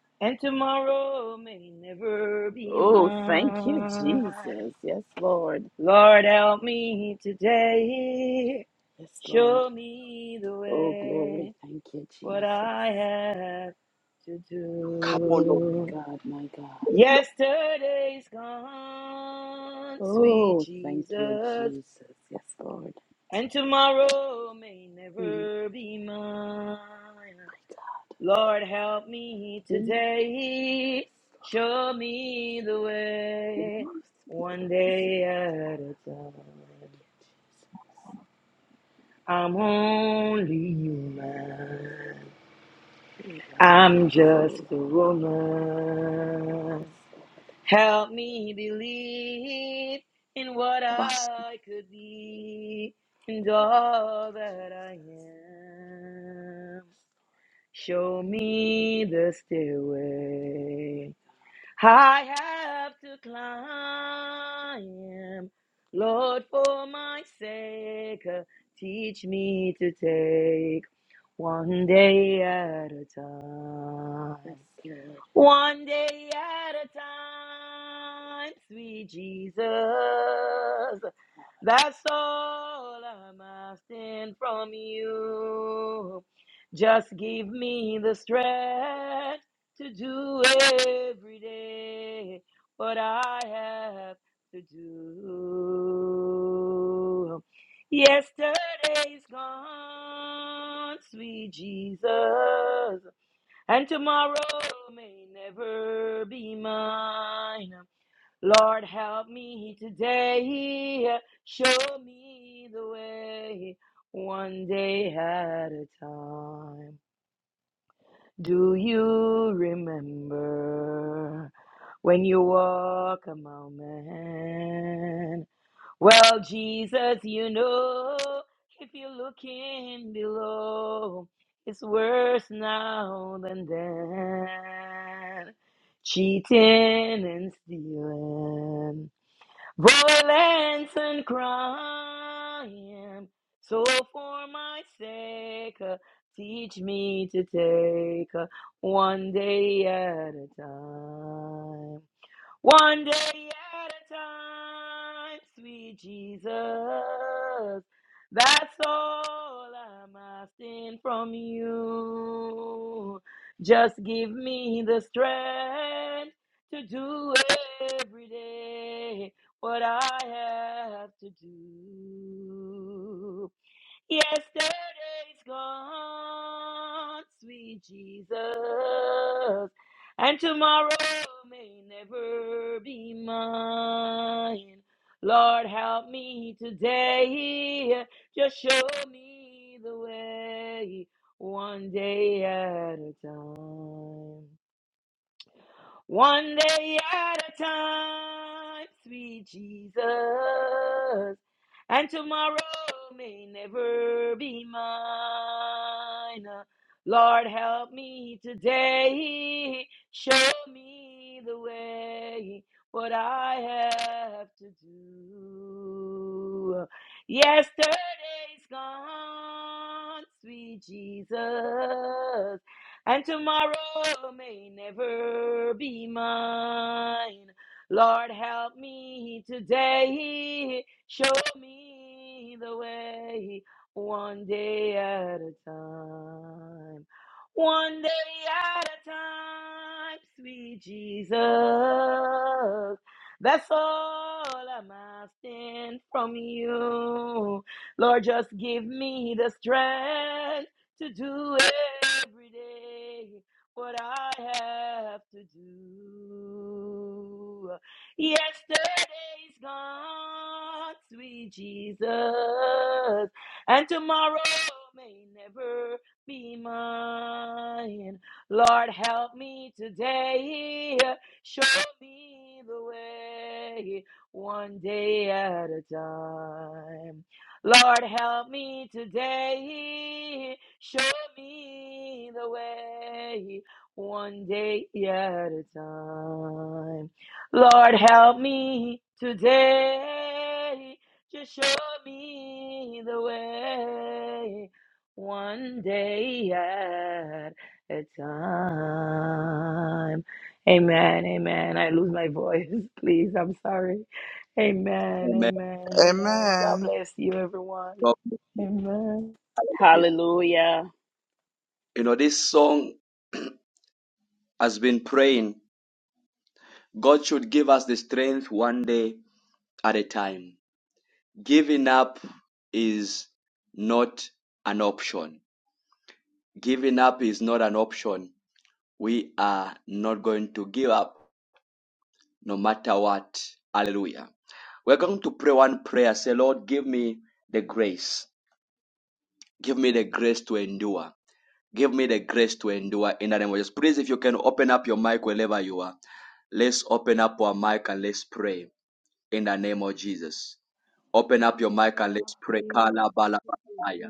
Speaker 3: Oh, thank you, Jesus. Yes, Lord. Yes, Lord. Oh, glory. Thank you, Jesus.
Speaker 1: Come on, Lord.
Speaker 3: My God, my God. Oh, thank you, Jesus. Yes, Lord. Mm, My God, my God. Be, yes, Lord. Speak, Lord, speak. Hallelujah. Thank you, Jesus. Elababasula. Yes, Lord. Glory. Thank
Speaker 1: Abas.
Speaker 3: you, Jesus. Yes, Lord. My God. Yes, Lord. My God.
Speaker 1: Amen.
Speaker 5: Amen.
Speaker 1: Hallelujah.
Speaker 3: Hallelujah.
Speaker 1: You know, this song has been praying. God should give us the strength one day at a time. Giving up is not an option. Giving up is not an option. We are not going to give up no matter what. Hallelujah. We're going to pray one prayer. Say, Lord, give me the grace. Give me the grace to endure. Give me the grace to endure in the name of Jesus. Please, if you can open up your mic wherever you are, let's open up our mic and let's pray in the name of Jesus. Open up your mic
Speaker 17: Thank
Speaker 1: and let's pray. Kala bala bataya.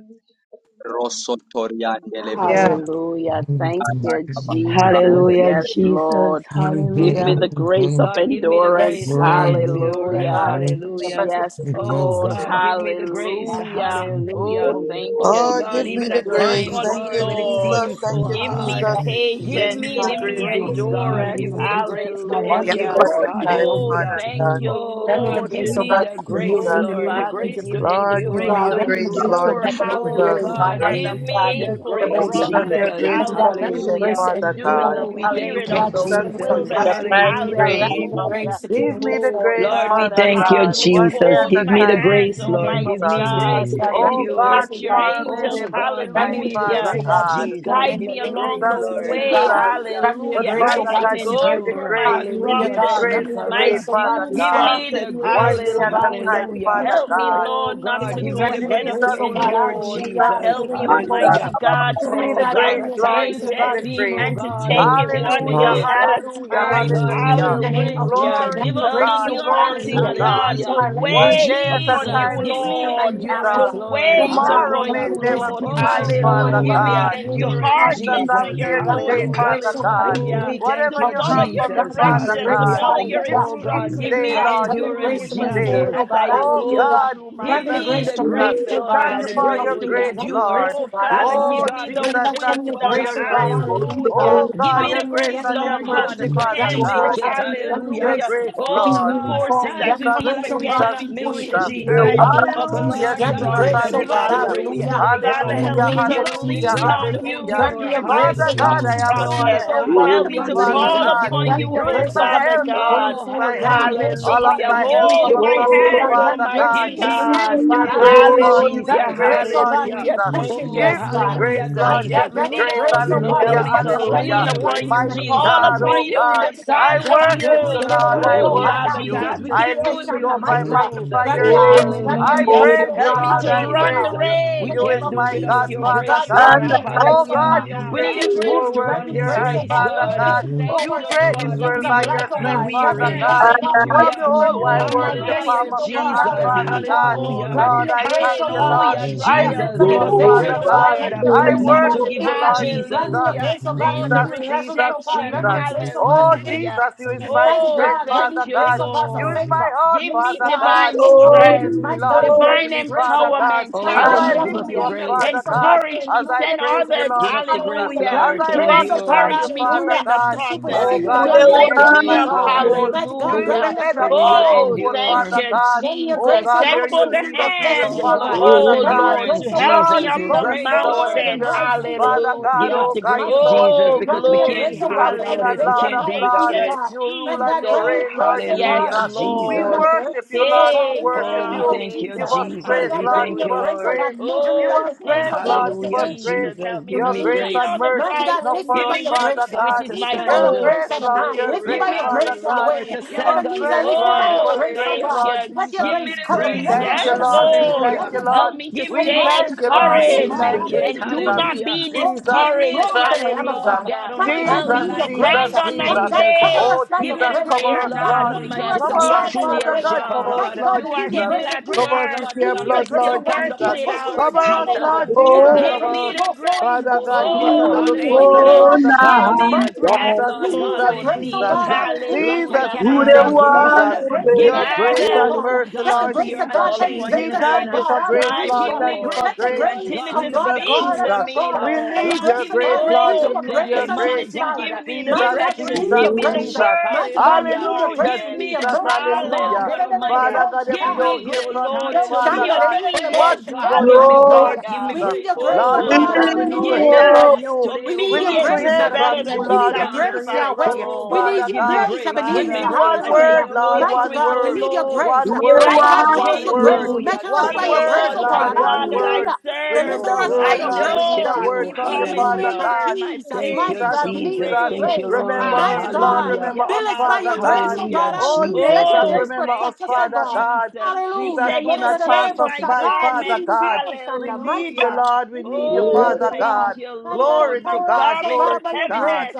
Speaker 1: Rosotoriandele
Speaker 2: Yeah.
Speaker 1: Besia.
Speaker 3: Hallelujah. Thank you, Jesus. Yes, Lord. Give me the grace of endurance.
Speaker 7: Yes,
Speaker 16: Thank
Speaker 7: God. Yeah,
Speaker 3: Hallelujah.
Speaker 7: God, I'm
Speaker 16: you.
Speaker 7: putting the person in
Speaker 3: Yes,
Speaker 7: this
Speaker 3: Lord.
Speaker 7: decision. This is not the
Speaker 3: Hallelujah.
Speaker 7: decision.
Speaker 3: Oh,
Speaker 7: Oh, Lord.
Speaker 3: thank you,
Speaker 5: Oh, give me the
Speaker 3: Jesus.
Speaker 7: You're
Speaker 3: Work
Speaker 5: grace.
Speaker 3: on
Speaker 7: not-
Speaker 5: Thank
Speaker 3: me,
Speaker 5: you,
Speaker 3: Lord.
Speaker 5: Jesus. Thank you,
Speaker 3: Give me
Speaker 5: Jesus.
Speaker 7: That is the
Speaker 5: Give
Speaker 7: grace of
Speaker 3: patience.
Speaker 5: me the
Speaker 7: God
Speaker 3: Give
Speaker 7: that we
Speaker 3: me
Speaker 5: grace,
Speaker 17: you.
Speaker 7: do
Speaker 5: Lord.
Speaker 7: in the
Speaker 3: endurance.
Speaker 7: name of Jesus. Lord, I
Speaker 5: One
Speaker 7: remember the
Speaker 5: day
Speaker 3: Hallelujah.
Speaker 5: at
Speaker 7: grace that
Speaker 5: a
Speaker 7: we
Speaker 5: time,
Speaker 7: do.
Speaker 3: Oh,
Speaker 5: Father
Speaker 3: thank
Speaker 5: God.
Speaker 3: you,
Speaker 7: That means a
Speaker 3: Lord.
Speaker 7: grace
Speaker 3: Just
Speaker 7: of
Speaker 5: Jesus,
Speaker 7: God in you in
Speaker 5: Jesus.
Speaker 3: Oh,
Speaker 7: the name of
Speaker 3: Father,
Speaker 7: Jesus.
Speaker 3: give me the
Speaker 5: Lord, give
Speaker 3: grace
Speaker 5: me
Speaker 7: God,
Speaker 5: your
Speaker 3: to
Speaker 7: that is the
Speaker 5: grace,
Speaker 7: grace of
Speaker 5: Lord
Speaker 3: endure,
Speaker 7: God that you hear in
Speaker 5: Jesus.
Speaker 7: God.
Speaker 3: hallelujah,
Speaker 5: Grace.
Speaker 3: the
Speaker 7: Hallelujah. That is the
Speaker 3: painful
Speaker 7: grace of
Speaker 5: Jesus,
Speaker 7: God.
Speaker 3: process,
Speaker 5: your grace
Speaker 7: Thank you,
Speaker 5: is
Speaker 7: God. That is the
Speaker 5: sufficient,
Speaker 3: hallelujah,
Speaker 7: grace in
Speaker 5: Father
Speaker 7: you.
Speaker 3: during
Speaker 7: Oh,
Speaker 5: God.
Speaker 3: the
Speaker 7: God.
Speaker 3: period of
Speaker 7: Hallelujah.
Speaker 2: Praise
Speaker 3: the
Speaker 5: Jesus,
Speaker 7: Service of life.
Speaker 5: Jesus,
Speaker 3: wilderness,
Speaker 5: give me
Speaker 7: Thank you, God.
Speaker 5: grace.
Speaker 7: Grant me the
Speaker 3: hallelujah.
Speaker 7: grace to keep
Speaker 5: Give
Speaker 7: moving
Speaker 5: me the
Speaker 3: Oh,
Speaker 7: forward.
Speaker 5: grace,
Speaker 3: Father,
Speaker 5: Father
Speaker 7: This
Speaker 5: God,
Speaker 3: hallelujah.
Speaker 7: pushing
Speaker 5: one day at
Speaker 7: forward,
Speaker 3: Hold
Speaker 5: a
Speaker 7: God.
Speaker 3: my
Speaker 5: time, please,
Speaker 3: hand,
Speaker 7: In the name of
Speaker 3: Almighty
Speaker 5: Jesus.
Speaker 7: Jesus, Lord
Speaker 3: God.
Speaker 7: to God, grant
Speaker 5: Oh
Speaker 7: me the
Speaker 5: God,
Speaker 7: grace, oh
Speaker 3: Dispatch your
Speaker 7: God, to
Speaker 5: tomorrow
Speaker 7: keep
Speaker 5: may
Speaker 3: angels,
Speaker 7: pushing.
Speaker 5: never be
Speaker 7: Grant me
Speaker 5: mine,
Speaker 7: the grace,
Speaker 5: Father
Speaker 3: hallelujah,
Speaker 7: oh God, to
Speaker 5: God.
Speaker 7: keep
Speaker 3: to
Speaker 7: going
Speaker 3: guide
Speaker 7: in the
Speaker 3: me
Speaker 7: name of
Speaker 3: along the
Speaker 5: Jesus,
Speaker 7: Jesus, Lord to
Speaker 3: way,
Speaker 7: God.
Speaker 5: Jesus.
Speaker 7: Grant me a
Speaker 5: But
Speaker 3: hallelujah,
Speaker 7: grace,
Speaker 3: as
Speaker 7: oh
Speaker 5: Father
Speaker 3: I
Speaker 7: God, to
Speaker 5: God, give me
Speaker 3: go
Speaker 5: the
Speaker 7: stand.
Speaker 3: through my
Speaker 5: grace. Give
Speaker 7: Hallelujah,
Speaker 5: me the
Speaker 3: process
Speaker 7: God.
Speaker 5: grace
Speaker 7: Grant me a
Speaker 3: my
Speaker 5: today,
Speaker 7: grace, oh God,
Speaker 5: Father
Speaker 7: to
Speaker 3: due
Speaker 7: stand.
Speaker 5: God.
Speaker 3: process.
Speaker 7: Grant me a
Speaker 5: One
Speaker 7: grace,
Speaker 5: day
Speaker 7: oh
Speaker 5: at
Speaker 7: God,
Speaker 5: a
Speaker 7: to to-
Speaker 3: Hallelujah.
Speaker 5: time,
Speaker 7: to push
Speaker 5: Father
Speaker 3: Help me,
Speaker 7: forward.
Speaker 5: God.
Speaker 3: Lord, not to
Speaker 5: Sweet
Speaker 3: go
Speaker 7: Grant me a
Speaker 3: ahead of
Speaker 7: grace,
Speaker 5: Jesus,
Speaker 3: you,
Speaker 7: oh God.
Speaker 5: sweet
Speaker 3: Lord.
Speaker 5: Jesus,
Speaker 3: Help
Speaker 5: sweet
Speaker 3: me,
Speaker 5: Jesus.
Speaker 7: Hallelujah.
Speaker 3: Almighty God,
Speaker 5: Give
Speaker 3: to
Speaker 5: me
Speaker 7: Mighty
Speaker 5: the
Speaker 7: God,
Speaker 3: exercise
Speaker 5: grace,
Speaker 7: grant me a
Speaker 5: Lord.
Speaker 7: grace, oh
Speaker 5: Give me
Speaker 7: God,
Speaker 5: the
Speaker 3: patience
Speaker 7: to keep
Speaker 5: grace.
Speaker 3: and to
Speaker 7: moving
Speaker 3: take
Speaker 7: forward.
Speaker 3: it
Speaker 7: Grant me a
Speaker 3: one
Speaker 5: Hallelujah,
Speaker 7: grace,
Speaker 3: day
Speaker 7: oh
Speaker 3: at
Speaker 7: God,
Speaker 3: a
Speaker 7: to keep
Speaker 5: hallelujah,
Speaker 7: going.
Speaker 3: time.
Speaker 5: hallelujah.
Speaker 7: In the name of Jesus,
Speaker 3: Hallelujah.
Speaker 5: Glory
Speaker 7: grant me
Speaker 5: to
Speaker 3: Help
Speaker 7: grace,
Speaker 3: me,
Speaker 5: God,
Speaker 7: oh God,
Speaker 5: glory to
Speaker 3: Almighty
Speaker 7: hallelujah.
Speaker 3: God,
Speaker 5: God.
Speaker 7: Mighty
Speaker 3: to
Speaker 7: God, let
Speaker 5: One
Speaker 7: grace
Speaker 3: wait
Speaker 5: day at a
Speaker 7: from
Speaker 3: upon you,
Speaker 7: the
Speaker 5: time,
Speaker 7: grace
Speaker 5: sweet
Speaker 7: here, my
Speaker 3: Lord.
Speaker 7: behalf, oh
Speaker 3: To
Speaker 5: Jesus.
Speaker 7: God. Mighty
Speaker 3: wait
Speaker 5: Tomorrow
Speaker 7: God, grant
Speaker 3: upon
Speaker 5: may
Speaker 7: me
Speaker 3: you,
Speaker 7: the grace
Speaker 5: never
Speaker 7: to
Speaker 3: Lord.
Speaker 16: I'm
Speaker 5: be
Speaker 7: keep pushing
Speaker 5: mine,
Speaker 7: forward, oh
Speaker 5: Father
Speaker 7: God, in the
Speaker 3: Hallelujah.
Speaker 5: God.
Speaker 7: name
Speaker 3: To
Speaker 7: of
Speaker 5: Jesus,
Speaker 3: hearken
Speaker 7: Jesus.
Speaker 3: to
Speaker 5: I'm
Speaker 3: your
Speaker 5: here
Speaker 7: God,
Speaker 16: not
Speaker 7: grant
Speaker 3: voice.
Speaker 5: today,
Speaker 7: me
Speaker 5: Father
Speaker 7: grace, oh God, in
Speaker 5: God.
Speaker 7: the
Speaker 3: Hallelujah
Speaker 7: name
Speaker 5: Whatever
Speaker 3: to
Speaker 5: you
Speaker 7: of
Speaker 3: follow
Speaker 5: have
Speaker 7: Jesus.
Speaker 5: for
Speaker 3: your
Speaker 5: me,
Speaker 7: God, grant me
Speaker 5: Father
Speaker 3: directions, to
Speaker 7: grace,
Speaker 5: God,
Speaker 3: follow your
Speaker 5: give
Speaker 7: hallelujah.
Speaker 5: me it
Speaker 7: Thank
Speaker 3: instructions.
Speaker 7: you,
Speaker 5: today,
Speaker 7: God.
Speaker 5: Lord.
Speaker 7: Grant me
Speaker 5: Give
Speaker 7: the
Speaker 5: me
Speaker 7: grace
Speaker 5: it
Speaker 7: to move
Speaker 3: Hallelujah.
Speaker 5: today.
Speaker 7: forward, oh
Speaker 3: As
Speaker 7: God,
Speaker 3: I
Speaker 5: Oh
Speaker 7: hallelujah,
Speaker 3: go
Speaker 7: God.
Speaker 5: God,
Speaker 3: through my
Speaker 7: Grant me the
Speaker 5: Jesus,
Speaker 17: I'm
Speaker 3: due
Speaker 7: grace to
Speaker 5: Jesus,
Speaker 7: make it,
Speaker 3: process.
Speaker 7: oh God,
Speaker 5: thank
Speaker 7: in
Speaker 5: you
Speaker 7: the
Speaker 5: for
Speaker 7: name
Speaker 17: gonna
Speaker 5: your
Speaker 7: of Jesus.
Speaker 3: Hallelujah.
Speaker 5: grace,
Speaker 7: Grant me
Speaker 5: Lord.
Speaker 7: grace, oh
Speaker 3: Oh,
Speaker 7: God,
Speaker 3: Father, give
Speaker 5: Oh
Speaker 7: hallelujah.
Speaker 3: me the
Speaker 7: Whether
Speaker 5: Jesus,
Speaker 7: that can
Speaker 5: thank you
Speaker 7: be
Speaker 5: for
Speaker 3: wisdom.
Speaker 7: grace,
Speaker 5: your
Speaker 7: oh God,
Speaker 5: grace.
Speaker 7: hallelujah,
Speaker 3: Hallelujah.
Speaker 7: God.
Speaker 5: Oh God,
Speaker 3: The
Speaker 5: your grace
Speaker 7: Hallelujah, in
Speaker 5: and
Speaker 7: the
Speaker 3: wisdom
Speaker 5: your
Speaker 3: and
Speaker 7: name of
Speaker 3: how
Speaker 5: mercy,
Speaker 3: to
Speaker 7: Jesus.
Speaker 5: Father
Speaker 7: Grant me grace,
Speaker 3: handle.
Speaker 5: God.
Speaker 7: oh God.
Speaker 5: Give
Speaker 7: grant me
Speaker 5: me your
Speaker 3: Hallelujah.
Speaker 7: grace
Speaker 5: grace,
Speaker 7: to
Speaker 3: All
Speaker 7: keep
Speaker 3: the
Speaker 5: Lord.
Speaker 7: moving
Speaker 3: forces
Speaker 7: forward.
Speaker 3: that
Speaker 7: Grant me
Speaker 5: Jesus,
Speaker 3: come up
Speaker 7: grace, oh God,
Speaker 3: against
Speaker 5: Jesus,
Speaker 3: me
Speaker 7: keep
Speaker 3: during this
Speaker 7: pushing.
Speaker 5: Jesus.
Speaker 7: In the
Speaker 3: time
Speaker 7: name
Speaker 3: of
Speaker 7: of Jesus,
Speaker 5: Hallelujah,
Speaker 3: due
Speaker 7: grant me
Speaker 5: Jesus,
Speaker 7: grace,
Speaker 3: process.
Speaker 7: oh God,
Speaker 5: hallelujah.
Speaker 3: Hallelujah.
Speaker 7: hallelujah.
Speaker 3: Father,
Speaker 7: In the
Speaker 3: help
Speaker 5: Hallelujah,
Speaker 3: me
Speaker 7: name of
Speaker 3: to
Speaker 5: hallelujah,
Speaker 7: Jesus,
Speaker 3: lean on
Speaker 7: God.
Speaker 3: you
Speaker 5: hallelujah.
Speaker 7: Grant me your
Speaker 3: during my
Speaker 7: grace,
Speaker 5: Father
Speaker 3: pr-
Speaker 7: oh God,
Speaker 5: God,
Speaker 7: to
Speaker 3: due
Speaker 5: I
Speaker 7: keep the
Speaker 5: have no
Speaker 3: process.
Speaker 5: other
Speaker 7: seeds, oh
Speaker 5: help but
Speaker 7: God,
Speaker 3: Help me
Speaker 5: you,
Speaker 7: upon
Speaker 3: to
Speaker 7: the
Speaker 5: Father
Speaker 3: call
Speaker 7: enemy.
Speaker 5: God.
Speaker 3: upon
Speaker 7: Grant me
Speaker 3: you,
Speaker 7: your
Speaker 5: You is
Speaker 3: oh
Speaker 7: grace, oh God,
Speaker 5: my
Speaker 7: to
Speaker 3: Father
Speaker 5: help,
Speaker 7: keep
Speaker 5: Lord.
Speaker 3: God.
Speaker 7: going
Speaker 5: You is my
Speaker 7: forward. Grant me
Speaker 5: help.
Speaker 7: grace, oh
Speaker 5: All of
Speaker 7: God,
Speaker 3: Hallelujah.
Speaker 7: to
Speaker 5: my
Speaker 7: keep
Speaker 5: help
Speaker 3: Hold
Speaker 7: moving.
Speaker 5: cometh
Speaker 3: my
Speaker 5: from you,
Speaker 3: hand,
Speaker 7: God, let
Speaker 5: Father
Speaker 7: the grace
Speaker 5: God.
Speaker 3: Almighty
Speaker 7: make you stop,
Speaker 5: Give
Speaker 3: God.
Speaker 7: oh
Speaker 5: me your
Speaker 7: God,
Speaker 5: grace,
Speaker 7: hallelujah.
Speaker 5: Lord. Give
Speaker 7: Let
Speaker 5: me
Speaker 3: Hallelujah.
Speaker 7: the
Speaker 5: grace,
Speaker 7: grace, oh
Speaker 5: Lord
Speaker 7: God, keep
Speaker 3: Hallelujah.
Speaker 5: Jesus.
Speaker 3: Thank
Speaker 7: pushing,
Speaker 3: you,
Speaker 5: Give
Speaker 7: yes,
Speaker 5: me
Speaker 7: God.
Speaker 5: grace,
Speaker 3: Jesus.
Speaker 5: Lord.
Speaker 7: Mighty God,
Speaker 3: Yes,
Speaker 5: Give me
Speaker 7: grant me
Speaker 5: grace.
Speaker 3: Lord.
Speaker 7: grace, oh God, for
Speaker 3: Help
Speaker 5: Hallelujah.
Speaker 7: the
Speaker 3: me to
Speaker 7: next level
Speaker 3: lean
Speaker 5: Hallelujah.
Speaker 7: of life
Speaker 3: upon
Speaker 7: in
Speaker 3: you,
Speaker 7: the name
Speaker 5: Mighty
Speaker 7: of
Speaker 3: call
Speaker 16: Thank
Speaker 5: God,
Speaker 16: you.
Speaker 7: Jesus.
Speaker 3: upon
Speaker 5: oh
Speaker 3: you,
Speaker 5: God.
Speaker 7: Mighty
Speaker 5: I
Speaker 7: God,
Speaker 16: Thank
Speaker 3: depend
Speaker 7: grant
Speaker 3: on
Speaker 7: me
Speaker 5: worship
Speaker 7: grace.
Speaker 5: you,
Speaker 3: you.
Speaker 7: Da, da, da, da,
Speaker 5: Lord.
Speaker 7: da,
Speaker 5: I
Speaker 3: Oh,
Speaker 7: da. Right
Speaker 5: worship
Speaker 7: now,
Speaker 3: Father
Speaker 7: give
Speaker 5: you.
Speaker 7: me
Speaker 3: God,
Speaker 7: to give
Speaker 3: to
Speaker 5: I
Speaker 7: me, oh
Speaker 5: lift
Speaker 3: see
Speaker 5: you
Speaker 7: Shanda,
Speaker 5: up.
Speaker 3: me
Speaker 5: I
Speaker 7: mighty God.
Speaker 3: through.
Speaker 5: magnify
Speaker 7: Grant
Speaker 5: your
Speaker 7: me a
Speaker 5: name.
Speaker 7: grace, grant me a
Speaker 5: I
Speaker 3: Hallelujah.
Speaker 7: mercy,
Speaker 5: praise
Speaker 7: oh
Speaker 5: you,
Speaker 3: Help
Speaker 7: God.
Speaker 3: me
Speaker 5: Lord.
Speaker 3: to
Speaker 5: I
Speaker 7: Hallelujah,
Speaker 3: run
Speaker 5: praise
Speaker 3: the
Speaker 7: God.
Speaker 5: you.
Speaker 7: In
Speaker 3: race
Speaker 7: the
Speaker 5: You
Speaker 7: name
Speaker 5: is
Speaker 7: of
Speaker 5: my
Speaker 3: and
Speaker 7: Jesus,
Speaker 5: God,
Speaker 3: not be
Speaker 7: mighty
Speaker 5: Father
Speaker 7: God,
Speaker 3: weary.
Speaker 7: grant
Speaker 5: God.
Speaker 7: me a grace,
Speaker 5: Oh
Speaker 7: oh God.
Speaker 5: God, you
Speaker 3: Hallelujah.
Speaker 7: To
Speaker 5: create this
Speaker 7: keep
Speaker 5: whole
Speaker 7: moving,
Speaker 5: world
Speaker 7: grant
Speaker 5: in
Speaker 7: me
Speaker 5: your
Speaker 3: Hallelujah.
Speaker 7: grace,
Speaker 5: hand,
Speaker 7: oh God, to
Speaker 5: Father
Speaker 7: keep
Speaker 3: Oh,
Speaker 5: God.
Speaker 7: pushing
Speaker 3: thank
Speaker 5: You
Speaker 7: forward
Speaker 3: you,
Speaker 5: create
Speaker 7: in
Speaker 3: Lord.
Speaker 5: this
Speaker 7: the
Speaker 3: Give
Speaker 7: things
Speaker 5: world
Speaker 7: of
Speaker 3: me
Speaker 5: by
Speaker 3: the
Speaker 7: life, oh
Speaker 5: yourself,
Speaker 3: divine
Speaker 7: God. Grant
Speaker 5: Father
Speaker 7: me
Speaker 3: strength
Speaker 7: grace,
Speaker 5: God.
Speaker 7: oh God, to
Speaker 5: You
Speaker 3: to
Speaker 7: move
Speaker 5: have the
Speaker 7: forward
Speaker 5: whole wide
Speaker 7: in
Speaker 3: endure.
Speaker 5: world
Speaker 7: my
Speaker 5: in the
Speaker 16: you.
Speaker 5: palm
Speaker 7: destiny,
Speaker 5: of
Speaker 7: oh
Speaker 5: your
Speaker 7: God.
Speaker 5: hand,
Speaker 3: Hallelujah.
Speaker 5: Father
Speaker 7: Hallelujah,
Speaker 1: Lord,
Speaker 7: God.
Speaker 5: God.
Speaker 3: All the
Speaker 7: Grant
Speaker 5: Lord,
Speaker 7: me a
Speaker 5: I
Speaker 7: grace,
Speaker 5: thank
Speaker 3: pain,
Speaker 7: oh
Speaker 5: you,
Speaker 3: all
Speaker 7: God.
Speaker 3: the
Speaker 5: Lord. I
Speaker 7: Hallelujah
Speaker 3: trials,
Speaker 5: lift
Speaker 7: for
Speaker 5: you up,
Speaker 3: all
Speaker 1: you
Speaker 3: the
Speaker 7: elevation,
Speaker 5: Father
Speaker 7: oh God.
Speaker 5: God.
Speaker 7: Grant me your
Speaker 5: I
Speaker 7: grace,
Speaker 3: tribulations.
Speaker 7: oh God, for
Speaker 5: worship you,
Speaker 7: impact.
Speaker 5: Lord
Speaker 7: Grant me your
Speaker 5: Jesus.
Speaker 3: Hallelujah.
Speaker 7: grace, oh God, for
Speaker 3: All the
Speaker 7: new
Speaker 5: Jesus,
Speaker 7: levels,
Speaker 5: Jesus,
Speaker 7: oh God.
Speaker 3: rejection.
Speaker 7: Grant me
Speaker 5: Jesus.
Speaker 7: your grace, oh God,
Speaker 5: Oh,
Speaker 7: for
Speaker 3: Hallelujah.
Speaker 5: Jesus, you is
Speaker 7: increase.
Speaker 5: my
Speaker 7: Mighty
Speaker 3: Oh,
Speaker 5: strength,
Speaker 7: God, grant me
Speaker 3: thank
Speaker 5: Father
Speaker 7: the
Speaker 3: you,
Speaker 7: grace,
Speaker 5: God.
Speaker 7: oh God, for
Speaker 5: Use
Speaker 3: Lord.
Speaker 5: my
Speaker 7: favor.
Speaker 5: all,
Speaker 3: Give
Speaker 7: Yes,
Speaker 3: me
Speaker 5: Father
Speaker 7: God, in
Speaker 5: God.
Speaker 7: the
Speaker 3: divine
Speaker 7: name of
Speaker 5: Strengthen
Speaker 7: Jesus,
Speaker 3: strength,
Speaker 5: me,
Speaker 7: mighty
Speaker 5: Lord.
Speaker 7: God, grant me
Speaker 3: divine
Speaker 5: Strengthen me,
Speaker 7: the grace, oh
Speaker 5: Father
Speaker 7: God.
Speaker 5: God.
Speaker 3: empowerment.
Speaker 7: Mighty
Speaker 5: As
Speaker 7: God,
Speaker 5: I
Speaker 7: live
Speaker 5: lift
Speaker 7: me
Speaker 5: you
Speaker 3: Hallelujah
Speaker 5: up,
Speaker 7: in your grace,
Speaker 5: Father
Speaker 7: oh God.
Speaker 5: God.
Speaker 3: Encourage
Speaker 5: As
Speaker 3: me.
Speaker 5: I
Speaker 3: Send
Speaker 7: Hallelujah,
Speaker 5: praise you,
Speaker 3: others,
Speaker 7: Jesus.
Speaker 5: Lord Jesus.
Speaker 7: Hallelujah.
Speaker 3: hallelujah,
Speaker 7: Grant
Speaker 5: As
Speaker 7: me
Speaker 5: I
Speaker 3: to
Speaker 7: grace, oh God.
Speaker 5: magnify you,
Speaker 3: encourage me
Speaker 5: Father
Speaker 7: Hallelujah.
Speaker 3: during the
Speaker 5: God.
Speaker 7: To
Speaker 3: process,
Speaker 5: Oh
Speaker 7: supersede the
Speaker 5: God,
Speaker 3: to
Speaker 5: You're
Speaker 7: plans
Speaker 5: the
Speaker 7: of
Speaker 5: head
Speaker 3: lift
Speaker 7: the
Speaker 5: of
Speaker 7: enemy,
Speaker 3: me
Speaker 7: oh
Speaker 5: my
Speaker 3: up,
Speaker 7: God.
Speaker 5: household.
Speaker 7: Mighty
Speaker 5: You
Speaker 7: God,
Speaker 5: is
Speaker 7: grant me
Speaker 5: the
Speaker 3: hallelujah.
Speaker 7: your
Speaker 5: head of
Speaker 7: grace, oh
Speaker 5: all
Speaker 7: God, to
Speaker 3: Oh,
Speaker 7: be
Speaker 5: household,
Speaker 3: thank
Speaker 5: Father
Speaker 7: pushing.
Speaker 3: you,
Speaker 5: God.
Speaker 7: Grant me your
Speaker 5: Oh
Speaker 3: Jesus.
Speaker 7: grace, oh
Speaker 5: God,
Speaker 3: Send
Speaker 7: God,
Speaker 5: where
Speaker 7: to
Speaker 3: for
Speaker 5: you
Speaker 3: the
Speaker 7: fulfill
Speaker 5: lead
Speaker 7: my
Speaker 5: us, we will
Speaker 3: hand,
Speaker 7: destiny, oh
Speaker 5: follow,
Speaker 7: God.
Speaker 5: Father
Speaker 3: oh
Speaker 7: Grant me your
Speaker 5: God.
Speaker 3: Lord,
Speaker 7: grace,
Speaker 3: to
Speaker 7: oh God,
Speaker 3: help
Speaker 7: to
Speaker 5: Lord
Speaker 3: me
Speaker 7: keep
Speaker 3: up the
Speaker 7: going
Speaker 5: Jesus, is our
Speaker 7: forward in
Speaker 3: mountain,
Speaker 5: leader.
Speaker 7: life, in the name
Speaker 5: Father
Speaker 7: of
Speaker 5: God,
Speaker 3: hallelujah.
Speaker 5: oh
Speaker 7: Jesus.
Speaker 5: God, You're
Speaker 7: Mighty God.
Speaker 5: our
Speaker 3: Oh,
Speaker 5: King.
Speaker 7: Grant me your
Speaker 5: You
Speaker 7: grace,
Speaker 3: glory,
Speaker 7: oh
Speaker 5: King of
Speaker 7: God, for
Speaker 5: King and
Speaker 3: hallelujah.
Speaker 5: Lord
Speaker 7: elevation.
Speaker 5: of
Speaker 3: Thank
Speaker 5: Lord.
Speaker 7: Hallelujah,
Speaker 3: you,
Speaker 7: God.
Speaker 5: You rule
Speaker 7: Mighty
Speaker 5: and
Speaker 7: God,
Speaker 5: you
Speaker 7: grant me
Speaker 3: Jesus.
Speaker 5: reign,
Speaker 7: grace,
Speaker 5: Lord
Speaker 7: oh
Speaker 3: Yes,
Speaker 7: God,
Speaker 5: Jesus.
Speaker 7: to
Speaker 5: We
Speaker 7: receive my
Speaker 3: Lord.
Speaker 5: worship you,
Speaker 7: blessings, oh
Speaker 5: Lord. We
Speaker 7: God,
Speaker 3: Hey,
Speaker 7: in the
Speaker 5: worship
Speaker 7: name
Speaker 3: God,
Speaker 5: you.
Speaker 7: of
Speaker 3: hey,
Speaker 5: Give
Speaker 7: Jesus.
Speaker 5: us
Speaker 3: God,
Speaker 7: Mighty
Speaker 5: grace,
Speaker 7: God, grant
Speaker 5: Lord.
Speaker 7: me your
Speaker 5: Give
Speaker 3: hallelujah.
Speaker 5: us
Speaker 7: grace, oh God.
Speaker 5: grace.
Speaker 7: Measure me
Speaker 5: Give
Speaker 7: by
Speaker 3: Oh,
Speaker 5: us
Speaker 7: your grace,
Speaker 3: thank
Speaker 5: grace,
Speaker 7: oh
Speaker 3: you,
Speaker 7: God, in
Speaker 5: Lord. Give
Speaker 7: the
Speaker 5: us
Speaker 7: name of
Speaker 5: grace.
Speaker 3: Jesus. Help me
Speaker 7: in
Speaker 5: Your
Speaker 3: to
Speaker 5: grace
Speaker 7: Jesus.
Speaker 3: lean
Speaker 5: and
Speaker 3: on the
Speaker 5: mercy
Speaker 7: Mighty
Speaker 5: is
Speaker 3: Christ
Speaker 7: God,
Speaker 5: not
Speaker 7: lift
Speaker 3: in
Speaker 7: me
Speaker 5: for
Speaker 7: by
Speaker 5: us,
Speaker 7: your
Speaker 3: me,
Speaker 5: Father
Speaker 7: grace.
Speaker 3: which
Speaker 5: God.
Speaker 3: is
Speaker 7: Lift
Speaker 3: my
Speaker 7: me by
Speaker 5: Your
Speaker 7: your
Speaker 3: hope
Speaker 7: grace
Speaker 5: grace,
Speaker 3: for
Speaker 5: Lord.
Speaker 7: tonight.
Speaker 5: Your
Speaker 7: Lift me
Speaker 3: glory.
Speaker 5: grace,
Speaker 7: by your
Speaker 5: Father
Speaker 7: grace
Speaker 5: God.
Speaker 7: away.
Speaker 5: Give
Speaker 3: Hallelujah.
Speaker 5: us
Speaker 7: Ebenezer,
Speaker 5: grace,
Speaker 7: lift me
Speaker 5: Lord.
Speaker 7: by
Speaker 5: Give
Speaker 7: your
Speaker 5: us
Speaker 3: Oh,
Speaker 7: grace, oh
Speaker 5: grace,
Speaker 3: thank
Speaker 7: God.
Speaker 5: Lord
Speaker 3: you,
Speaker 7: Let your
Speaker 5: Jesus.
Speaker 7: grace
Speaker 18: In
Speaker 7: cover
Speaker 18: the
Speaker 5: We
Speaker 7: me.
Speaker 3: Jesus.
Speaker 18: name
Speaker 7: Let
Speaker 18: of
Speaker 7: your
Speaker 5: thank
Speaker 3: Yes,
Speaker 5: you,
Speaker 7: grace
Speaker 5: Lord.
Speaker 18: Jesus,
Speaker 5: We
Speaker 7: forgive me.
Speaker 3: Lord.
Speaker 7: Let
Speaker 5: thank you,
Speaker 7: your
Speaker 18: hallelujah.
Speaker 3: Help
Speaker 5: Lord.
Speaker 7: grace,
Speaker 3: me to
Speaker 7: oh
Speaker 5: We
Speaker 7: God,
Speaker 3: stay
Speaker 5: thank you,
Speaker 7: empower me,
Speaker 5: Lord.
Speaker 18: Yes,
Speaker 7: oh
Speaker 5: We
Speaker 3: encouraged
Speaker 7: God.
Speaker 5: thank you,
Speaker 18: Lord.
Speaker 3: and
Speaker 7: Hallelujah,
Speaker 3: do
Speaker 5: Jesus.
Speaker 7: Jesus.
Speaker 18: Yes,
Speaker 3: not
Speaker 18: God.
Speaker 3: be
Speaker 7: Glory,
Speaker 5: Jesus,
Speaker 3: discouraged.
Speaker 7: glory to
Speaker 5: Jesus,
Speaker 7: the Lamb of
Speaker 5: Jesus,
Speaker 7: God.
Speaker 3: Hallelujah.
Speaker 7: Mighty God,
Speaker 3: Help
Speaker 7: we
Speaker 3: me
Speaker 5: Jesus,
Speaker 7: need
Speaker 3: to
Speaker 7: your
Speaker 5: Jesus,
Speaker 7: grace.
Speaker 18: Hallelujah.
Speaker 3: stand on my
Speaker 18: Glory
Speaker 7: Mighty
Speaker 5: Jesus.
Speaker 17: be your
Speaker 18: to
Speaker 7: God, cover
Speaker 3: faith
Speaker 7: us
Speaker 18: God.
Speaker 5: Oh,
Speaker 7: by your
Speaker 5: Jesus,
Speaker 3: and
Speaker 7: grace.
Speaker 5: cover
Speaker 3: fear
Speaker 5: us,
Speaker 7: Mighty
Speaker 18: In
Speaker 7: God,
Speaker 18: the
Speaker 3: not
Speaker 5: Lord.
Speaker 18: name
Speaker 7: measure
Speaker 3: because
Speaker 18: of
Speaker 7: us
Speaker 5: Cover
Speaker 7: so
Speaker 3: you
Speaker 5: us,
Speaker 7: God
Speaker 3: are
Speaker 17: man.
Speaker 7: by
Speaker 18: Jesus,
Speaker 7: your
Speaker 3: still
Speaker 5: Father
Speaker 18: yes,
Speaker 7: grace.
Speaker 5: God.
Speaker 3: God.
Speaker 5: Cover
Speaker 18: Lord.
Speaker 5: us,
Speaker 7: Mighty God,
Speaker 5: Lord
Speaker 7: we
Speaker 3: You are
Speaker 7: need your
Speaker 5: Jesus.
Speaker 3: still
Speaker 7: grace to
Speaker 18: Yes,
Speaker 3: at
Speaker 7: keep
Speaker 5: Cover
Speaker 7: God.
Speaker 5: us with
Speaker 3: work.
Speaker 7: We
Speaker 5: your
Speaker 7: need your
Speaker 3: You're
Speaker 5: blood,
Speaker 7: grace, oh
Speaker 3: still
Speaker 5: Lord
Speaker 7: God, to
Speaker 3: working
Speaker 5: Jesus.
Speaker 7: keep
Speaker 3: it
Speaker 7: pushing
Speaker 3: out.
Speaker 5: Cover
Speaker 7: forward,
Speaker 5: us,
Speaker 7: oh God.
Speaker 5: Lord
Speaker 18: thank
Speaker 7: We
Speaker 3: Hallelujah.
Speaker 5: Jesus.
Speaker 7: need your grace
Speaker 5: Cover
Speaker 7: to
Speaker 18: you.
Speaker 5: us.
Speaker 18: Jesus.
Speaker 7: go
Speaker 3: Hallelujah.
Speaker 7: forward in
Speaker 5: Father God, give
Speaker 7: destiny, oh
Speaker 5: us a
Speaker 7: God.
Speaker 3: Oh,
Speaker 5: double
Speaker 18: In
Speaker 7: In
Speaker 3: thank
Speaker 18: the
Speaker 7: the
Speaker 5: portion,
Speaker 18: name
Speaker 7: name
Speaker 18: of
Speaker 3: you,
Speaker 7: of
Speaker 5: Father God.
Speaker 7: Jesus,
Speaker 3: Jesus.
Speaker 7: mighty God,
Speaker 3: Yes,
Speaker 5: Jesus,
Speaker 7: we need your
Speaker 5: Jesus,
Speaker 3: Lord.
Speaker 7: grace, oh God oh
Speaker 5: Jesus.
Speaker 7: God,
Speaker 18: Hallelujah.
Speaker 7: hallelujah,
Speaker 5: Jesus,
Speaker 3: Hallelujah.
Speaker 7: Jesus. My
Speaker 5: Jesus,
Speaker 18: Lord,
Speaker 7: God, let
Speaker 3: Hallelujah.
Speaker 5: Jesus,
Speaker 7: your
Speaker 18: in
Speaker 7: grace
Speaker 18: the name
Speaker 5: your
Speaker 7: deliver us,
Speaker 5: grace
Speaker 7: oh
Speaker 3: Father,
Speaker 5: and
Speaker 7: God.
Speaker 5: mercy,
Speaker 7: Let the
Speaker 5: Lord
Speaker 3: I
Speaker 7: grace of
Speaker 5: Jesus.
Speaker 7: God
Speaker 17: Thank
Speaker 3: call upon
Speaker 5: We
Speaker 7: elevate
Speaker 3: you
Speaker 7: us, oh
Speaker 5: thank
Speaker 3: during
Speaker 5: you
Speaker 3: this
Speaker 7: God,
Speaker 5: for grace,
Speaker 3: time,
Speaker 7: hallelujah,
Speaker 5: Lord.
Speaker 7: God.
Speaker 5: Thank you
Speaker 3: Lord.
Speaker 5: for
Speaker 7: Let
Speaker 18: of
Speaker 7: the
Speaker 5: grace.
Speaker 18: Lord.
Speaker 7: grace
Speaker 3: Continue
Speaker 7: of
Speaker 3: to
Speaker 18: Thank you,
Speaker 7: God
Speaker 5: Jesus,
Speaker 3: speak
Speaker 7: guard us,
Speaker 18: Lord.
Speaker 3: to
Speaker 5: Jesus.
Speaker 7: oh
Speaker 3: me,
Speaker 7: God.
Speaker 5: We
Speaker 7: Let the
Speaker 3: Lord.
Speaker 5: need your
Speaker 7: grace of
Speaker 5: grace,
Speaker 7: God
Speaker 5: Lord.
Speaker 7: increase
Speaker 5: We
Speaker 3: Oh,
Speaker 7: our
Speaker 5: need
Speaker 3: thank,
Speaker 5: your
Speaker 7: greatness on every
Speaker 3: continue
Speaker 5: grace.
Speaker 3: to
Speaker 7: side.
Speaker 3: give me the
Speaker 7: Mighty
Speaker 5: Jesus,
Speaker 7: God, we
Speaker 3: directions.
Speaker 7: need
Speaker 5: Jesus,
Speaker 3: Give
Speaker 7: your
Speaker 3: me the
Speaker 7: grace.
Speaker 5: Jesus.
Speaker 3: words
Speaker 7: Mighty
Speaker 3: of
Speaker 7: God, we need your
Speaker 5: Hallelujah,
Speaker 7: grace. We
Speaker 3: encouragement.
Speaker 7: need your
Speaker 5: Jesus,
Speaker 7: mercy, oh God.
Speaker 5: hallelujah. Father
Speaker 3: Hallelujah.
Speaker 5: God, if
Speaker 3: And
Speaker 5: we
Speaker 7: Da-da-da-da-da-da-da.
Speaker 3: help
Speaker 5: don't
Speaker 3: me,
Speaker 5: hear
Speaker 3: oh
Speaker 5: from
Speaker 7: Yo,
Speaker 5: you,
Speaker 3: Lord, to
Speaker 5: Father
Speaker 3: be
Speaker 7: Shanda, da,
Speaker 5: God,
Speaker 7: da, da, da, da, bo,
Speaker 5: what
Speaker 3: obedient.
Speaker 5: we
Speaker 7: shake,
Speaker 5: gonna do,
Speaker 7: mighty God.
Speaker 5: Lord
Speaker 3: Hallelujah.
Speaker 7: We
Speaker 5: Jesus?
Speaker 7: need your grace, oh
Speaker 5: Lord
Speaker 3: Oh,
Speaker 7: God.
Speaker 5: Jesus,
Speaker 3: Lord,
Speaker 5: we need to
Speaker 7: Hallelujah,
Speaker 3: knowing
Speaker 5: hear
Speaker 7: Jesus.
Speaker 3: that
Speaker 5: from you.
Speaker 7: We
Speaker 5: We
Speaker 7: need your
Speaker 5: need to
Speaker 3: obedience
Speaker 7: grace,
Speaker 3: is
Speaker 5: hear from
Speaker 7: Adonai.
Speaker 3: better
Speaker 5: you,
Speaker 3: than
Speaker 7: We need
Speaker 5: Lord. We
Speaker 7: your
Speaker 5: need to
Speaker 7: grace,
Speaker 5: hear
Speaker 3: sacrifice,
Speaker 7: Yahweh.
Speaker 5: from you,
Speaker 7: We
Speaker 3: Lord.
Speaker 5: Father
Speaker 7: need your
Speaker 3: So,
Speaker 5: God.
Speaker 7: grace,
Speaker 5: We
Speaker 7: Ebenezer.
Speaker 3: Father,
Speaker 5: need one
Speaker 3: as I
Speaker 7: Hallelujah.
Speaker 5: word, Lord,
Speaker 3: go
Speaker 7: Mighty
Speaker 3: through
Speaker 5: one
Speaker 3: it,
Speaker 7: God,
Speaker 3: oh
Speaker 7: we
Speaker 5: word.
Speaker 7: need your
Speaker 3: Lord,
Speaker 7: grace.
Speaker 5: One
Speaker 3: it
Speaker 5: word,
Speaker 7: Mighty
Speaker 3: might
Speaker 7: God,
Speaker 5: Lord,
Speaker 3: be
Speaker 7: show
Speaker 5: one
Speaker 7: us your grace.
Speaker 5: word.
Speaker 3: painful,
Speaker 7: Measure us
Speaker 3: but
Speaker 5: One
Speaker 7: by
Speaker 3: the
Speaker 7: your grace,
Speaker 5: word,
Speaker 3: Lord
Speaker 7: oh
Speaker 3: thy
Speaker 5: Lord,
Speaker 7: God.
Speaker 3: God
Speaker 5: one
Speaker 3: that I
Speaker 5: word.
Speaker 7: Hallelujah.
Speaker 5: We
Speaker 3: serve,
Speaker 5: need
Speaker 7: Deliver
Speaker 5: a
Speaker 7: us by
Speaker 3: I
Speaker 5: word,
Speaker 7: your
Speaker 5: Lord. We
Speaker 7: grace, oh
Speaker 5: need a
Speaker 3: know
Speaker 7: God.
Speaker 5: word
Speaker 3: he
Speaker 5: from
Speaker 7: In
Speaker 5: you,
Speaker 7: the
Speaker 3: promised to
Speaker 5: Father
Speaker 7: name of
Speaker 3: turn
Speaker 5: God.
Speaker 3: my
Speaker 7: Jesus,
Speaker 3: pain
Speaker 7: mighty
Speaker 5: Jesus,
Speaker 3: into
Speaker 7: God, we need your
Speaker 5: Jesus,
Speaker 3: praise.
Speaker 7: grace.
Speaker 5: remember us,
Speaker 7: Mighty
Speaker 5: Lord,
Speaker 7: God,
Speaker 5: remember
Speaker 3: Hallelujah,
Speaker 5: us,
Speaker 7: fill us by
Speaker 5: Father
Speaker 7: your grace,
Speaker 5: God.
Speaker 7: oh
Speaker 3: hallelujah.
Speaker 7: God.
Speaker 5: Oh,
Speaker 7: Hallelujah. Let your
Speaker 5: Jesus,
Speaker 3: Oh,
Speaker 7: grace
Speaker 5: remember
Speaker 3: thank
Speaker 5: us,
Speaker 7: protect us,
Speaker 3: you,
Speaker 7: oh
Speaker 5: Father
Speaker 7: God.
Speaker 5: God.
Speaker 3: Jesus. He
Speaker 5: Jesus,
Speaker 3: said
Speaker 7: Hallelujah.
Speaker 5: do
Speaker 3: he will
Speaker 5: not pass
Speaker 3: change
Speaker 5: us
Speaker 3: my
Speaker 5: by,
Speaker 7: Da-da-da-da-da-bo-shaka.
Speaker 5: Father
Speaker 3: garment.
Speaker 5: God.
Speaker 7: Di-di-di-di-di-yes. And
Speaker 5: We
Speaker 7: mighty
Speaker 5: need you,
Speaker 7: God.
Speaker 3: Hallelujah.
Speaker 5: Lord,
Speaker 7: We
Speaker 5: we
Speaker 7: need
Speaker 5: need
Speaker 7: your
Speaker 5: you,
Speaker 3: Oh,
Speaker 7: grace,
Speaker 5: Father
Speaker 7: oh
Speaker 3: thank
Speaker 17: you.
Speaker 7: God.
Speaker 5: God.
Speaker 3: you,
Speaker 7: Mighty God,
Speaker 5: Glory
Speaker 3: Lord.
Speaker 5: to
Speaker 3: My
Speaker 7: empower us,
Speaker 5: God,
Speaker 7: oh
Speaker 3: garment of
Speaker 5: glory
Speaker 7: God, by
Speaker 5: to
Speaker 7: your
Speaker 5: God.
Speaker 7: grace.
Speaker 3: heaviness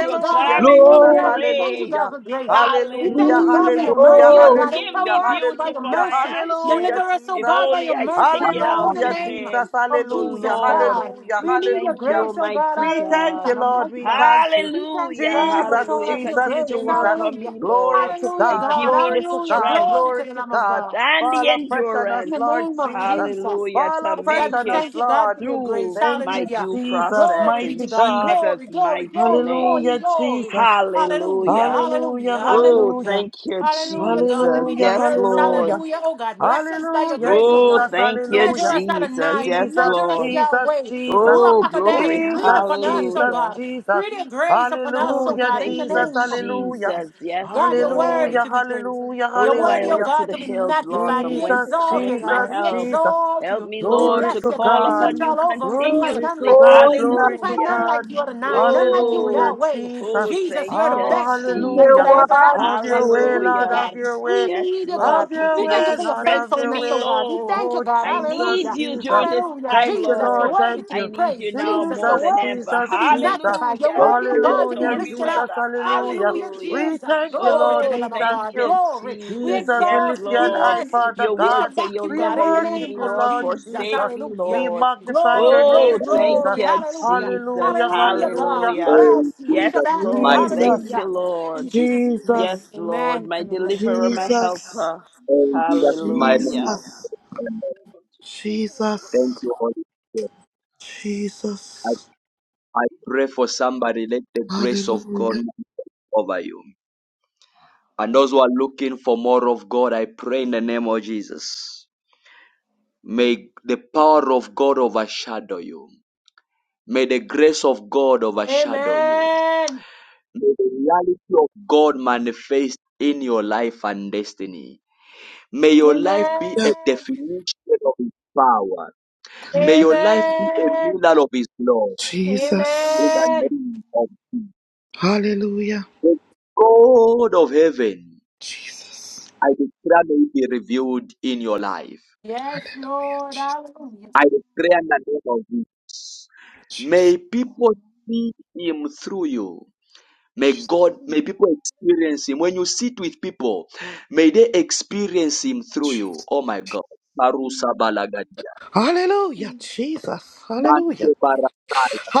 Speaker 3: to a
Speaker 7: God,
Speaker 3: garment of
Speaker 5: Jesus,
Speaker 7: hallelujah. We thank you,
Speaker 3: praise.
Speaker 7: God,
Speaker 5: hallelujah.
Speaker 7: for grace. We thank
Speaker 5: Hallelujah,
Speaker 7: you, God,
Speaker 3: Hallelujah.
Speaker 7: for your
Speaker 5: hallelujah,
Speaker 3: He
Speaker 7: mercy, oh
Speaker 3: will
Speaker 7: God.
Speaker 3: give
Speaker 5: hallelujah,
Speaker 3: me
Speaker 7: Empower us by
Speaker 3: beauty
Speaker 7: your
Speaker 3: for
Speaker 5: hallelujah,
Speaker 3: my
Speaker 7: mercy.
Speaker 5: hallelujah,
Speaker 7: Deliver
Speaker 3: ashes
Speaker 7: us, oh
Speaker 3: if
Speaker 7: God,
Speaker 5: Jesus.
Speaker 7: by your
Speaker 3: only I
Speaker 7: mercy,
Speaker 3: stick
Speaker 7: oh
Speaker 3: it
Speaker 7: God, in
Speaker 3: out
Speaker 7: the
Speaker 5: Hallelujah,
Speaker 3: with
Speaker 7: name
Speaker 3: Him.
Speaker 5: Jesus,
Speaker 7: of
Speaker 3: So,
Speaker 5: hallelujah,
Speaker 7: Jesus,
Speaker 3: Lord,
Speaker 7: God.
Speaker 5: hallelujah,
Speaker 3: I
Speaker 7: We need your
Speaker 3: thank you,
Speaker 5: hallelujah.
Speaker 7: grace, oh God,
Speaker 3: Almighty
Speaker 5: We thank
Speaker 3: God.
Speaker 5: you,
Speaker 7: hallelujah.
Speaker 5: Lord,
Speaker 7: Mighty
Speaker 5: we
Speaker 7: God.
Speaker 5: thank you.
Speaker 7: We thank you,
Speaker 3: Hallelujah,
Speaker 7: God, for
Speaker 5: Jesus,
Speaker 7: showing
Speaker 3: hallelujah.
Speaker 7: us your
Speaker 5: Jesus,
Speaker 3: Continue to
Speaker 7: grace.
Speaker 3: work
Speaker 5: Jesus.
Speaker 3: on
Speaker 7: Hallelujah.
Speaker 3: me,
Speaker 5: Glory
Speaker 3: Lord,
Speaker 5: to
Speaker 7: Hallelujah,
Speaker 3: and
Speaker 5: God,
Speaker 3: give
Speaker 7: God.
Speaker 3: me
Speaker 5: glory
Speaker 3: the
Speaker 5: to
Speaker 7: Hallelujah.
Speaker 5: God,
Speaker 3: strength
Speaker 7: Glory to
Speaker 5: glory
Speaker 7: the
Speaker 5: to
Speaker 7: Lamb of
Speaker 5: God.
Speaker 7: God.
Speaker 3: and the
Speaker 5: Fall afresh on us,
Speaker 7: In the
Speaker 3: endurance,
Speaker 5: Lord
Speaker 7: name of
Speaker 5: Jesus.
Speaker 7: Jesus.
Speaker 3: hallelujah,
Speaker 5: Fall
Speaker 3: to
Speaker 7: I
Speaker 5: afresh
Speaker 7: forgot
Speaker 3: make
Speaker 7: to
Speaker 5: on us,
Speaker 3: it
Speaker 7: thank you, God,
Speaker 5: Lord.
Speaker 7: for your grace.
Speaker 3: through
Speaker 5: Thank
Speaker 3: my
Speaker 5: you,
Speaker 7: Hallelujah.
Speaker 3: due
Speaker 5: Jesus,
Speaker 3: process
Speaker 7: Glory be
Speaker 3: in
Speaker 7: to
Speaker 5: mighty
Speaker 7: God.
Speaker 5: God.
Speaker 3: Jesus'
Speaker 7: Glory, glory,
Speaker 3: mighty
Speaker 7: glory, glory,
Speaker 3: name.
Speaker 5: Hallelujah,
Speaker 7: glory.
Speaker 5: Jesus.
Speaker 7: Hallelujah.
Speaker 3: Hallelujah.
Speaker 5: Hallelujah,
Speaker 7: Hallelujah.
Speaker 3: Oh,
Speaker 7: Hallelujah.
Speaker 5: hallelujah.
Speaker 3: thank you,
Speaker 7: Hallelujah, God. We
Speaker 3: Jesus.
Speaker 7: need your
Speaker 5: Hallelujah,
Speaker 3: Yes,
Speaker 7: grace.
Speaker 3: Lord.
Speaker 5: hallelujah.
Speaker 7: Hallelujah. Oh, God. Bless
Speaker 17: I'm
Speaker 7: us
Speaker 17: not
Speaker 7: by your
Speaker 5: Hallelujah,
Speaker 7: grace, oh,
Speaker 3: Oh,
Speaker 7: God.
Speaker 5: Jesus,
Speaker 17: a
Speaker 3: thank you,
Speaker 7: Measure
Speaker 5: hallelujah.
Speaker 7: us out of
Speaker 3: Jesus. Yes,
Speaker 7: nine.
Speaker 5: Jesus,
Speaker 7: Measure us
Speaker 3: Lord.
Speaker 5: Jesus,
Speaker 7: Yahweh.
Speaker 5: Jesus.
Speaker 7: Ruach
Speaker 3: Oh, glory.
Speaker 7: Akadesh. Breathe
Speaker 5: Jesus,
Speaker 7: upon us, oh,
Speaker 5: Jesus,
Speaker 3: Hallelujah.
Speaker 7: God.
Speaker 5: Jesus.
Speaker 7: Breathe your grace upon us, oh,
Speaker 3: Oh,
Speaker 5: Hallelujah,
Speaker 7: God. In
Speaker 3: thank
Speaker 7: the
Speaker 5: Jesus,
Speaker 3: you,
Speaker 7: name of
Speaker 5: hallelujah.
Speaker 7: Jesus.
Speaker 3: Jesus. Yes,
Speaker 7: God, you're worthy
Speaker 3: Lord.
Speaker 5: Hallelujah,
Speaker 7: to be praised.
Speaker 5: hallelujah,
Speaker 7: Your
Speaker 3: Oh,
Speaker 7: word,
Speaker 3: I
Speaker 7: your
Speaker 3: look
Speaker 5: hallelujah.
Speaker 3: to
Speaker 7: God,
Speaker 3: the
Speaker 7: to be
Speaker 3: hills, Lord,
Speaker 7: magnified.
Speaker 3: from
Speaker 7: We
Speaker 3: whence
Speaker 5: Jesus,
Speaker 7: exalt
Speaker 3: cometh
Speaker 7: you,
Speaker 3: my
Speaker 5: Jesus,
Speaker 7: God. We
Speaker 3: help.
Speaker 5: Jesus.
Speaker 7: exalt
Speaker 3: Help
Speaker 7: you.
Speaker 3: me,
Speaker 7: We
Speaker 3: Lord,
Speaker 5: Glory
Speaker 3: to
Speaker 7: bless
Speaker 5: to
Speaker 7: you,
Speaker 3: call
Speaker 7: God. We
Speaker 5: God.
Speaker 7: search
Speaker 3: upon
Speaker 1: are
Speaker 3: you
Speaker 7: all over. We couldn't find
Speaker 5: Glory
Speaker 7: none
Speaker 5: to
Speaker 3: continuously.
Speaker 7: like you.
Speaker 5: God.
Speaker 1: Oh,
Speaker 7: We
Speaker 5: Glory
Speaker 7: couldn't
Speaker 1: no
Speaker 5: to
Speaker 7: find none
Speaker 3: Hallelujah.
Speaker 7: like
Speaker 5: God.
Speaker 7: you, Adonai. None like you,
Speaker 5: Hallelujah,
Speaker 3: Oh,
Speaker 7: Yahweh.
Speaker 5: Jesus.
Speaker 3: oh,
Speaker 7: Jesus,
Speaker 3: thank
Speaker 7: you're the
Speaker 3: you,
Speaker 5: Oh,
Speaker 7: best thing that could
Speaker 5: hallelujah.
Speaker 7: have
Speaker 3: Jesus.
Speaker 7: ever
Speaker 1: one.
Speaker 7: happen
Speaker 5: Have
Speaker 7: to
Speaker 5: your
Speaker 7: us.
Speaker 5: way,
Speaker 7: We need you,
Speaker 5: Lord,
Speaker 3: Hallelujah.
Speaker 5: have
Speaker 7: God.
Speaker 5: your way.
Speaker 7: We
Speaker 3: Yes,
Speaker 7: need you,
Speaker 5: Have
Speaker 7: God.
Speaker 3: Lord.
Speaker 5: your
Speaker 7: We
Speaker 3: Continue
Speaker 7: thank you
Speaker 5: way,
Speaker 3: to
Speaker 7: for your
Speaker 5: Lord, have
Speaker 3: strengthen
Speaker 5: your
Speaker 7: faithfulness,
Speaker 3: me,
Speaker 7: oh
Speaker 5: way.
Speaker 7: God. We
Speaker 3: Lord.
Speaker 7: thank you,
Speaker 5: Oh,
Speaker 7: God.
Speaker 3: I
Speaker 5: Jesus,
Speaker 3: need
Speaker 7: Hallelujah.
Speaker 3: you
Speaker 5: Jesus.
Speaker 3: during this
Speaker 7: Hallelujah.
Speaker 3: time,
Speaker 5: Thank you,
Speaker 7: Jesus, you're
Speaker 5: Lord.
Speaker 3: Lord.
Speaker 7: worthy
Speaker 5: Thank
Speaker 7: to be
Speaker 3: I
Speaker 5: you.
Speaker 3: need you
Speaker 7: praised.
Speaker 3: now
Speaker 7: Jesus,
Speaker 3: more
Speaker 7: you're
Speaker 5: Jesus,
Speaker 3: than
Speaker 7: worthy
Speaker 3: ever.
Speaker 5: Jesus,
Speaker 7: to be
Speaker 5: Jesus.
Speaker 7: magnified. You're
Speaker 3: Hallelujah.
Speaker 1: Thank
Speaker 7: worthy,
Speaker 3: Through
Speaker 7: oh
Speaker 1: you,
Speaker 3: this
Speaker 7: God,
Speaker 1: Lord
Speaker 7: to be
Speaker 5: Hallelujah,
Speaker 3: stormy
Speaker 7: lifted
Speaker 5: Jesus,
Speaker 7: up.
Speaker 3: weather.
Speaker 5: hallelujah.
Speaker 7: Hallelujah,
Speaker 3: Hallelujah.
Speaker 5: We
Speaker 7: Jesus.
Speaker 5: thank you,
Speaker 7: Glory to
Speaker 5: Lord.
Speaker 7: the
Speaker 3: Oh,
Speaker 5: We
Speaker 7: Lamb of
Speaker 3: thank
Speaker 5: thank
Speaker 7: God.
Speaker 5: you.
Speaker 3: you,
Speaker 7: Glory. We
Speaker 3: Jesus.
Speaker 5: Jesus, we
Speaker 3: Yes,
Speaker 7: exalt
Speaker 5: lift
Speaker 7: you.
Speaker 5: you
Speaker 7: We
Speaker 5: on
Speaker 3: Lord.
Speaker 5: high,
Speaker 7: bless you.
Speaker 5: Father
Speaker 3: Your
Speaker 7: We
Speaker 3: word
Speaker 7: shall
Speaker 5: God.
Speaker 3: say
Speaker 7: back
Speaker 3: you'll
Speaker 7: you,
Speaker 5: We
Speaker 7: God,
Speaker 3: never
Speaker 7: in the
Speaker 3: leave
Speaker 5: worship
Speaker 7: name
Speaker 3: me
Speaker 5: you,
Speaker 7: of
Speaker 3: nor
Speaker 5: Lord
Speaker 7: Jesus.
Speaker 3: forsake
Speaker 5: Jesus.
Speaker 3: me,
Speaker 7: Hallelujah.
Speaker 5: We
Speaker 3: Lord.
Speaker 5: magnify your
Speaker 7: Glory, glory,
Speaker 3: Oh,
Speaker 5: name,
Speaker 1: Thank you.
Speaker 3: thank
Speaker 5: Jesus.
Speaker 7: glory.
Speaker 3: you,
Speaker 7: Hallelujah.
Speaker 3: Jesus.
Speaker 5: Hallelujah,
Speaker 7: Hallelujah, God.
Speaker 5: hallelujah,
Speaker 7: We
Speaker 3: Hallelujah.
Speaker 5: hallelujah.
Speaker 1: In
Speaker 7: bless you. We
Speaker 3: Yes,
Speaker 7: shall
Speaker 1: Jesus'
Speaker 7: back you.
Speaker 3: Lord.
Speaker 1: mighty
Speaker 3: Thank
Speaker 1: name.
Speaker 5: Jesus,
Speaker 3: you,
Speaker 7: Hallelujah.
Speaker 3: Lord.
Speaker 7: In Jesus'
Speaker 3: Yes,
Speaker 7: name.
Speaker 5: Jesus,
Speaker 3: Lord,
Speaker 7: Amen.
Speaker 3: my
Speaker 7: and Amen.
Speaker 3: deliverer, my
Speaker 5: Jesus,
Speaker 3: helper.
Speaker 1: In Jesus' mighty name.
Speaker 3: Hallelujah.
Speaker 5: Jesus,
Speaker 17: good person. (laughs)
Speaker 1: Thank
Speaker 5: Jesus,
Speaker 1: you, Holy Spirit. I,
Speaker 5: Jesus.
Speaker 1: I
Speaker 17: How
Speaker 1: pray for
Speaker 17: I
Speaker 1: somebody. Let the grace of God
Speaker 5: Hallelujah,
Speaker 1: move over you. And those who are looking for more of God, I pray in the name of Jesus. May the power of God overshadow you. May the grace of God overshadow you.
Speaker 7: Amen.
Speaker 1: reality of God manifest in your life and destiny. May your life be a
Speaker 7: Amen.
Speaker 1: definition of His power. May your life be a
Speaker 7: Amen.
Speaker 1: mirror of His love.
Speaker 5: Jesus,
Speaker 1: In the
Speaker 7: Amen.
Speaker 1: name of
Speaker 5: hallelujah,
Speaker 1: the God of heaven, I declare may it be revealed in your life.
Speaker 7: Yes, Lord. Hallelujah.
Speaker 1: I declare in the name of Jesus. May people see Him through you. May God, may people experience Him. When you sit with people, may they experience Him through you. Oh my God. Barusa balagadia.
Speaker 5: hallelujah, Jesus,
Speaker 1: Mante
Speaker 5: hallelujah,
Speaker 1: bara-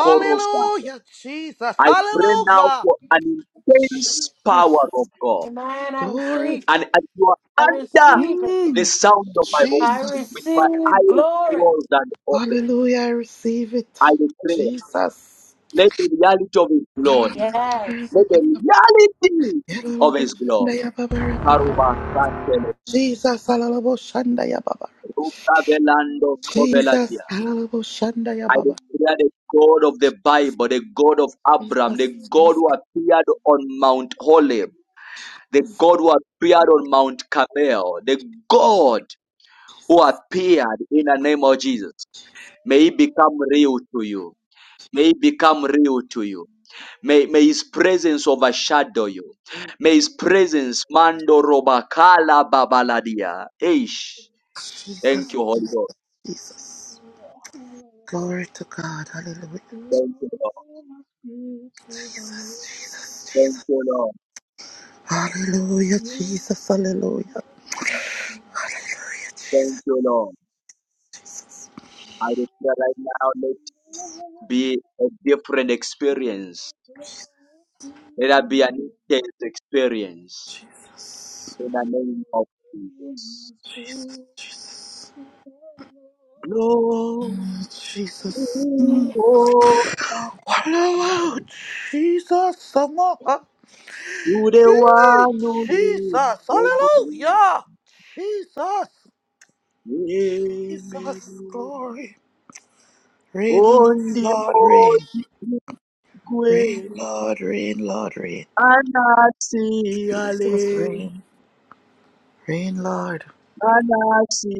Speaker 1: korosa.
Speaker 5: Jesus,
Speaker 1: I pray now
Speaker 5: hallelujah.
Speaker 1: for an intense power of God.
Speaker 7: Amen. I
Speaker 5: Glory,
Speaker 7: receive.
Speaker 1: And as you
Speaker 7: I
Speaker 1: are under
Speaker 7: receive it.
Speaker 1: the sound of my
Speaker 7: I
Speaker 1: voice,
Speaker 5: Jesus,
Speaker 1: with my
Speaker 7: receive
Speaker 1: eyes
Speaker 7: glory.
Speaker 1: closed and open,
Speaker 5: Hallelujah. I receive it.
Speaker 1: I pray,
Speaker 5: Jesus.
Speaker 1: let the reality of His glory,
Speaker 7: Yes.
Speaker 1: let the reality of His glory.
Speaker 5: Yalababashandayababa.
Speaker 1: Aruba, Sasele,
Speaker 5: Jesus. Hallelujah.
Speaker 1: Ruka, Velando,
Speaker 5: Jesus.
Speaker 1: I
Speaker 5: Hallelujah.
Speaker 1: declare the God of the Bible, the God of Abraham,
Speaker 5: Jesus.
Speaker 1: the God
Speaker 5: Jesus.
Speaker 1: who appeared on Mount Horeb, the God who appeared on Mount Carmel, the God who appeared in the name of Jesus. May he become real to you. May he become real to you. May, may his presence overshadow you. May his presence mando robakala babaladia. Ish. Thank
Speaker 5: Jesus.
Speaker 1: you, Holy
Speaker 5: Jesus.
Speaker 1: Ghost.
Speaker 5: Jesus. Glory to God. Hallelujah.
Speaker 1: Thank you, Lord. Thank you, Lord.
Speaker 5: Hallelujah. Jesus. Hallelujah.
Speaker 1: Thank you, Lord. I declare right now, be a different experience. Let that be
Speaker 17: must breathe to live.
Speaker 1: an intense experience
Speaker 17: All
Speaker 1: in the
Speaker 17: glory
Speaker 1: name of Jesus.
Speaker 17: must be
Speaker 5: Jesus.
Speaker 17: to the Lord.
Speaker 1: Glory
Speaker 17: All
Speaker 5: Jesus. Mm.
Speaker 1: oh,
Speaker 5: Hallelujah. Jesus. Some more.
Speaker 1: to the
Speaker 5: Hey,
Speaker 1: one who lives
Speaker 5: Jesus.
Speaker 1: for me.
Speaker 5: Hallelujah. Jesus.
Speaker 17: power
Speaker 1: Amen.
Speaker 17: and
Speaker 5: Jesus, glory. Rain on
Speaker 1: On
Speaker 5: us,
Speaker 1: the
Speaker 5: Lord, rain.
Speaker 1: holy
Speaker 5: Rain,
Speaker 1: way,
Speaker 5: Lord, rain, Lord, rain.
Speaker 1: Anasi
Speaker 5: Jesus,
Speaker 1: ale,
Speaker 5: rain. Rain, Lord.
Speaker 1: anasi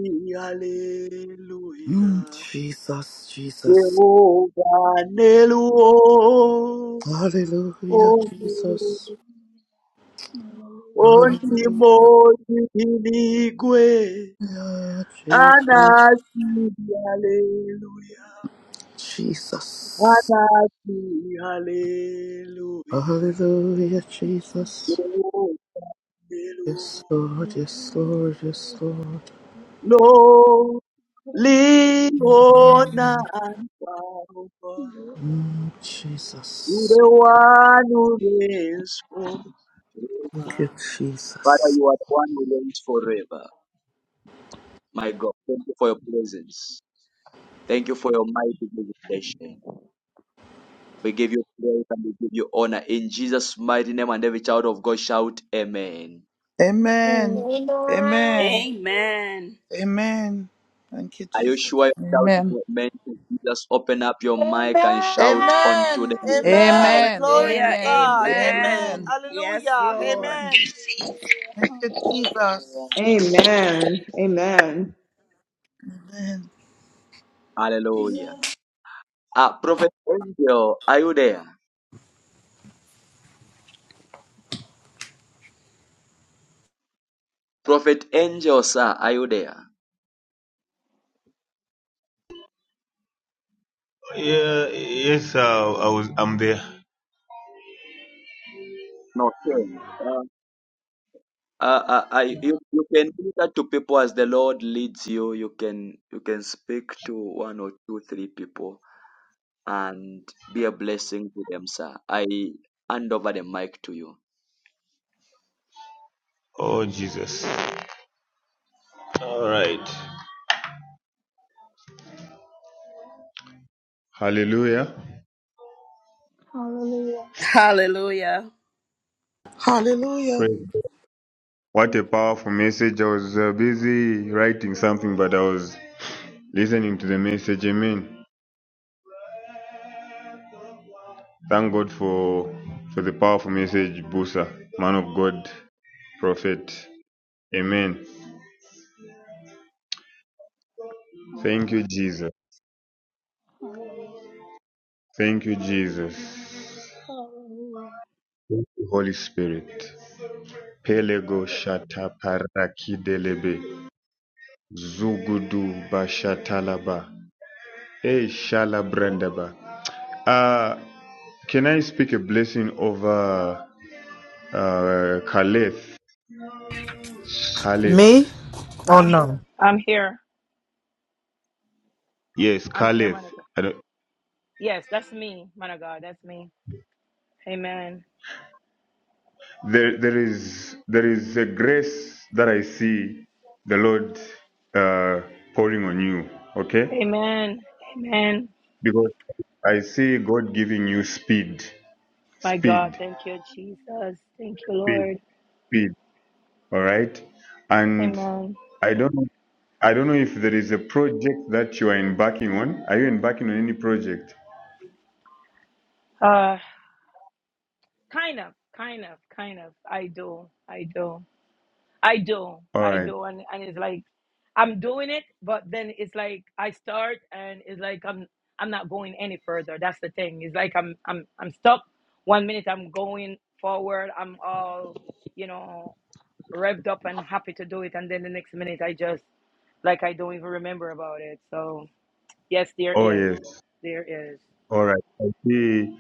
Speaker 5: Mm,
Speaker 1: hallelujah.
Speaker 5: Jesus, Jesus.
Speaker 1: Jehovah
Speaker 17: victory.
Speaker 1: Neluo.
Speaker 5: Hallelujah, Jesus.
Speaker 17: Hallelujah. Hallelujah.
Speaker 5: Hallelujah,
Speaker 1: onimoyidiligwe
Speaker 5: Jesus.
Speaker 1: anasi haleluya
Speaker 5: Jesus.
Speaker 1: anasi haleluya
Speaker 5: Hallelujah,
Speaker 17: Jesus,
Speaker 5: Jesus. Yes, Lord,
Speaker 17: Lord,
Speaker 5: yes,
Speaker 17: we
Speaker 5: Lord, yes, Lord.
Speaker 17: bless you to the name
Speaker 1: lo
Speaker 17: of
Speaker 1: liona alfa
Speaker 5: Mm, Jesus.
Speaker 1: ule one who reigns
Speaker 5: Thank
Speaker 1: forever
Speaker 5: you,
Speaker 1: Father,
Speaker 5: Jesus.
Speaker 1: you are the one who reigns forever. My God, thank you for your presence. Thank you for your mighty visitation. We give you praise and we give you honor in Jesus' mighty name. And every child of God shout, Amen.
Speaker 5: Amen.
Speaker 7: Amen.
Speaker 5: Amen.
Speaker 3: Amen.
Speaker 5: Amen. Thank you,
Speaker 1: Are you
Speaker 5: Jesus.
Speaker 1: sure you
Speaker 18: Amen.
Speaker 1: shout Amen? to Jesus, open up your mic and shout unto
Speaker 5: Amen.
Speaker 1: the
Speaker 7: Amen.
Speaker 1: Lord.
Speaker 5: Amen.
Speaker 18: Amen.
Speaker 5: Glory to
Speaker 3: Hallelujah.
Speaker 18: Amen.
Speaker 5: God. Amen.
Speaker 3: Amen.
Speaker 18: Amen.
Speaker 3: Yes,
Speaker 5: Hallelujah.
Speaker 3: Lord.
Speaker 5: Amen. Thank you, Jesus.
Speaker 19: Amen. Amen.
Speaker 5: Amen.
Speaker 1: Hallelujah. Ah, Prophet Angel, are you there? Prophet Angel, sir, are you there?
Speaker 20: Yeah, yes, uh, I was. I'm there.
Speaker 1: No, sir. Uh, uh, uh, I, you, you can minister to people as the Lord leads you. You can you can speak to one or two, three people. and be a blessing to them, sir. I hand over the mic to you.
Speaker 20: Oh Jesus! All right. Hallelujah.
Speaker 17: Hallelujah. Amen. Hallelujah. Hallelujah. Hallelujah. Hallelujah. Hallelujah.
Speaker 3: Hallelujah.
Speaker 5: Hallelujah.
Speaker 20: Praise. God. What a powerful message. I was uh, busy writing something, but I was listening to the message. Amen. Thank God for for the powerful message, Busa, man of God, prophet. Amen. Thank you, Jesus.
Speaker 17: Hallelujah. Hallelujah.
Speaker 20: Thank you, Jesus.
Speaker 17: Hallelujah.
Speaker 20: Holy Spirit. Pelego shata parakidelebe. Zugudu Bashatalaba. Eh, Shalabrandaba. Uh, can I speak a blessing over uh, Caliph?
Speaker 6: Me?
Speaker 20: Caliph.
Speaker 6: Oh no.
Speaker 20: Yes, Caliph. I don't, there, there is there is a grace that I see the Lord uh, pouring on you. Okay, because I see God giving you speed, speed, speed, speed. All right, and I don't. I don't know if there is a project that you are embarking on. Are you embarking on any project? All right. Oh yes. All right. I see.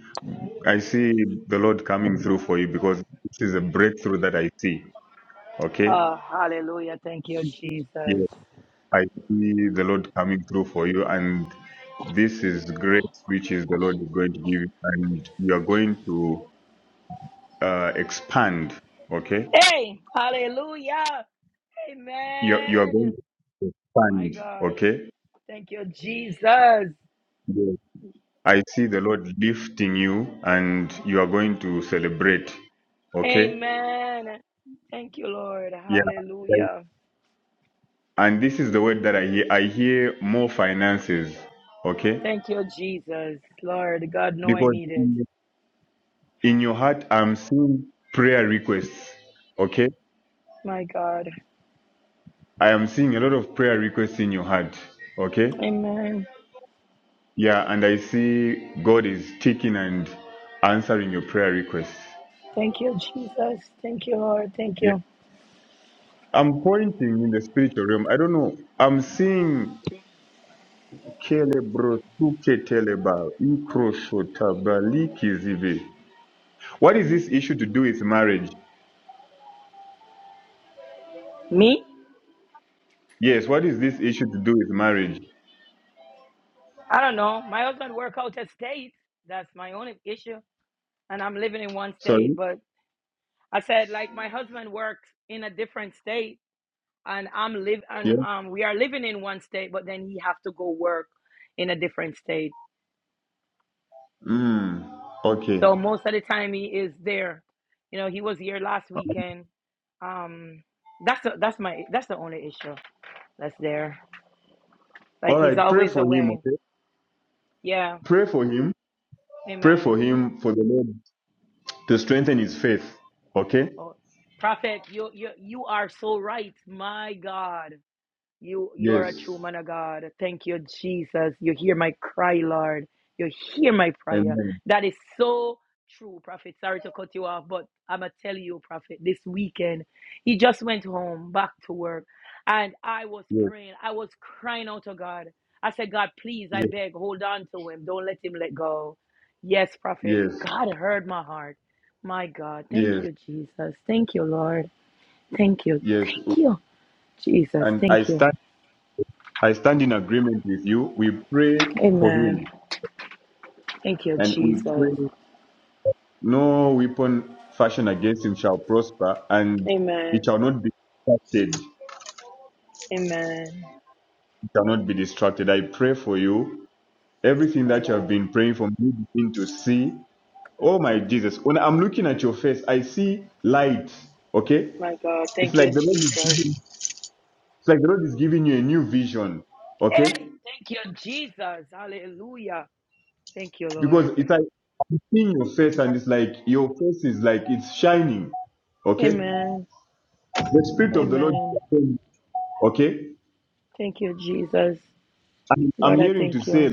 Speaker 20: I see the Lord coming through for you because this is a breakthrough that I see. Okay. Yeah. I see the Lord coming through for you, and this is grace which is the Lord is going to give, you, and you are going to uh, expand. Okay. You are- you are going to expand. Okay. Yes. I see the Lord lifting you and you are going to celebrate. Okay? Yeah. Right. And this is the word that I hear. I hear more finances. Okay? Because in in your heart, I'm seeing prayer requests. Okay? I am seeing a lot of prayer requests in your heart. Okay? Yeah. And I see God is taking and answering your prayer requests. Yeah. I'm pointing in the spiritual realm. I don't know. I'm seeing What is this issue to do with marriage? Yes, what is this issue to do with marriage? Sorry? Yeah? Mm, okay. All right, pray for him, okay? Pray for him. Pray for him for the Lord to strengthen his faith, okay? Yes. Amen. Yes, yes, yes, yes, yes. And I stand I stand in agreement with you. We pray for him and we pray No weapon fashioned against him shall prosper, and it shall not be distracted. It shall not be distracted. I pray for you. Everything that you have been praying for me begin to see. Oh my Jesus. When I'm looking at your face, I see light. Okay? It's like the Lord is giving, it's like the Lord is giving you a new vision. Okay? Because it's like I'm seeing your face and it's like your face is like it's shining. Okay? The spirit of the Lord is upon you. Okay? And I'm hearing to say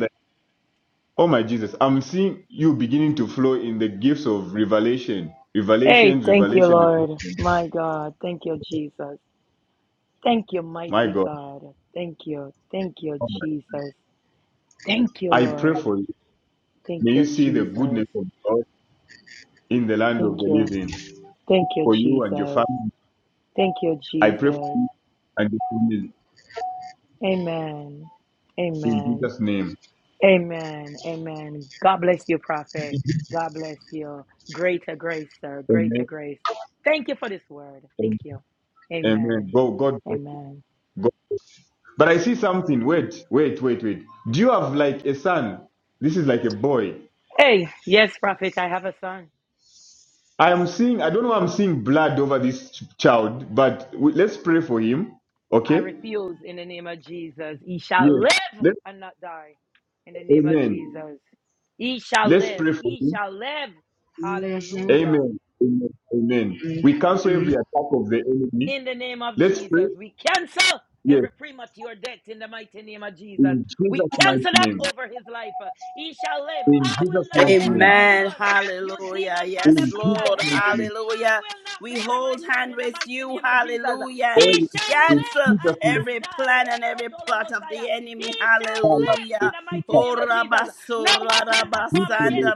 Speaker 20: Oh my Jesus, I'm seeing you beginning to flow in the gifts of revelation, revelations, revelations, revelations. My God, oh my- I pray for you. May you see the goodness of God in the land of the living for you and your family. I pray for you and your family in Jesus' name. Amen. Amen. Amen. Go, God, go. But I see something. Wait, wait, wait, wait. Do you have like a son? This is like a boy. I am seeing, I don't know, why I'm seeing blood over this ch- child, but we, let's pray for him. Okay? Yes. Let's, amen. Let's pray for him.
Speaker 21: Mm-hmm.
Speaker 20: Amen. Amen. Amen. We cancel
Speaker 21: Mm-hmm.
Speaker 20: every attack of the enemy. Let's pray. Yes. In Jesus' mighty name. In Jesus' mighty name.
Speaker 3: Amen. Hallelujah. Yes,
Speaker 20: In Jesus'
Speaker 3: Lord.
Speaker 20: mighty name.
Speaker 3: Hallelujah. We hold hand with you. Hallelujah.
Speaker 20: Oh,
Speaker 3: We
Speaker 20: yes. in
Speaker 3: cancel
Speaker 20: Jesus' mighty name.
Speaker 3: every plan and every plot of the enemy.
Speaker 20: Father,
Speaker 3: Hallelujah. Oh, Rabaso, Rabasanda,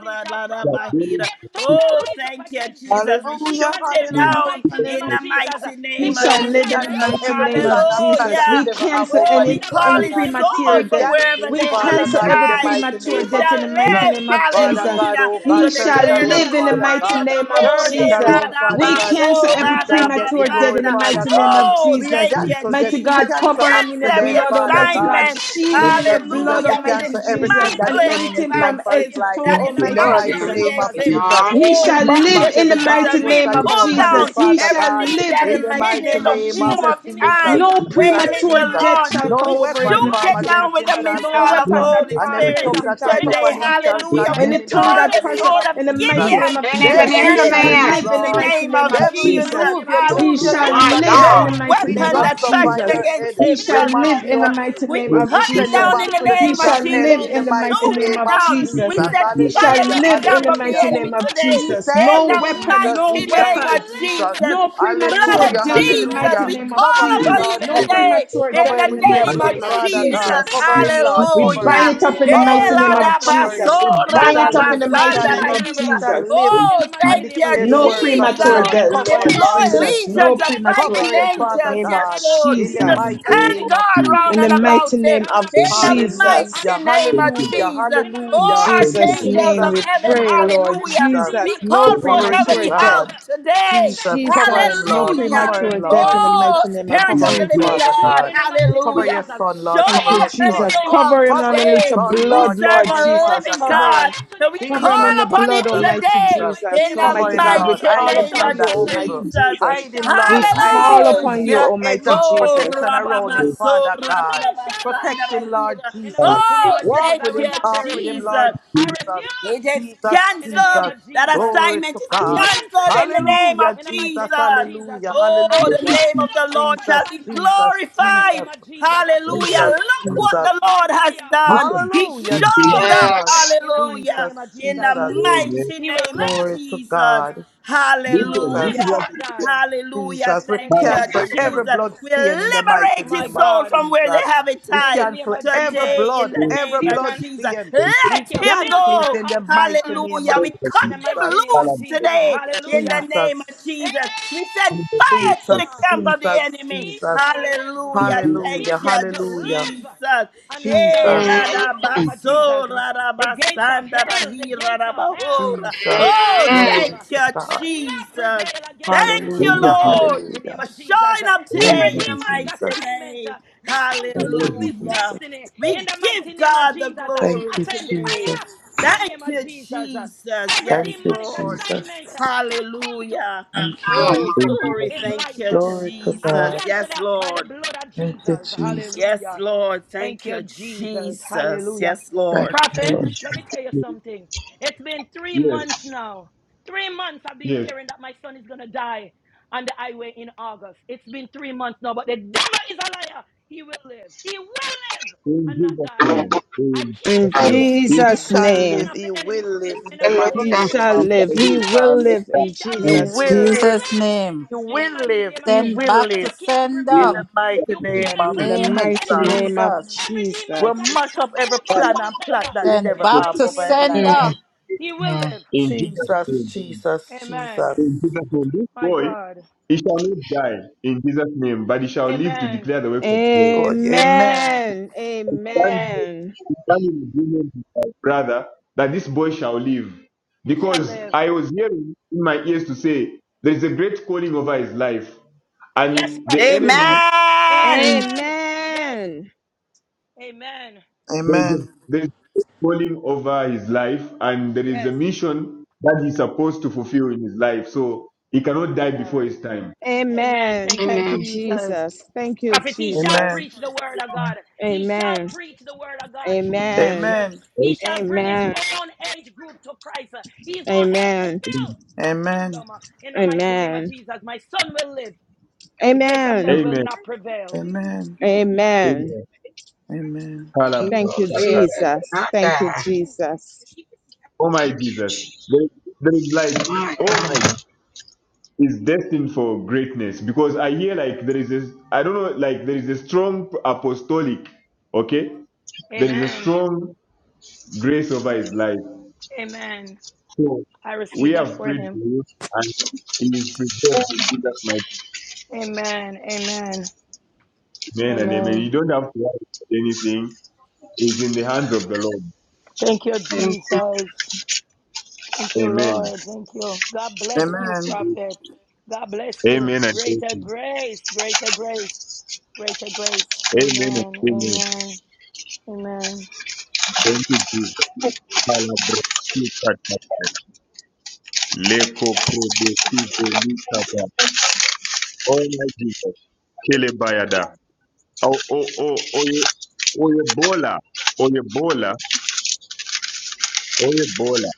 Speaker 20: That daily
Speaker 3: Rabahira. Oh, thank you, Jesus. We
Speaker 5: Hallelujah,
Speaker 3: shoot it
Speaker 20: in
Speaker 5: hallelujah,
Speaker 3: down in
Speaker 5: hallelujah,
Speaker 20: the
Speaker 3: the mighty
Speaker 19: He
Speaker 3: name of
Speaker 5: hallelujah.
Speaker 19: shall
Speaker 5: We
Speaker 19: live in the
Speaker 3: Jesus.
Speaker 5: cancel
Speaker 19: mighty
Speaker 5: every
Speaker 19: name
Speaker 5: plan
Speaker 19: of
Speaker 5: and plan
Speaker 19: Jesus.
Speaker 5: that the
Speaker 3: Hallelujah.
Speaker 19: We
Speaker 5: devil have
Speaker 19: cancel
Speaker 5: over
Speaker 3: Oh, we
Speaker 5: him,
Speaker 19: any
Speaker 5: Father
Speaker 3: call
Speaker 19: in
Speaker 3: it
Speaker 5: God.
Speaker 19: premature
Speaker 5: We
Speaker 3: soul from
Speaker 19: death.
Speaker 5: cancel
Speaker 3: wherever
Speaker 5: it,
Speaker 3: they
Speaker 19: We
Speaker 3: have
Speaker 5: Father
Speaker 3: it
Speaker 19: cancel
Speaker 5: God, in
Speaker 19: every
Speaker 5: the
Speaker 3: tied.
Speaker 5: mighty
Speaker 19: premature
Speaker 3: He
Speaker 5: name of
Speaker 19: death
Speaker 3: shall
Speaker 19: in the mighty
Speaker 5: Jesus.
Speaker 3: live,
Speaker 19: name of
Speaker 5: Father
Speaker 19: Jesus.
Speaker 5: God,
Speaker 3: hallelujah,
Speaker 5: oh God,
Speaker 3: to
Speaker 19: He
Speaker 5: turn it
Speaker 19: shall
Speaker 3: declare the
Speaker 5: around,
Speaker 19: live in
Speaker 3: good
Speaker 19: the
Speaker 5: Father
Speaker 3: works
Speaker 19: mighty
Speaker 5: God.
Speaker 3: of the
Speaker 19: name of
Speaker 3: Lord.
Speaker 5: Turn it
Speaker 3: Eh, la,
Speaker 19: Jesus.
Speaker 5: around,
Speaker 3: da,
Speaker 5: Father
Speaker 19: We
Speaker 3: ba,
Speaker 5: God.
Speaker 19: cancel
Speaker 3: so,
Speaker 5: You
Speaker 19: every
Speaker 3: la, da,
Speaker 5: shall
Speaker 3: ba,
Speaker 5: get the
Speaker 19: premature death
Speaker 5: glory,
Speaker 19: in the
Speaker 3: sanda.
Speaker 5: Father
Speaker 19: mighty name
Speaker 5: God.
Speaker 19: of
Speaker 3: Oh,
Speaker 5: We
Speaker 19: Jesus.
Speaker 3: thank you,
Speaker 5: cancel death.
Speaker 19: Mighty
Speaker 5: We
Speaker 3: Jesus.
Speaker 19: God,
Speaker 3: We
Speaker 5: cancel
Speaker 19: cover him in
Speaker 3: cancel
Speaker 19: your
Speaker 3: every
Speaker 5: accident,
Speaker 19: blood,
Speaker 5: Father
Speaker 19: Almighty
Speaker 5: God.
Speaker 19: God.
Speaker 3: assignment.
Speaker 19: Shield him in
Speaker 5: Jesus,
Speaker 19: your blood,
Speaker 5: Jesus, we
Speaker 3: Hallelujah. We
Speaker 19: Almighty
Speaker 5: cancel everything
Speaker 19: Jesus.
Speaker 5: that
Speaker 3: dismantle
Speaker 5: the
Speaker 3: every
Speaker 19: Anoint
Speaker 5: enemy
Speaker 19: him from
Speaker 5: planned for
Speaker 19: head
Speaker 5: his
Speaker 3: devices
Speaker 19: to
Speaker 5: life.
Speaker 19: toe,
Speaker 3: that is
Speaker 5: In the
Speaker 19: Almighty
Speaker 21: Lord
Speaker 3: cast
Speaker 21: have
Speaker 5: mighty
Speaker 3: up
Speaker 19: Jesus.
Speaker 5: name of
Speaker 3: against
Speaker 21: mercy,
Speaker 3: him.
Speaker 5: Jesus,
Speaker 21: y'all.
Speaker 19: He
Speaker 5: we
Speaker 3: Oh,
Speaker 19: shall
Speaker 5: back
Speaker 3: thank you,
Speaker 19: live
Speaker 5: back
Speaker 19: in the
Speaker 5: every
Speaker 3: Jesus.
Speaker 5: dark
Speaker 19: mighty
Speaker 5: force
Speaker 3: We
Speaker 19: name
Speaker 5: that
Speaker 19: of
Speaker 5: come
Speaker 3: pull
Speaker 5: upon him,
Speaker 3: down
Speaker 19: Jesus. He
Speaker 5: Father
Speaker 19: shall
Speaker 5: God.
Speaker 3: everything
Speaker 19: live in
Speaker 3: that
Speaker 19: the
Speaker 5: In
Speaker 3: is
Speaker 5: the
Speaker 19: mighty
Speaker 3: hidden
Speaker 5: mighty
Speaker 3: in
Speaker 19: name
Speaker 3: the
Speaker 19: of
Speaker 5: name of
Speaker 3: womb
Speaker 19: Jesus.
Speaker 3: of
Speaker 5: Jesus,
Speaker 3: time,
Speaker 19: No
Speaker 5: Jesus,
Speaker 3: waiting to
Speaker 19: premature
Speaker 5: Jesus.
Speaker 19: death
Speaker 3: launch.
Speaker 19: shall
Speaker 3: We
Speaker 19: come
Speaker 5: No
Speaker 19: over him in
Speaker 5: weapon
Speaker 19: the
Speaker 3: shoot
Speaker 5: formed
Speaker 3: it
Speaker 19: mighty name of
Speaker 3: down
Speaker 5: against
Speaker 3: with
Speaker 5: him
Speaker 3: the
Speaker 19: Jesus.
Speaker 5: shall
Speaker 19: No
Speaker 3: missile of the
Speaker 19: weapon
Speaker 5: prosper,
Speaker 19: that
Speaker 3: Holy
Speaker 5: and
Speaker 19: form a
Speaker 5: every
Speaker 3: Spirit
Speaker 5: tongue
Speaker 19: person
Speaker 5: that
Speaker 19: shall
Speaker 5: rise
Speaker 3: today.
Speaker 5: upon
Speaker 19: prosper.
Speaker 5: him shall
Speaker 3: Hallelujah. We
Speaker 5: condemn
Speaker 19: Any
Speaker 5: in the
Speaker 19: tongue
Speaker 3: deploy
Speaker 5: mighty
Speaker 19: that
Speaker 3: the
Speaker 5: name
Speaker 19: prosper
Speaker 5: of
Speaker 3: sword
Speaker 19: in the
Speaker 3: of
Speaker 5: Jesus.
Speaker 19: mighty name
Speaker 3: Gideon
Speaker 19: of
Speaker 21: They ain't even
Speaker 19: Jesus,
Speaker 5: Devil,
Speaker 21: hear
Speaker 19: he
Speaker 3: today
Speaker 21: the
Speaker 5: you
Speaker 3: in
Speaker 19: shall
Speaker 3: the
Speaker 5: lose,
Speaker 21: man.
Speaker 19: live in the
Speaker 3: mighty
Speaker 5: Lord.
Speaker 19: mighty
Speaker 3: name
Speaker 19: name
Speaker 3: of
Speaker 19: of
Speaker 5: Devil, you
Speaker 3: Jesus.
Speaker 19: Jesus.
Speaker 5: lose, you
Speaker 19: He
Speaker 5: lose, you
Speaker 19: shall
Speaker 5: lose
Speaker 3: Hallelujah.
Speaker 21: My
Speaker 19: live in
Speaker 5: again.
Speaker 19: the
Speaker 21: God.
Speaker 3: No
Speaker 19: mighty
Speaker 5: We
Speaker 19: name
Speaker 3: weapon
Speaker 19: of
Speaker 3: that
Speaker 5: trample upon
Speaker 3: fashioned
Speaker 19: Jesus.
Speaker 5: your
Speaker 3: against
Speaker 5: head.
Speaker 19: He
Speaker 3: him
Speaker 5: We
Speaker 19: shall
Speaker 3: shall
Speaker 5: mash
Speaker 19: live
Speaker 5: you
Speaker 19: in the
Speaker 5: up.
Speaker 3: prosper.
Speaker 19: mighty
Speaker 3: We
Speaker 19: name of
Speaker 5: We, we
Speaker 3: cut it
Speaker 5: send you
Speaker 3: down
Speaker 19: Jesus.
Speaker 3: in
Speaker 5: back
Speaker 3: the
Speaker 5: to the
Speaker 19: He
Speaker 5: pit
Speaker 3: name
Speaker 5: of
Speaker 3: of
Speaker 19: shall
Speaker 5: hell
Speaker 3: Jesus.
Speaker 19: live
Speaker 5: in
Speaker 3: We
Speaker 5: the
Speaker 19: in the mighty
Speaker 5: mighty
Speaker 3: shoot
Speaker 19: name
Speaker 3: it
Speaker 5: name
Speaker 19: of
Speaker 5: of
Speaker 3: down.
Speaker 19: Jesus.
Speaker 3: We
Speaker 5: Jesus.
Speaker 3: set
Speaker 19: He shall
Speaker 3: fire
Speaker 5: Hallelujah,
Speaker 3: to the
Speaker 19: live in
Speaker 3: camp
Speaker 19: the
Speaker 3: of the
Speaker 5: hallelujah.
Speaker 19: mighty
Speaker 3: enemy
Speaker 19: name of
Speaker 3: today.
Speaker 5: We
Speaker 19: Jesus.
Speaker 5: thank
Speaker 3: In
Speaker 19: No
Speaker 5: you,
Speaker 3: the
Speaker 19: weapon,
Speaker 5: Jesus. We
Speaker 19: no
Speaker 3: mighty name
Speaker 5: thank you,
Speaker 3: of
Speaker 19: weapon,
Speaker 5: Jesus.
Speaker 3: Jesus.
Speaker 19: no
Speaker 3: Blood of
Speaker 19: premature
Speaker 5: Hallelujah,
Speaker 19: death in the
Speaker 3: Jesus,
Speaker 19: mighty
Speaker 5: hallelujah.
Speaker 3: we
Speaker 19: name of
Speaker 5: Cover
Speaker 3: call
Speaker 5: him,
Speaker 3: upon
Speaker 19: Jesus.
Speaker 3: you
Speaker 5: Lord,
Speaker 19: No
Speaker 5: cover him.
Speaker 3: today
Speaker 19: premature
Speaker 3: in
Speaker 5: Cover
Speaker 19: death
Speaker 5: him
Speaker 19: in
Speaker 3: the
Speaker 19: the
Speaker 5: with your
Speaker 3: name
Speaker 19: mighty
Speaker 5: blood,
Speaker 19: name
Speaker 3: of
Speaker 19: of
Speaker 21: Mm,
Speaker 5: Father
Speaker 3: Jesus.
Speaker 5: God.
Speaker 19: Jesus.
Speaker 5: Cover him, Lord,
Speaker 19: We
Speaker 5: cover
Speaker 19: bind
Speaker 3: Hallelujah.
Speaker 5: him.
Speaker 19: it up in the
Speaker 5: Cover
Speaker 19: mighty
Speaker 5: him,
Speaker 3: Ela
Speaker 19: name
Speaker 5: Lord,
Speaker 19: of
Speaker 3: da
Speaker 5: cover him.
Speaker 19: Jesus. We
Speaker 5: He
Speaker 3: basora
Speaker 19: bind
Speaker 3: da
Speaker 5: shall
Speaker 19: it up in
Speaker 5: live,
Speaker 19: the
Speaker 5: he
Speaker 19: mighty
Speaker 5: shall
Speaker 3: basanda
Speaker 19: name
Speaker 3: da
Speaker 5: live,
Speaker 19: of
Speaker 5: he
Speaker 3: hira.
Speaker 5: shall
Speaker 19: Jesus.
Speaker 5: live
Speaker 3: Oh,
Speaker 5: and
Speaker 3: thank you,
Speaker 5: declare the
Speaker 19: No
Speaker 5: works of the
Speaker 19: premature
Speaker 3: Jesus.
Speaker 5: Lord.
Speaker 19: death,
Speaker 5: Cover him,
Speaker 19: Lord
Speaker 5: Lord
Speaker 3: Deploy
Speaker 19: Jesus.
Speaker 5: Jesus.
Speaker 19: No
Speaker 3: legions of
Speaker 19: premature
Speaker 5: Cover
Speaker 3: fighting
Speaker 19: death
Speaker 5: him,
Speaker 19: in the
Speaker 5: Father
Speaker 3: angels,
Speaker 19: name of
Speaker 3: yes,
Speaker 5: God,
Speaker 3: Lord,
Speaker 5: in the
Speaker 3: to
Speaker 19: Jesus.
Speaker 20: kingdom.
Speaker 5: mighty
Speaker 20: Oh,
Speaker 3: stand
Speaker 5: name of
Speaker 3: guard
Speaker 20: thank
Speaker 3: round
Speaker 19: In the
Speaker 3: and
Speaker 5: Jesus.
Speaker 3: about
Speaker 19: mighty
Speaker 3: him
Speaker 19: name of
Speaker 3: in the
Speaker 19: Jesus.
Speaker 5: Hallelujah,
Speaker 3: mighty name of
Speaker 20: you, Lord.
Speaker 5: hallelujah,
Speaker 3: Jesus.
Speaker 19: In
Speaker 5: hallelujah.
Speaker 3: Oh,
Speaker 19: Jesus'
Speaker 3: archangels
Speaker 19: name
Speaker 5: Jesus,
Speaker 3: of
Speaker 19: we
Speaker 3: heaven,
Speaker 19: pray,
Speaker 5: Jesus,
Speaker 19: Lord
Speaker 3: hallelujah.
Speaker 5: Jesus.
Speaker 19: Jesus.
Speaker 3: We
Speaker 19: No
Speaker 3: call forth
Speaker 5: Glory to
Speaker 19: premature
Speaker 3: heavenly
Speaker 19: death.
Speaker 5: God.
Speaker 3: help today.
Speaker 5: Jesus, cover him,
Speaker 19: Jesus, no
Speaker 5: Lord.
Speaker 3: Hallelujah.
Speaker 5: Cover him,
Speaker 19: premature death
Speaker 5: Lord.
Speaker 19: in the
Speaker 3: Oh,
Speaker 19: mighty name of
Speaker 3: Spirit of
Speaker 5: Cover
Speaker 3: the
Speaker 5: him,
Speaker 3: Living
Speaker 20: Please,
Speaker 19: Jesus.
Speaker 5: Father
Speaker 3: God,
Speaker 5: God. Cover your
Speaker 3: hallelujah.
Speaker 5: son, Lord.
Speaker 3: Show
Speaker 19: Thank
Speaker 5: Cover
Speaker 19: you,
Speaker 5: your
Speaker 3: up and
Speaker 19: Jesus.
Speaker 5: son.
Speaker 3: show out
Speaker 19: Cover him
Speaker 5: Cover your
Speaker 19: underneath
Speaker 3: today.
Speaker 19: your
Speaker 5: son,
Speaker 3: We
Speaker 19: blood,
Speaker 5: Lord.
Speaker 3: serve
Speaker 19: Lord
Speaker 5: Cover him,
Speaker 3: a
Speaker 19: Jesus.
Speaker 5: Father
Speaker 3: living
Speaker 19: Cover him.
Speaker 5: God.
Speaker 3: God. And we
Speaker 19: Cover him
Speaker 5: Jesus,
Speaker 19: in
Speaker 3: call
Speaker 19: the
Speaker 3: upon him
Speaker 19: blood,
Speaker 5: Jesus,
Speaker 19: Almighty
Speaker 3: today
Speaker 5: Jesus.
Speaker 3: in
Speaker 19: Jesus.
Speaker 3: the
Speaker 5: Cover
Speaker 19: Almighty
Speaker 5: him,
Speaker 19: God, we
Speaker 5: Lord.
Speaker 3: mighty
Speaker 19: call
Speaker 5: Hide him
Speaker 3: name
Speaker 19: upon
Speaker 5: from
Speaker 3: of
Speaker 19: you,
Speaker 5: that devil.
Speaker 19: Almighty
Speaker 3: Jesus.
Speaker 19: Jesus.
Speaker 5: Hide him,
Speaker 19: We
Speaker 5: Lord. Hide
Speaker 19: call
Speaker 5: him.
Speaker 19: upon you,
Speaker 5: Build an
Speaker 3: Hallelujah.
Speaker 5: edge
Speaker 19: Almighty
Speaker 5: of
Speaker 3: Oh,
Speaker 19: Jesus.
Speaker 5: protection around him, Father
Speaker 3: Rababasura,
Speaker 5: God.
Speaker 3: Rababasanda,
Speaker 5: Protect him, Lord
Speaker 3: Rahira.
Speaker 5: Jesus.
Speaker 3: Oh,
Speaker 5: Walk
Speaker 3: thank
Speaker 5: with him,
Speaker 3: you,
Speaker 5: talk with him,
Speaker 3: Jesus.
Speaker 5: Lord Jesus.
Speaker 3: It is
Speaker 5: Jesus,
Speaker 3: canceled.
Speaker 5: Jesus,
Speaker 3: That
Speaker 5: glory
Speaker 3: assignment
Speaker 5: to
Speaker 3: is
Speaker 5: God.
Speaker 3: canceled in the name
Speaker 5: Hallelujah,
Speaker 3: of
Speaker 5: Jesus,
Speaker 3: Jesus.
Speaker 5: hallelujah,
Speaker 3: Oh, the
Speaker 5: hallelujah.
Speaker 3: name of the Lord
Speaker 5: Jesus,
Speaker 3: shall be
Speaker 5: Jesus, Jesus,
Speaker 3: glorified. Hallelujah.
Speaker 5: Jesus,
Speaker 3: Look
Speaker 20: Lord.
Speaker 3: what
Speaker 5: Jesus.
Speaker 3: the Lord has done.
Speaker 20: Listen.
Speaker 3: He
Speaker 5: Hallelujah,
Speaker 3: showed up.
Speaker 5: Jesus,
Speaker 21: Yes.
Speaker 3: Hallelujah.
Speaker 5: Jesus,
Speaker 3: In the
Speaker 5: Jesus.
Speaker 20: Amen.
Speaker 3: mighty name of
Speaker 5: Glory to
Speaker 3: Jesus.
Speaker 5: God.
Speaker 20: Listen, this is what
Speaker 5: Jesus,
Speaker 3: Hallelujah. Hallelujah.
Speaker 5: Jesus. We
Speaker 3: Thank
Speaker 20: Father
Speaker 3: you,
Speaker 5: cancel
Speaker 20: is
Speaker 5: every
Speaker 3: Jesus.
Speaker 5: blood
Speaker 3: We
Speaker 5: stain in the mighty
Speaker 3: liberate his
Speaker 5: name of
Speaker 3: soul from where they
Speaker 5: Jesus.
Speaker 3: have it
Speaker 5: We
Speaker 3: tied
Speaker 5: cancel every
Speaker 3: today in
Speaker 5: blood,
Speaker 3: the
Speaker 20: saying.
Speaker 5: every
Speaker 3: name of
Speaker 20: This
Speaker 5: blood
Speaker 3: Jesus.
Speaker 5: stain.
Speaker 20: is
Speaker 5: We
Speaker 3: Let him
Speaker 5: cancel it
Speaker 3: go.
Speaker 5: in the mighty name
Speaker 3: Hallelujah.
Speaker 5: of
Speaker 3: We
Speaker 20: the
Speaker 3: cut him
Speaker 5: Jesus.
Speaker 20: Father.
Speaker 3: loose today in the name of
Speaker 5: Jesus,
Speaker 3: Jesus. We send
Speaker 20: is
Speaker 3: fire to the
Speaker 5: Jesus,
Speaker 3: camp
Speaker 20: saying.
Speaker 3: of the
Speaker 5: Jesus,
Speaker 3: enemy.
Speaker 5: Jesus.
Speaker 20: Thank
Speaker 3: Hallelujah.
Speaker 20: you,
Speaker 5: Hallelujah,
Speaker 3: Thank you,
Speaker 5: hallelujah.
Speaker 3: Jesus. Hey, la
Speaker 5: Jesus,
Speaker 3: da ba
Speaker 21: Mm-hmm.
Speaker 3: so, la da ba san, da da he, la da ba ho, la.
Speaker 5: Jesus.
Speaker 3: Oh,
Speaker 21: Mm-hmm.
Speaker 5: Glory
Speaker 3: thank you,
Speaker 5: to God.
Speaker 3: Jesus. Thank
Speaker 20: thank
Speaker 3: you,
Speaker 20: you,
Speaker 5: Hallelujah,
Speaker 20: Jesus.
Speaker 3: Lord,
Speaker 5: hallelujah.
Speaker 3: for showing up
Speaker 5: Thank
Speaker 3: today in
Speaker 5: you,
Speaker 20: Amen.
Speaker 3: the
Speaker 5: Jesus.
Speaker 3: mighty name.
Speaker 5: Thank
Speaker 20: Lord,
Speaker 5: you, Jesus.
Speaker 3: Hallelujah. We give God the glory
Speaker 5: Thank you,
Speaker 3: today.
Speaker 5: Jesus.
Speaker 3: Thank you, Jesus. Yes,
Speaker 5: Thank you,
Speaker 3: Lord.
Speaker 5: Jesus.
Speaker 3: Hallelujah. Oh,
Speaker 21: Oh,
Speaker 20: in
Speaker 3: glory. Thank you,
Speaker 5: Glory to
Speaker 3: Jesus.
Speaker 5: God.
Speaker 3: Yes, Lord.
Speaker 5: Thank you, Jesus.
Speaker 3: Yes, Lord. Thank you, Jesus. Yes,
Speaker 5: Thank
Speaker 3: Lord.
Speaker 5: you, Lord.
Speaker 20: Jesus' name. Yes, yes. In Jesus'
Speaker 21: my God.
Speaker 20: name. In Jesus'
Speaker 19: In
Speaker 20: name.
Speaker 5: Jesus. He
Speaker 20: In
Speaker 19: Jesus'
Speaker 5: shall
Speaker 19: name,
Speaker 5: live. He will live in the
Speaker 19: he
Speaker 5: mighty
Speaker 21: Hallelujah.
Speaker 5: name
Speaker 19: shall
Speaker 5: of
Speaker 19: live. He will
Speaker 5: Jesus.
Speaker 19: live in
Speaker 5: He
Speaker 18: In
Speaker 19: Jesus'
Speaker 5: will
Speaker 19: name.
Speaker 5: live.
Speaker 18: Jesus' name,
Speaker 5: He will live. He
Speaker 18: send
Speaker 5: will
Speaker 18: back to
Speaker 5: live in
Speaker 18: sender.
Speaker 20: Jesus'
Speaker 5: the mighty
Speaker 18: In
Speaker 20: name.
Speaker 5: name
Speaker 18: the
Speaker 5: of
Speaker 19: In
Speaker 21: Mm,
Speaker 19: the
Speaker 5: Jesus.
Speaker 18: name of
Speaker 19: mighty
Speaker 21: mm,
Speaker 19: name of
Speaker 18: Jesus.
Speaker 5: We'll
Speaker 19: Jesus.
Speaker 5: mash up every
Speaker 20: Father,
Speaker 5: plan and plot that
Speaker 20: is
Speaker 5: the
Speaker 18: Then
Speaker 5: devil
Speaker 20: saying,
Speaker 18: back
Speaker 5: have
Speaker 18: to
Speaker 5: over him life.
Speaker 18: sender.
Speaker 21: mm, mm.
Speaker 20: in Jesus'
Speaker 5: Jesus,
Speaker 20: name.
Speaker 5: Jesus, Jesus.
Speaker 20: In Jesus' name. This boy, he shall not die in Jesus' name, but he shall live to declare the works of the Lord.
Speaker 5: Oh, amen.
Speaker 19: Amen.
Speaker 20: Thank you.
Speaker 19: Amen.
Speaker 20: done in agreement with my brother that this boy shall live. Because I was hearing in my ears to say, there is a great calling over his life. And the enemy,
Speaker 3: Amen.
Speaker 19: Amen.
Speaker 20: there is a,
Speaker 5: Amen.
Speaker 20: there is a great calling over his life, and there is a mission that he's supposed to fulfill in his life. So he cannot die before his time.
Speaker 19: Amen. Thank
Speaker 21: Amen.
Speaker 19: you, Jesus. Thank you, Jesus.
Speaker 5: Amen.
Speaker 19: Amen. Amen.
Speaker 5: Amen.
Speaker 19: Amen. Amen.
Speaker 20: Amen.
Speaker 5: Amen.
Speaker 19: Amen. Amen.
Speaker 20: Amen.
Speaker 5: Amen.
Speaker 19: Amen.
Speaker 5: Amen.
Speaker 21: He
Speaker 20: Amen.
Speaker 19: Thank you,
Speaker 21: will live and
Speaker 19: Jesus.
Speaker 21: not
Speaker 19: Thank you,
Speaker 21: die.
Speaker 19: Jesus.
Speaker 20: Oh my
Speaker 21: Thank you,
Speaker 20: Jesus. There, there is light.
Speaker 21: my
Speaker 20: Oh my is destined for greatness because I hear like there is this I don't know like there is a strong apostolic okay there is a strong grace over his life so we have prayed for you and he is prepared to do that. my amen and amen you don't have to ask anything it's in the hands of the Lord
Speaker 21: God.
Speaker 20: amen
Speaker 5: Amen.
Speaker 20: amen and amen amen and amen thank you Jesus Palabra, super, Leko probe, Oh my Jesus. Kelebayada. Oh, oh, oh, Oye- Oyebola. Oyebola. Oyebola.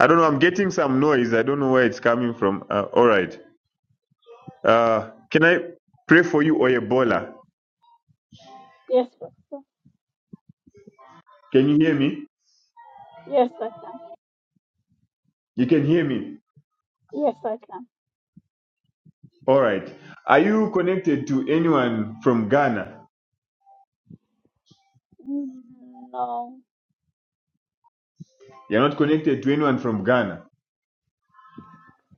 Speaker 20: I don't know. I'm getting some noise. I don't know where it's coming from. Uh, all right. Uh, can I pray for you, Oyebola?
Speaker 17: Yes, yes,
Speaker 20: Can you hear me?
Speaker 17: yes, I can.
Speaker 20: You can hear me.
Speaker 17: Yes, I can.
Speaker 20: All right. Are you connected to anyone from Ghana?
Speaker 17: Mm, No,
Speaker 20: You're not connected to anyone from Ghana.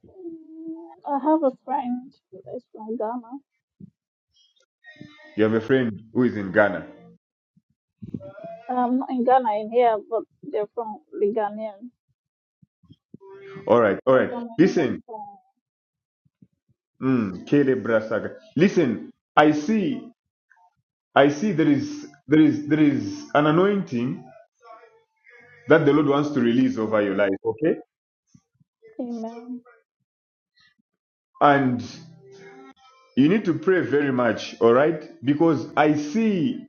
Speaker 17: Mm, I have a friend that is from Ghana.
Speaker 20: You have a friend who is in Ghana.
Speaker 17: Um, not in Ghana, in here, but they're from the Ghanaian.
Speaker 20: All right.
Speaker 17: But
Speaker 20: All
Speaker 17: I
Speaker 20: right.
Speaker 17: don't know anyone
Speaker 20: Listen.
Speaker 17: from.
Speaker 20: Mm, Kelebrasaga. Listen. I see. I see there is there is there is an anointing that the Lord wants to release over your life, okay?
Speaker 17: Amen.
Speaker 20: And you need to pray very much, all right? Because I see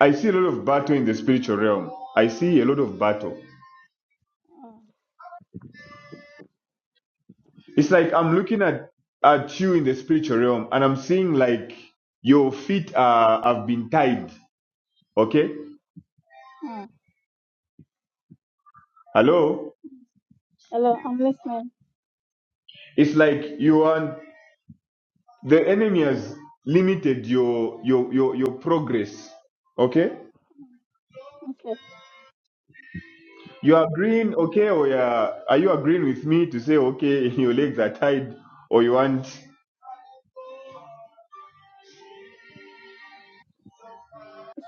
Speaker 20: I see a lot of battle in the spiritual realm. I see a lot of battle.
Speaker 17: Uh,
Speaker 20: It's like I'm looking at at you in the spiritual realm and I'm seeing like your feet are have been tied, okay?
Speaker 17: uh,
Speaker 20: Hello?
Speaker 17: hello, I'm listening.
Speaker 20: It's like you are the enemy has limited your your your, your progress, okay?
Speaker 17: Okay.
Speaker 20: You are agreeing, okay, or you are, are you agreeing with me to say, okay, (laughs) your legs are tied, or you want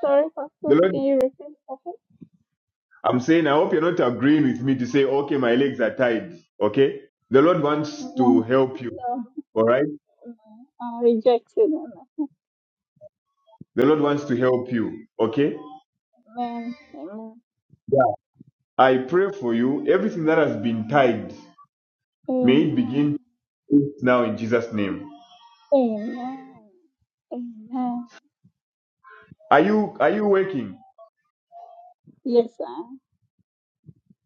Speaker 17: Sorry, Pastor.
Speaker 20: the Lord?
Speaker 17: Can you repeat? Okay.
Speaker 20: I'm saying, I hope you're not agreeing with me to say, okay, my legs are tied, okay? The Lord wants
Speaker 17: No,
Speaker 20: to
Speaker 17: no,
Speaker 20: help you, all right?
Speaker 17: no. i rejected.
Speaker 20: The Lord wants to help you, okay?
Speaker 17: Amen. Amen.
Speaker 20: Yeah. I pray for you, everything that has been tied, may it begin to
Speaker 17: Amen.
Speaker 20: loose now in Jesus' name.
Speaker 17: Amen. Amen.
Speaker 20: Are you are you working?
Speaker 17: Yes, sir.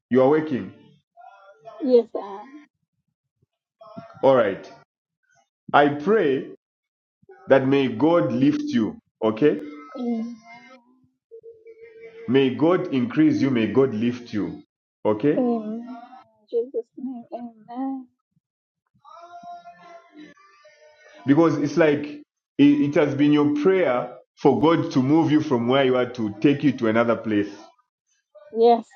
Speaker 20: You are working.
Speaker 17: Yes, sir.
Speaker 20: All right. I pray that may God lift you, okay?
Speaker 17: Amen.
Speaker 20: May God increase you. May God lift you. Okay?
Speaker 17: Amen. Jesus' name. Amen.
Speaker 20: Because it's like it, it has been your prayer for God to move you from where you are to take you to another place.
Speaker 17: Yes.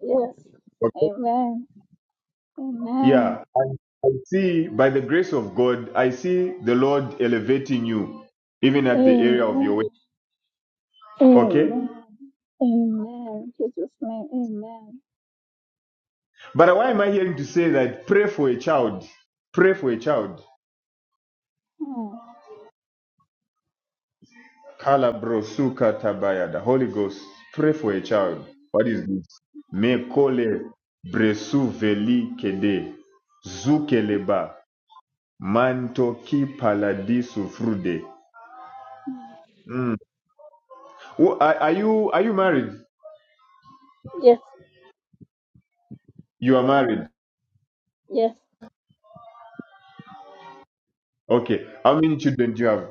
Speaker 17: Yes.
Speaker 20: Okay.
Speaker 17: Amen. Amen.
Speaker 20: Yeah. I see, by the grace of God, I see the Lord elevating you, even at the area of your way.
Speaker 17: Amen.
Speaker 20: Okay?
Speaker 17: Amen. Amen. Jesus' name. Amen.
Speaker 20: But why am I hearing to say that pray for a child? Pray for a child.
Speaker 17: Mm.
Speaker 20: Kala brosuka tabaya. The Holy Ghost, pray for a child. What is this? Mekole bresu veli kede. Zukeleba. Manto ki paladisu frude. Mm. Who- Are, are you are you married?
Speaker 17: Yes.
Speaker 20: You are married.
Speaker 17: Yes.
Speaker 20: Okay. How many children do you have?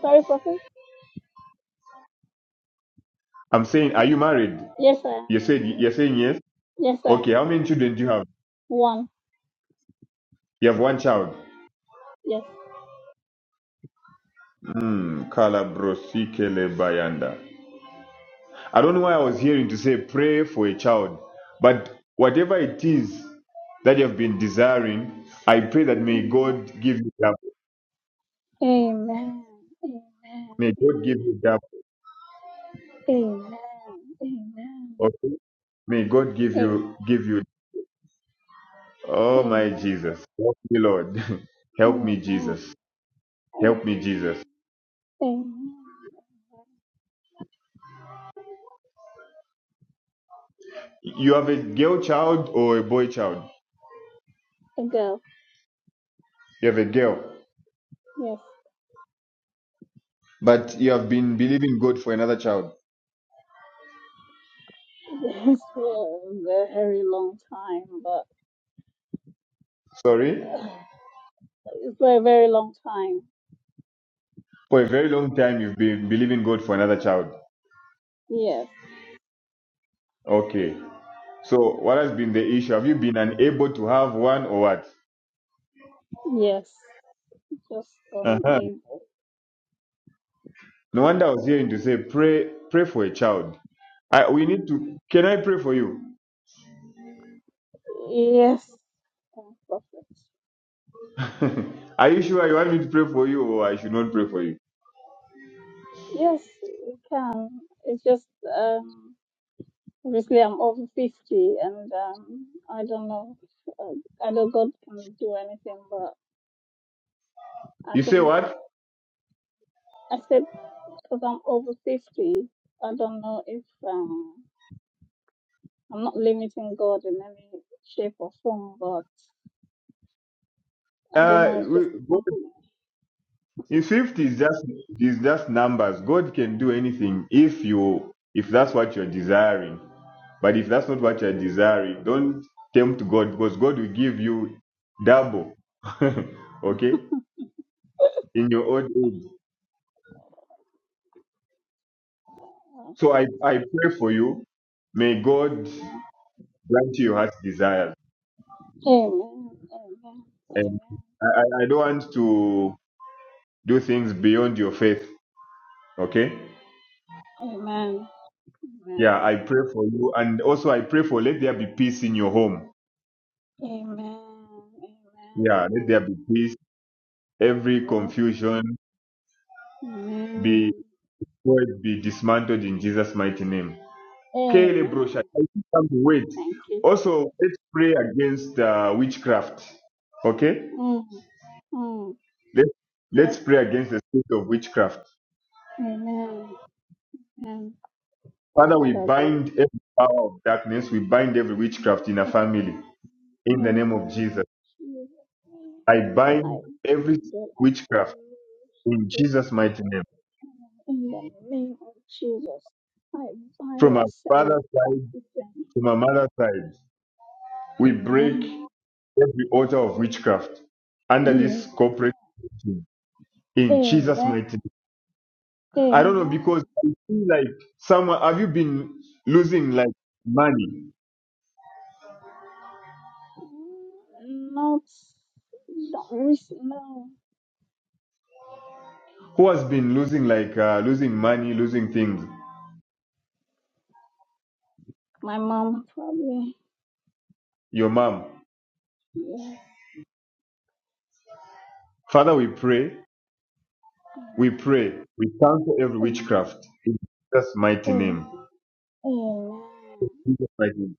Speaker 17: Sorry, prophet.
Speaker 20: I'm saying, are you married?
Speaker 17: Yes, sir.
Speaker 20: You said you're saying yes.
Speaker 17: Yes, sir.
Speaker 20: Okay. How many children do you have?
Speaker 17: One.
Speaker 20: You have one child.
Speaker 17: Yes.
Speaker 20: Mm. Kala brosi kele bayanda. I don't know why I was hearing to say pray for a child, but whatever it is that you have been desiring, I pray that may
Speaker 17: Amen.
Speaker 20: God give you double.
Speaker 17: Amen.
Speaker 20: May
Speaker 17: Amen.
Speaker 20: God give you double.
Speaker 17: Amen. Amen.
Speaker 20: Okay? May God give
Speaker 17: Amen.
Speaker 20: you give you. Oh my
Speaker 17: Amen.
Speaker 20: Jesus, help me, Lord, (laughs) help me,
Speaker 17: Amen.
Speaker 20: Jesus, help me,
Speaker 17: Amen.
Speaker 20: Jesus.
Speaker 17: Amen.
Speaker 20: You have a girl child or a boy child?
Speaker 17: Ago.
Speaker 20: You have a girl,
Speaker 17: Yes.
Speaker 20: but you have been believing God for another child.
Speaker 17: Yes, for a very long time, but
Speaker 20: Sorry,
Speaker 17: uh, it's for a very long time.
Speaker 20: for a very long time you've been believing God for another child.
Speaker 17: Yes.
Speaker 20: Okay. So what has been the issue? Have you been unable to have one or what?
Speaker 17: Yes. Just um.
Speaker 20: Uh-huh.
Speaker 17: A,
Speaker 20: No wonder I was hearing to say, pray, pray for a child. I, we need to. Can I pray for you?
Speaker 17: yes. Um, prophet.
Speaker 20: (laughs) Are you sure you want me to pray for you, or I should not pray for you?
Speaker 17: Yes, it can. It's just um. Obviously, I'm over 50 and um, I don't know. if, Uh, I know God can do anything, but I
Speaker 20: You say
Speaker 17: think,
Speaker 20: what?
Speaker 17: I said, because I'm over 50, I don't know if um, I'm not limiting God in any shape or form, but I don't
Speaker 20: Uh,
Speaker 17: know. It's just
Speaker 20: we-
Speaker 17: a
Speaker 20: God,
Speaker 17: compliment.
Speaker 20: in fifth is just is just numbers. God can do anything if you if that's what you're desiring. But if that's not what you're desiring, don't tempt God because God will give you double. (laughs) okay? in your old age. So I, I pray for you. May God grant you your heart's desire.
Speaker 17: Amen. Amen.
Speaker 20: And I, I I don't want to do things beyond your faith. Okay?
Speaker 17: Amen. Amen.
Speaker 20: Yeah, I pray for you. And also I pray for let there be peace in your home.
Speaker 17: Amen. Amen.
Speaker 20: Yeah, let
Speaker 17: Amen.
Speaker 20: there be peace. Every
Speaker 17: Yes.
Speaker 20: confusion be
Speaker 17: Amen.
Speaker 20: be dismantled in Jesus' mighty name. Kelly Brosha,
Speaker 17: Amen.
Speaker 20: I think I'm wait.
Speaker 17: Thank you,
Speaker 20: Also,
Speaker 17: Jesus.
Speaker 20: let's pray against uh, witchcraft. Okay?
Speaker 17: Mm. Mm.
Speaker 20: Let,
Speaker 17: Yes.
Speaker 20: let's pray against the spirit of witchcraft.
Speaker 17: Amen. And
Speaker 20: Father, we
Speaker 17: Father God.
Speaker 20: bind every power of darkness. We bind every witchcraft in our
Speaker 17: Amen.
Speaker 20: family. In the name of
Speaker 17: Amen.
Speaker 20: Jesus.
Speaker 17: Jesus.
Speaker 20: I bind
Speaker 17: I
Speaker 20: every
Speaker 17: that I
Speaker 20: witchcraft in
Speaker 17: the
Speaker 20: Jesus' mighty name.
Speaker 17: power in the name of Jesus. I bind
Speaker 20: From our
Speaker 17: the sending
Speaker 20: father's
Speaker 17: back
Speaker 20: side,
Speaker 17: to them.
Speaker 20: from our mother's side, we break
Speaker 17: Amen.
Speaker 20: every altar of witchcraft under this
Speaker 17: Amen.
Speaker 20: corporate teaching. in Jesus'
Speaker 17: Amen.
Speaker 20: mighty name. I don't know
Speaker 17: Amen.
Speaker 20: because I feel like someone have you been losing like money?
Speaker 17: Not don't receive no.
Speaker 20: who has been losing like uh, losing money, losing things,
Speaker 17: My mom probably.
Speaker 20: your mom.
Speaker 17: Yes.
Speaker 20: Father, we pray, we pray,
Speaker 17: Amen.
Speaker 20: we cancel every
Speaker 17: Amen.
Speaker 20: witchcraft in Jesus' mighty name.
Speaker 17: Amen.
Speaker 20: Jesus' mighty name.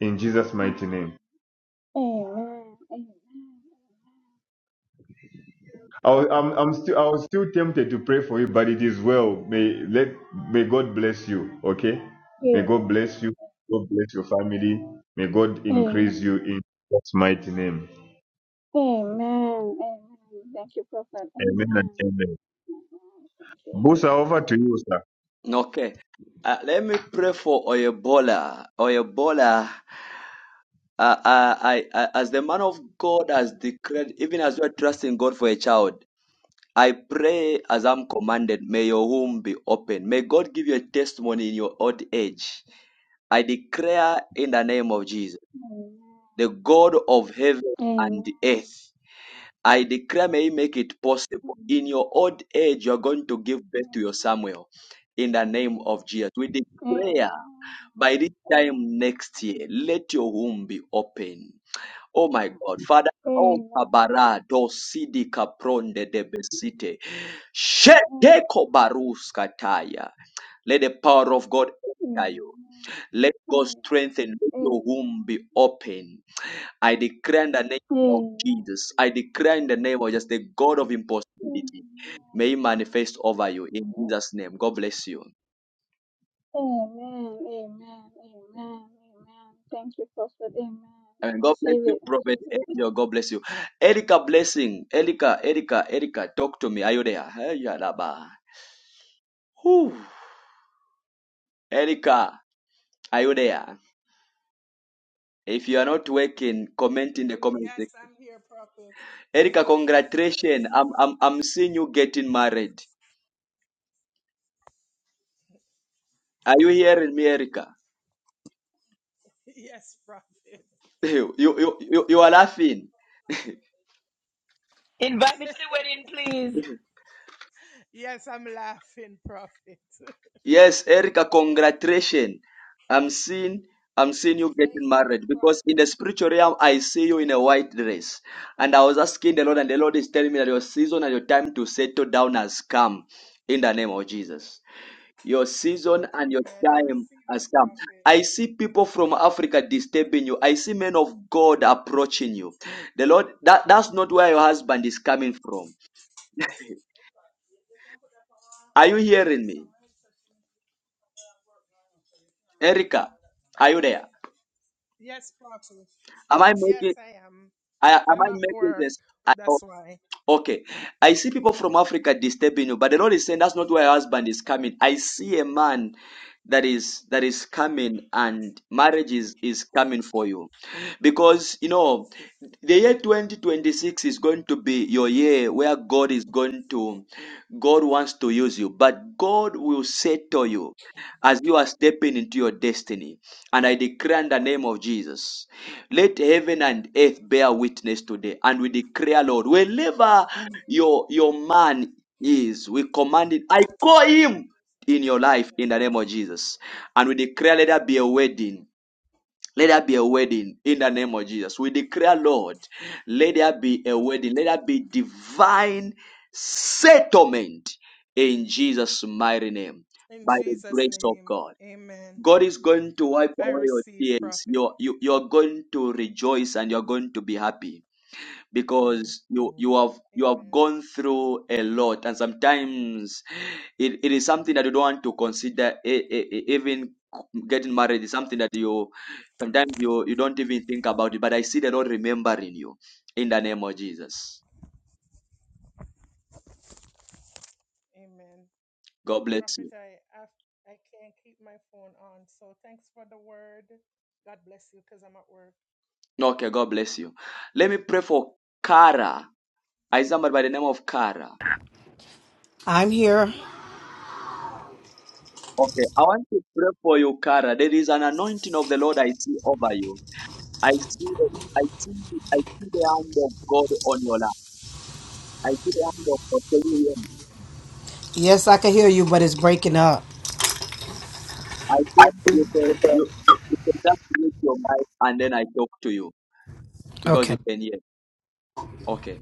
Speaker 20: In Jesus'
Speaker 17: Amen.
Speaker 20: mighty name.
Speaker 17: Amen. Amen.
Speaker 20: I was, I'm, I'm still, I was still tempted to pray for you, but it is well. May let, may God bless you. Okay, may God
Speaker 17: Amen.
Speaker 20: bless you. God bless your family. May God
Speaker 17: Amen.
Speaker 20: increase you in Jesus' mighty name.
Speaker 17: Amen. Amen. Thank you, Prophet.
Speaker 20: Amen and
Speaker 17: Amen.
Speaker 20: amen.
Speaker 17: Amen. Thank you,
Speaker 20: Busa,
Speaker 17: Jesus.
Speaker 20: over to you, sir.
Speaker 1: Okay. Uh, let me pray for Oyebola. Oyebola, uh, uh, I, I, as the man of God has declared, even as you are trusting God for a child, I pray as I'm commanded, may your womb be open. May God give you a testimony in your old age. I declare in the name of Jesus,
Speaker 17: Amen.
Speaker 1: the God of heaven
Speaker 17: Amen.
Speaker 1: and earth I declare, may He make it possible. In
Speaker 17: Amen.
Speaker 1: your old age, you're going to give birth to your Samuel in the name of Jesus. We
Speaker 17: Amen.
Speaker 1: declare by this
Speaker 17: Amen. Amen.
Speaker 1: time next year, let your womb be open. Oh my God. Father, oh
Speaker 17: Amen. Amen.
Speaker 1: kabara do sidi kapronde de besite.
Speaker 17: Amen.
Speaker 1: Shete kobarus kataya. Let the power of God enter
Speaker 17: Amen.
Speaker 1: you. Let God strengthen.
Speaker 17: Amen.
Speaker 1: Let your womb be open I declare in the name of
Speaker 17: Amen.
Speaker 1: Jesus. I declare in the name of just the God of impossibility. May He manifest over you in Jesus' name. God bless you.
Speaker 17: Amen. Amen. Amen. Thank you, Prophet. Amen.
Speaker 1: Amen.
Speaker 17: I
Speaker 1: God bless
Speaker 17: receive
Speaker 1: you,
Speaker 17: it in
Speaker 1: Prophet
Speaker 17: Jesus'
Speaker 1: Angel.
Speaker 17: name.
Speaker 1: God bless you. Erica, blessing. Erica, Erica, Erica, talk to me. Are you there? Hey, Yalaba. Whew. Erica, are you there? If you are not working, comment in the comment
Speaker 22: Yes,
Speaker 1: section.
Speaker 22: I'm here, Prophet. (laughs)
Speaker 1: Erica, congratulations. I'm, I'm, I'm seeing you getting married. Are you hearing me, Erica?
Speaker 22: Yes, Prophet.
Speaker 1: (laughs) You, you, you, you are laughing.
Speaker 22: Yes, I'm laughing, Prophet.
Speaker 1: Yes, Erica, congratulations. I'm seeing I'm seeing you
Speaker 22: Thank
Speaker 1: getting
Speaker 22: you,
Speaker 1: married because in the
Speaker 22: Prophet.
Speaker 1: spiritual realm I see you in a white dress. And I was asking the Lord, and the Lord is telling me that your season and your time to settle down has come in the name of Jesus. Your season and your
Speaker 22: Amen. I
Speaker 1: time
Speaker 22: receive it,
Speaker 1: has come.
Speaker 22: Prophet.
Speaker 1: I see people from Africa disturbing you. I see men of God approaching you. The Lord, that, that's not where your husband is coming from. Are you hearing me? Erica, are you there?
Speaker 22: Yes, Prophet.
Speaker 1: Am I making
Speaker 22: Yes, I am.
Speaker 1: I, am
Speaker 22: I'm
Speaker 1: I
Speaker 22: at
Speaker 1: making
Speaker 22: work.
Speaker 1: this? I, oh,
Speaker 22: That's why.
Speaker 1: okay. I see people from Africa disturbing you, but the Lord is saying that's not where your husband is coming. I see a man that is that is coming and marriage is, is coming for you. Because you know the year 2026 is going to be your year where God is going to God wants to use you, but God will settle you as you are stepping into your destiny. And I declare in the name of Jesus. Let heaven and earth bear witness today. And we declare, Lord, wherever your, your man is, we command it. I call him in your life in the name of Jesus. And we declare, let there be a wedding. Let there be a wedding in the name of Jesus. We declare, Lord, let there be a wedding. Let there be divine settlement in Jesus' mighty name
Speaker 22: In
Speaker 1: by the
Speaker 22: Jesus'
Speaker 1: grace of
Speaker 22: name,
Speaker 1: God.
Speaker 22: amen.
Speaker 1: God is going to wipe
Speaker 22: I
Speaker 1: away your
Speaker 22: receive,
Speaker 1: tears.
Speaker 22: Prophet.
Speaker 1: You're, you, you're going to rejoice and you're going to be happy because you, you have you have
Speaker 22: Amen.
Speaker 1: gone through a lot. And sometimes it, it is something that you don't want to consider. e- e- e- Even getting married is something that you sometimes you, you don't even think about it. But I see the Lord remembering you in the name of Jesus.
Speaker 22: Amen.
Speaker 1: God bless
Speaker 22: Prophet,
Speaker 1: you.
Speaker 22: I, I, I can't keep my phone on. So thanks for the word. God bless you because I'm at work.
Speaker 1: Okay, God bless you. Let me pray for Kara. I somebody by the name of Kara.
Speaker 6: I'm here.
Speaker 1: Okay, I want to pray for you, Kara. There is an anointing of the Lord I see over you. I see the, I see the, I see the hand of God on your life. I see the hand of God. Can you hear me?
Speaker 6: Yes, I can hear you, but it's breaking up.
Speaker 1: I think you can you, you can just mute your mic and then I talk to you because you
Speaker 6: Okay.
Speaker 1: can hear. Okay.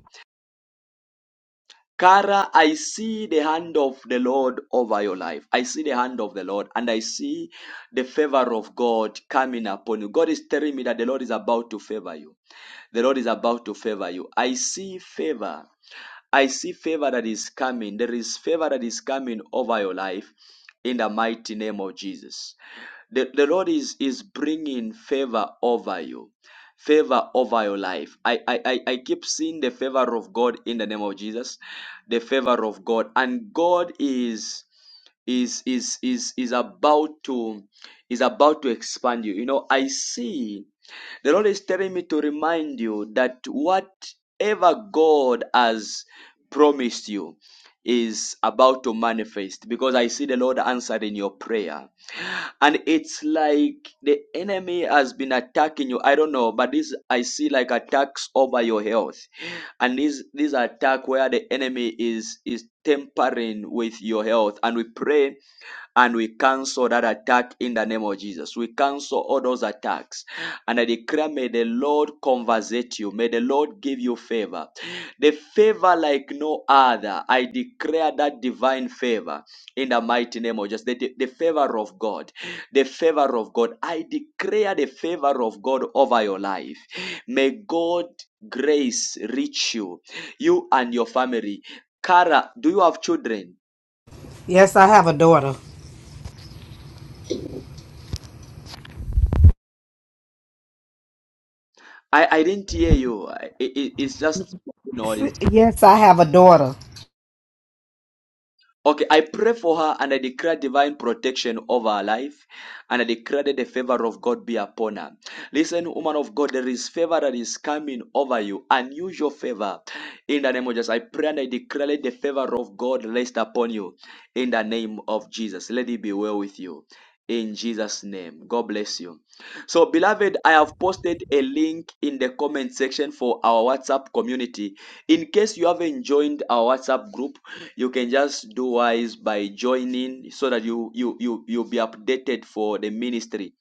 Speaker 1: Kara, I see the hand of the Lord over your life. I see the hand of the Lord and I see the favor of God coming upon you. God is telling me that the Lord is about to favor you. The Lord is about to favor you. I see favor. I see favor that is coming. There is favor that is coming over your life in the mighty name of Jesus. The, the Lord is, is bringing favor over you. Favor over your life. I, I, I I keep seeing the favor of God in the name of Jesus. The favor of God. And God is is is is is about to is about to expand you. You know, I see the Lord is telling me to remind you that whatever God has promised you is about to manifest because I see the Lord answered in your prayer and it's like the enemy has been attacking you i don't know but this i see like attacks over your health and this this attack where the enemy is is tampering with your health and we pray and we cancel that attack in the name of Jesus. We cancel all those attacks. And I declare, may the Lord conversate you. May the Lord give you favor. The favor like no other. I declare that divine favor in the mighty name of Jesus. The, the, the favor of God. The favor of God. I declare the favor of God over your life. May God grace reach you, you and your family. Kara, do you have children?
Speaker 6: Yes, I have a daughter.
Speaker 1: I, I didn't hear you. I, it, it's just noise.
Speaker 6: Yes, I have a daughter.
Speaker 1: Okay, I pray for her and I declare divine protection over her life and I declare that the favor of God be upon her. Listen, woman of God, there is favor that is coming over you, unusual favor. In the name of Jesus, I pray and I declare that the favor of God rest upon you in the name of Jesus. Let it be well with you. In Jesus' name, God bless you. So, beloved, I have posted a link in the comment section for our WhatsApp community. In case you haven't joined our WhatsApp group, you can just do wise by joining so that you you you you'll be updated for the ministry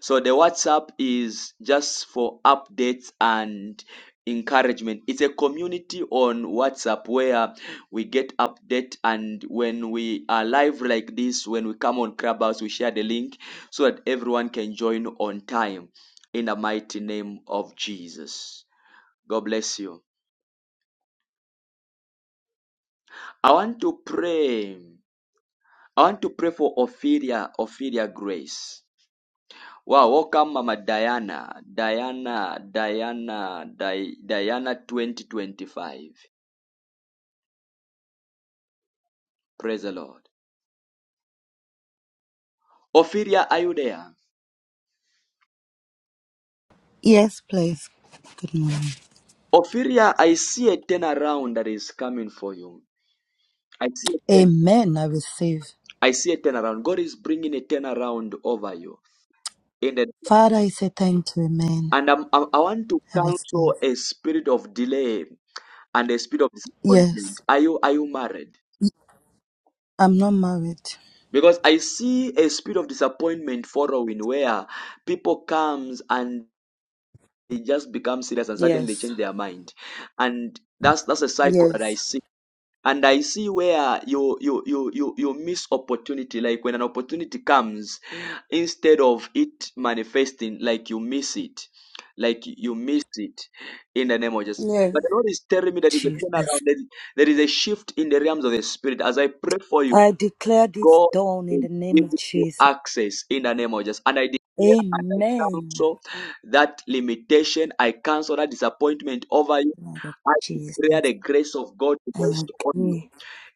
Speaker 1: so the whatsapp is just for updates and encouragement it's a community on whatsapp where we get update and when we are live like this when we come on clubhouse we share the link so that everyone can join on time in the mighty name of jesus god bless you i want to pray I want to pray for Ophelia, Ophelia Grace. Wow, welcome Mama Diana, Diana, Diana, Di- Diana 2025. Praise the Lord. Ophelia, are you there?
Speaker 23: Yes, please. Good morning.
Speaker 1: Ophelia, I see a turnaround that is coming for you. I see a turn-
Speaker 23: Amen. I receive.
Speaker 1: I see a turnaround. God is bringing a turnaround over you. In the,
Speaker 23: Father, I say thank you. Amen.
Speaker 1: and I'm, I'm- I want to
Speaker 23: I receive.
Speaker 1: counsel a spirit of delay and a spirit of disappointment.
Speaker 23: Yes,
Speaker 1: Are you are you married?
Speaker 23: I'm not married.
Speaker 1: Because I see a spirit of disappointment following where people comes and they just become serious and suddenly
Speaker 23: Yes,
Speaker 1: change their mind. And that's that's a cycle that I
Speaker 23: yes,
Speaker 1: see. And I see where you you you you you miss opportunity. Like when an opportunity comes, instead of it manifesting, like you miss it. Like you miss it in the name of Jesus.
Speaker 23: yes.
Speaker 1: But the Lord is telling me that there is a
Speaker 23: Jesus.
Speaker 1: turnaround, there is there is a shift in the realms of the spirit. As I pray for you,
Speaker 23: I declare this
Speaker 1: God
Speaker 23: dawn in
Speaker 1: will
Speaker 23: the name
Speaker 1: give
Speaker 23: of
Speaker 1: you
Speaker 23: Jesus.
Speaker 1: access in the name of Jesus. And I declare and I
Speaker 23: Amen.
Speaker 1: cancel that limitation. I cancel that disappointment over you.
Speaker 23: Blood of
Speaker 1: I declare
Speaker 23: Jesus.
Speaker 1: the grace of God to
Speaker 23: I
Speaker 1: rest on you
Speaker 23: agree.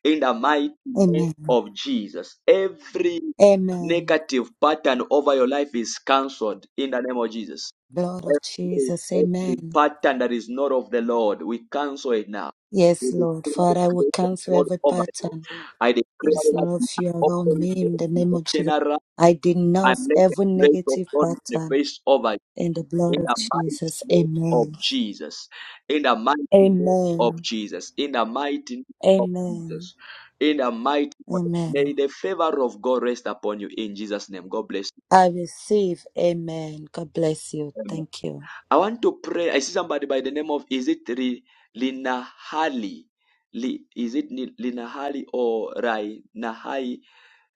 Speaker 1: in the mighty name
Speaker 23: Amen.
Speaker 1: of Jesus. Every
Speaker 23: Amen.
Speaker 1: negative pattern over your life is cancelled in the name of Jesus.
Speaker 23: Blood of Jesus.
Speaker 1: Every
Speaker 23: Amen.
Speaker 1: pattern that is not of the Lord, we cancel it now. We
Speaker 23: Yes, Lord.
Speaker 1: declare the
Speaker 23: Father, I will
Speaker 1: grace of
Speaker 23: cancel
Speaker 1: God
Speaker 23: every
Speaker 1: over you.
Speaker 23: pattern.
Speaker 1: I
Speaker 23: There
Speaker 1: declare
Speaker 23: is
Speaker 1: that
Speaker 23: none of
Speaker 1: you are
Speaker 23: you around
Speaker 1: open
Speaker 23: me in the name
Speaker 1: to
Speaker 23: of Jesus.
Speaker 1: eternal
Speaker 23: I
Speaker 1: and
Speaker 23: denounce
Speaker 1: let the
Speaker 23: every
Speaker 1: grace of
Speaker 23: negative
Speaker 1: God
Speaker 23: pattern
Speaker 1: manifest over you
Speaker 23: in the blood
Speaker 1: in
Speaker 23: of
Speaker 1: the mighty
Speaker 23: Jesus.
Speaker 1: name of
Speaker 23: Amen.
Speaker 1: Jesus. In the mighty name of
Speaker 23: Amen.
Speaker 1: Jesus. In the mighty name of
Speaker 23: Amen.
Speaker 1: Jesus. In the mighty name.
Speaker 23: Amen.
Speaker 1: May the favor of God rest upon you in Jesus' name. God bless
Speaker 23: I receive. Amen. God bless you.
Speaker 1: you.
Speaker 23: Thank you.
Speaker 1: I want to pray. I see somebody by the name of is it Ri, Lina Hali? Li, is it Ni- Lina Hali or Rai Nahai?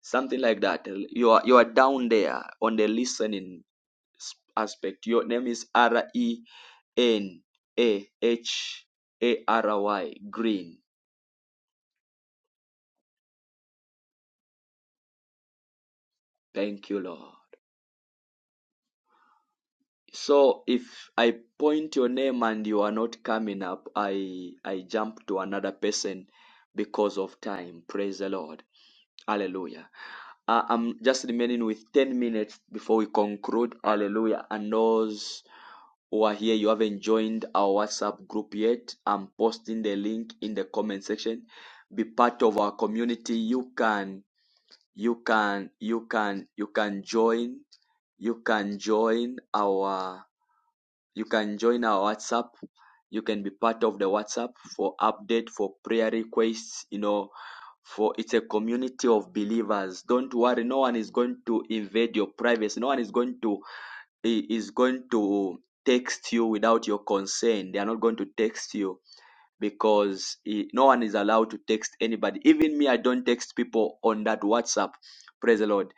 Speaker 1: Something like that. You are you are down there on the listening s- aspect. Your name is R E N A H A R Y Green. Thank you, Lord. So if I point your name and you are not coming up, I I jump to another person because of time. Praise the Lord. Hallelujah. Uh, I'm just remaining with 10 minutes before we conclude. Hallelujah. And those who are here, you haven't joined our WhatsApp group yet. I'm posting the link in the comment section. Be part of our community. You can, you can, you can, you can join. You can join our you can join our WhatsApp. You can be part of the WhatsApp for update, for prayer requests, you know, for it's a community of believers. Don't worry, no one is going to invade your privacy. No one is going to is going to text you without your consent. They are not going to text you because eh, no one is allowed to text anybody. Even me, I don't text people on that WhatsApp. Praise the Lord.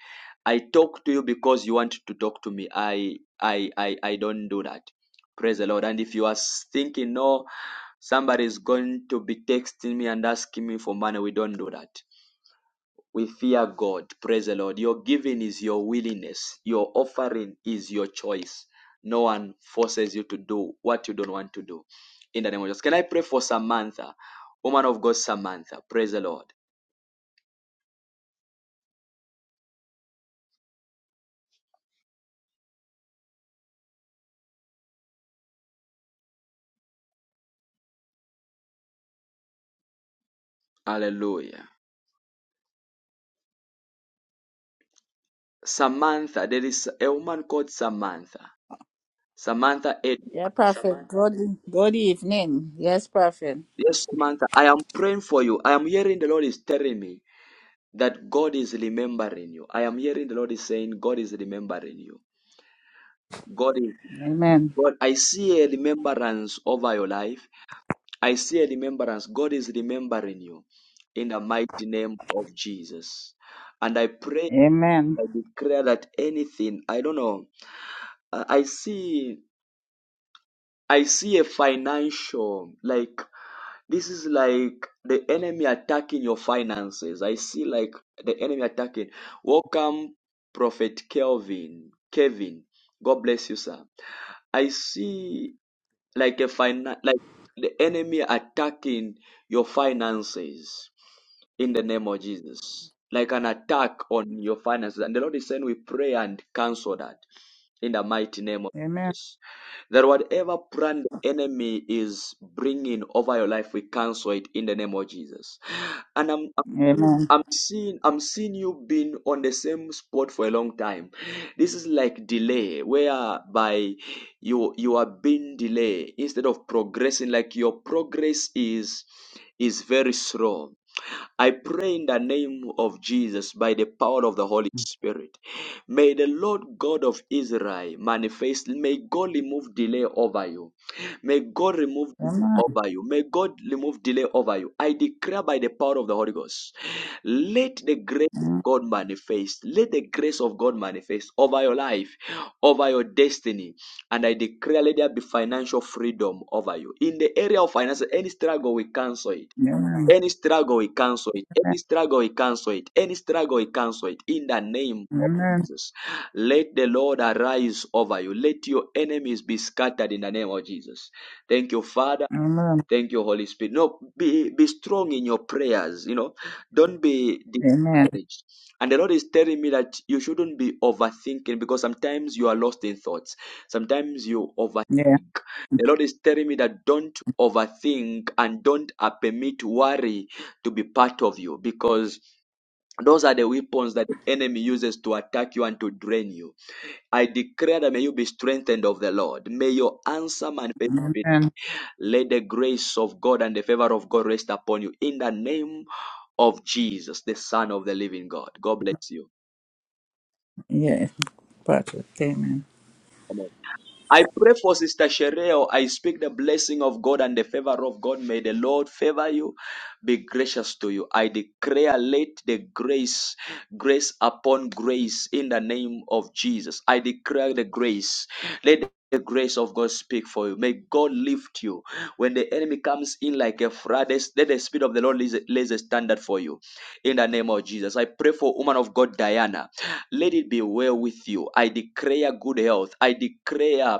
Speaker 1: I talk to you because you want to talk to me. I I I, I don't do that. Praise the Lord. And if you are thinking, no, somebody is going to be texting me and asking me for money, we don't do that. We fear God. Praise the Lord. Your giving is your willingness. Your offering is your choice. No one forces you to do what you don't want to do. In the name of Jesus. Can I pray for Samantha? Woman of God, Samantha. Praise the Lord. Hallelujah. Samantha. There is a woman called Samantha Samantha Ed.
Speaker 18: Yeah, Prophet. Good, good evening. Yes, Prophet.
Speaker 1: Yes, Samantha, I am praying for you. I am hearing the Lord is telling me that God is remembering you. I am hearing the Lord is saying God is remembering you. God is
Speaker 18: Amen.
Speaker 1: God. I see a remembrance over your life. I see a remembrance. God is remembering you in the mighty name of Jesus. And I pray,
Speaker 18: Amen.
Speaker 1: I declare that anything, I don't know, I I see I see a financial like This is like the enemy attacking your finances. I see like the enemy attacking. Welcome, Prophet Kelvin. Kevin, God bless you, sir. I see like a finan like the enemy attacking your finances in the name of Jesus. Like an attack on your finances. And the Lord is saying, we pray and cancel that in the mighty name of
Speaker 18: Amen.
Speaker 1: Jesus. That whatever plan the enemy is bringing over your life, we cancel it in the name of Jesus. And I'm, I'm
Speaker 18: Amen.
Speaker 1: I'm seeing I'm seeing you being on the same spot for a long time. This is like delay, whereby you you are being delayed instead of progressing. Like your progress is is very slow I pray in the name of Jesus by the power of the Holy Spirit. May the Lord God of Israel manifest. May God remove delay over you. May God remove delay
Speaker 18: Amen.
Speaker 1: over you. May God remove delay over you. I declare by the power of the Holy Ghost. Let the grace of
Speaker 18: Amen.
Speaker 1: God manifest. Let the grace of God manifest over your life, over your destiny. And I declare let there be financial freedom over you. In the area of finances, any struggle, we cancel it.
Speaker 18: Amen.
Speaker 1: Any struggle, we cancel it. Any struggle, we cancel it. Any struggle, we cancel it. In the name of
Speaker 18: Amen.
Speaker 1: Jesus. Let the Lord arise over you. Let your enemies be scattered in the name of Jesus. Thank you, Father.
Speaker 18: Amen.
Speaker 1: Thank you, Holy Spirit. No, be be strong in your prayers. You know, don't be
Speaker 18: Amen.
Speaker 1: discouraged. And the Lord is telling me that you shouldn't be overthinking because sometimes you are lost in thoughts. Sometimes you overthink.
Speaker 18: Yeah.
Speaker 1: The Lord is telling me that don't overthink and don't uh, permit worry to be part of you because those are the weapons that the enemy uses to attack you and to drain you. I declare that may you be strengthened of the Lord. May your answer manifest
Speaker 18: Amen.
Speaker 1: let the grace of God and the favor of God rest upon you in the name of Jesus, the Son of the living God. God bless you.
Speaker 18: Yeah. Prophet. Amen.
Speaker 1: Amen. I pray for Sister Shereo. I speak the blessing of God and the favor of God. May the Lord favor you, be gracious to you. I declare, let the grace, grace upon grace in the name of Jesus. I declare the grace. Let the grace of God speak for you. May God lift you. When the enemy comes in like a flood, let the spirit of the Lord lays a lays a standard for you. In the name of Jesus. I pray for woman of God, Diana. Let it be well with you. I declare good health. I declare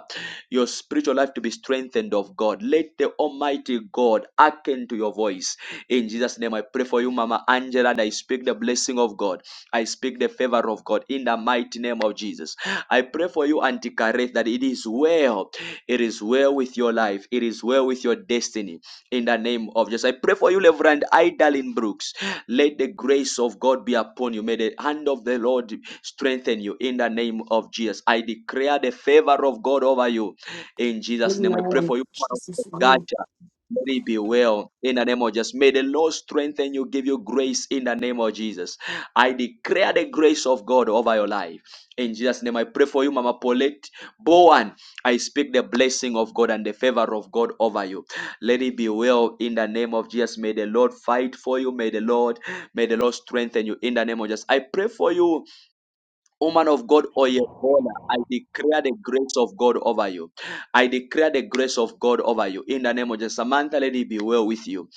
Speaker 1: your spiritual life to be strengthened of God. Let the Almighty God hearken to your voice. In Jesus' name, I pray for you, Mama Angela, and I speak the blessing of God. I speak the favor of God in the mighty name of Jesus. I pray for you, Auntie Kareth, that it is well. It is well with your life. It is well with your destiny. In the name of Jesus. I pray for you, Reverend Idalin Brooks. Let the grace of God be upon you. May the hand of the Lord strengthen you in the name of Jesus. I declare the favor of God over you in Jesus' name. I pray for you, man of God, Gacha. May it be well in the name of Jesus. May the Lord strengthen you, give you grace in the name of Jesus. I declare the grace of God over your life. In Jesus' name, I pray for you, Mama Paulette Bowen. I speak the blessing of God and the favor of God over you. Let it be well in the name of Jesus. May the Lord fight for you. May the Lord May the Lord strengthen you in the name of Jesus. I pray for you, woman of God, Oyebola. I declare the grace of God over you. I declare the grace of God over you in the name of Jesus. Samantha, let it be well with you.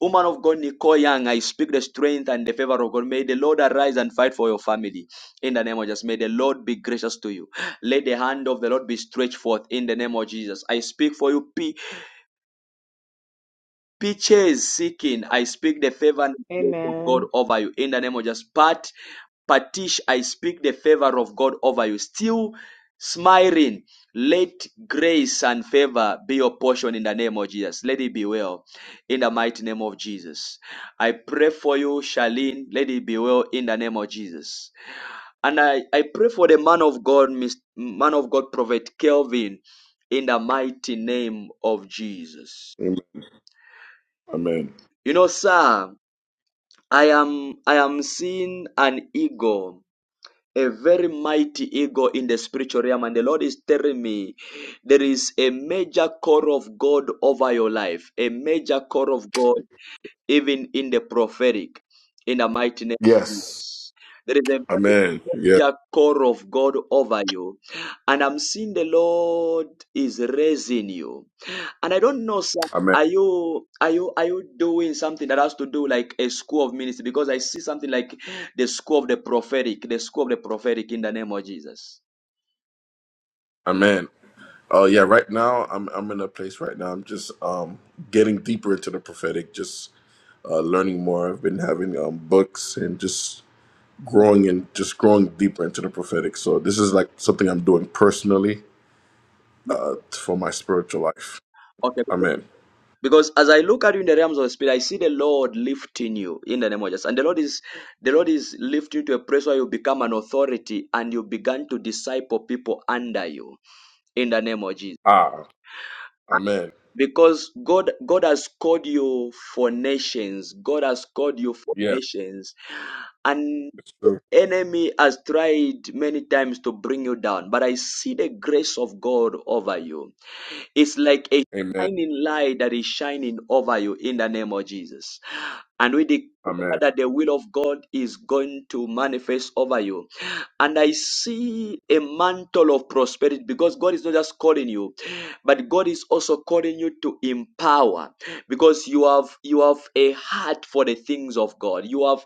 Speaker 1: Woman of God, Nicole Young, I speak the strength and the favor of God. May the Lord arise and fight for your family in the name of Jesus. May the Lord be gracious to you. Let the hand of the Lord be stretched forth in the name of Jesus. I speak for you, peace pitches seeking. I speak the favor and grace of God
Speaker 19: Amen.
Speaker 1: over you in the name of just Pat Patish. I speak the favor of God over you. Still smiling. Let grace and favor be your portion in the name of Jesus. Let it be well in the mighty name of Jesus. I pray for you, Charlene. Let it be well in the name of Jesus. And I, I pray for the man of God, Mis- man of God, Prophet Kelvin, in the mighty name of Jesus.
Speaker 24: Amen. Amen.
Speaker 1: You know, sir, I am I am seeing an eagle, a very mighty eagle in the spiritual realm, and the Lord is telling me there is a major call of God over your life, a major call of God even in the prophetic, in the mighty name. of
Speaker 24: Yes.
Speaker 1: Jesus. There is a very
Speaker 24: Amen. Yeah.
Speaker 1: major call of God over you, and I'm seeing the Lord is raising you and I don't know, sir.
Speaker 24: Amen.
Speaker 1: Are you are you are you doing something that has to do like a school of ministry? Because I see something like the school of the prophetic, the school of the prophetic in the name of Jesus.
Speaker 24: Amen. Oh yeah. Right now, I'm I'm in a place right now. I'm just um getting deeper into the prophetic, just uh, learning more. I've been having um books and just growing and just growing deeper into the prophetic. So this is like something I'm doing personally uh for my spiritual life.
Speaker 1: Okay.
Speaker 24: Amen.
Speaker 1: Because as I look at you in the realms of the spirit, I see the Lord lifting you in the name of Jesus. And the Lord is the Lord is lifting you to a place where you become an authority and you begin to disciple people under you in the name of Jesus.
Speaker 24: Ah. Amen.
Speaker 1: Because God God has called you for nations. God has called you for
Speaker 24: Yes.
Speaker 1: nations. And
Speaker 24: It's true.
Speaker 1: enemy has tried many times to bring you down, but I see the grace of God over you. It's like a
Speaker 24: Amen.
Speaker 1: shining light that is shining over you in the name of Jesus. And we declare
Speaker 24: Amen.
Speaker 1: that the will of God is going to manifest over you. And I see a mantle of prosperity because God is not just calling you, but God is also calling you to empower because you have you have a heart for the things of God. You have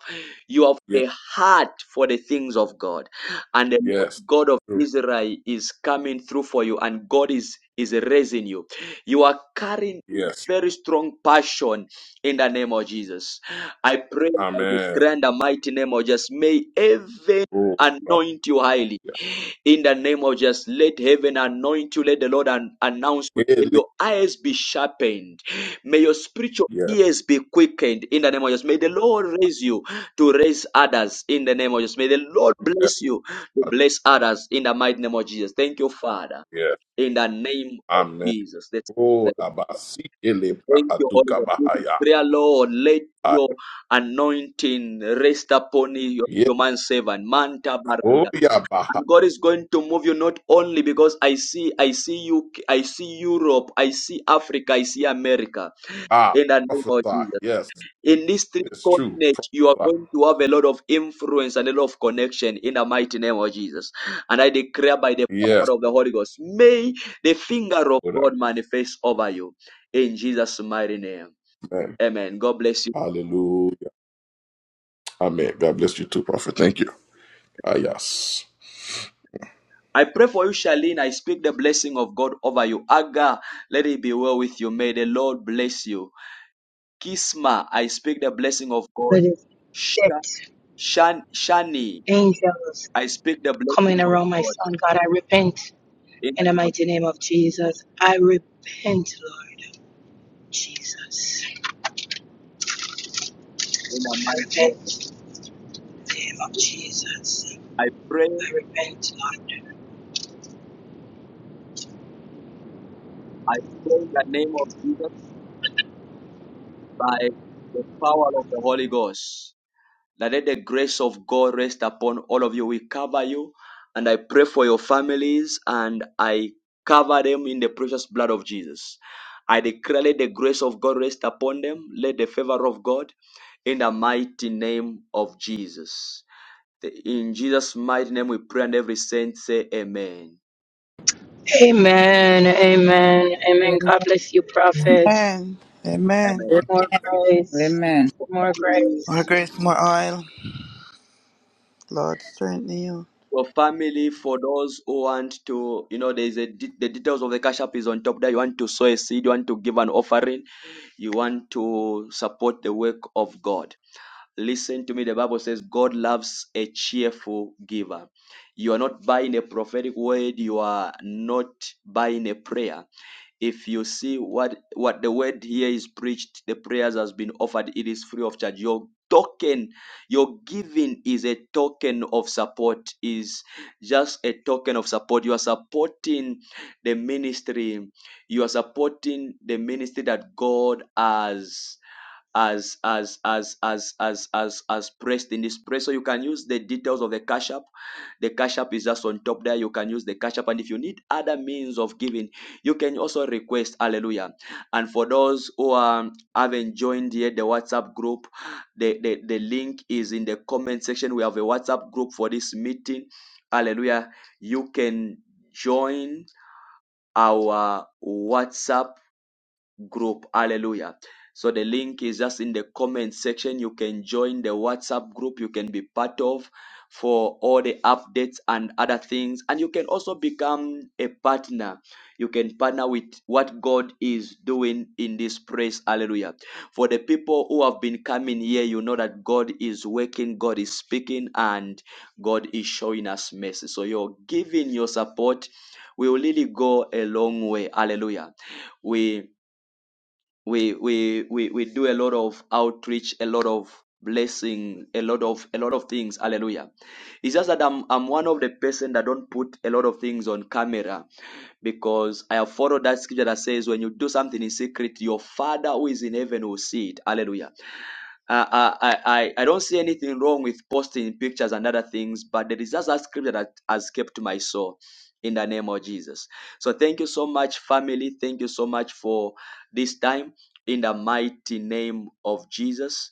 Speaker 1: you have
Speaker 24: Yeah.
Speaker 1: a heart for the things of God. And the
Speaker 24: Yes.
Speaker 1: God of
Speaker 24: True.
Speaker 1: Israel is coming through for you and God is, is raising you. You are carrying a
Speaker 24: Yes.
Speaker 1: very strong passion in the name of Jesus. I pray in the
Speaker 24: Amen.
Speaker 1: grand and mighty name of Jesus. May heaven
Speaker 24: Oh.
Speaker 1: anoint you highly. In the name of Jesus, let heaven anoint you. Let the Lord an- announce you. May
Speaker 24: Yeah.
Speaker 1: your eyes be sharpened. May your spiritual
Speaker 24: Yes,
Speaker 1: ears be quickened. In the name of Jesus, may the Lord raise you to raise others. In the name of Jesus, may the Lord
Speaker 24: yes,
Speaker 1: bless you to
Speaker 24: uh,
Speaker 1: bless others. In the mighty name of Jesus, thank you, Father.
Speaker 24: yes.
Speaker 1: In the name of
Speaker 24: Amen.
Speaker 1: Jesus, Let's-
Speaker 24: Oh,
Speaker 1: let's
Speaker 24: abasi ele
Speaker 1: thank you, Holy
Speaker 24: atuka
Speaker 1: Ghost. Prayer,
Speaker 24: bahaya.
Speaker 1: Lord, let
Speaker 24: Ah,
Speaker 1: your anointing rest upon your,
Speaker 24: Yeah.
Speaker 1: your man servant. Manta
Speaker 24: Oh,
Speaker 1: baranda.
Speaker 24: yeah, baha.
Speaker 1: And God is going to move you not only because I see, I see you, I see Europe, I see Africa, I see America.
Speaker 24: Ah,
Speaker 1: In the name of
Speaker 24: prophesy.
Speaker 1: Jesus.
Speaker 24: Yes,
Speaker 1: In these three
Speaker 24: it's true.
Speaker 1: continents, you are
Speaker 24: Prophesy.
Speaker 1: going to have a lot of influence and a lot of connection in the mighty name of Jesus. And I declare by the
Speaker 24: Yes.
Speaker 1: power of the Holy Ghost, may the finger of
Speaker 24: Good.
Speaker 1: God manifest over you. In Jesus' mighty name.
Speaker 24: Amen.
Speaker 1: Amen. God bless you.
Speaker 24: Hallelujah. Amen. God bless you too, prophet. Thank you. Ah, yes.
Speaker 1: I pray for you, Charlene. I speak the blessing of God over you. Aga, let it be well with you. May the Lord bless you. Kisma, I speak the blessing of God.
Speaker 25: that is
Speaker 1: Sha-
Speaker 25: death,
Speaker 1: Shan, Shani,
Speaker 25: angels
Speaker 1: I speak the
Speaker 25: coming
Speaker 1: blessing of
Speaker 25: around my
Speaker 1: God.
Speaker 25: son. God, I repent
Speaker 1: In
Speaker 25: in
Speaker 1: the,
Speaker 25: the
Speaker 1: name of
Speaker 25: mighty
Speaker 1: Jesus,
Speaker 25: name of Jesus. I repent, Lord Jesus.
Speaker 1: in the
Speaker 25: I
Speaker 1: mighty name.
Speaker 25: repent in the name of Jesus.
Speaker 1: I pray,
Speaker 25: I repent, Lord.
Speaker 1: I pray in the name of Jesus by the power of the Holy Ghost. That let the grace of God rest upon all of you. We cover you and I pray for your families and I cover them in the precious blood of Jesus. I declare let the grace of God rest upon them. Let the favor of God in the mighty name of Jesus. In Jesus' mighty name we pray and every saint say amen.
Speaker 25: Amen. Amen. Amen. God bless you,
Speaker 18: Amen.
Speaker 25: prophet.
Speaker 5: Amen. Amen.
Speaker 1: Amen.
Speaker 25: More grace.
Speaker 18: Amen.
Speaker 25: More
Speaker 5: More
Speaker 25: grace.
Speaker 5: grace, more oil. Lord, strengthen you.
Speaker 1: Your family, for those who want to, you know, there's a de- the details of the cash app is on top there. You want to sow a seed, you want to give an offering, you want to support the work of God. Listen to me. The Bible says God loves a cheerful giver. You are not buying a prophetic word. You are not buying a prayer. if you see what what the word here is preached the prayers has been offered it is free of charge your token your giving is a token of support is just a token of support you are supporting the ministry you are supporting the ministry that god has as as as as as as as pressed in this press. So you can use the details of the cash app. The cash app is just on top there. You can use the cash app, and if you need other means of giving, you can also request. Hallelujah! And for those who um, haven't joined yet the WhatsApp group, the, the the link is in the comment section. We have a WhatsApp group for this meeting. Hallelujah! You can join our WhatsApp group. Hallelujah. So the link is just in the comment section. You can join the WhatsApp group you can be part of for all the updates and other things. And you can also become a partner. You can partner with what God is doing in this place. Hallelujah. For the people who have been coming here, you know that God is working, God is speaking, and God is showing us mercy. So your giving your support will really go a long way. Hallelujah. We we we we we do a lot of outreach a lot of blessing a lot of a lot of things hallelujah it's just that i'm i'm one of the person that don't put a lot of things on camera because i have followed that scripture that says when you do something in secret your father who is in heaven will see it hallelujah uh, I, I, I I don't see anything wrong with posting pictures and other things, but there is just a scripture that has kept my soul in the name of Jesus. So thank you so much, family. Thank you so much for this time in the mighty name of Jesus.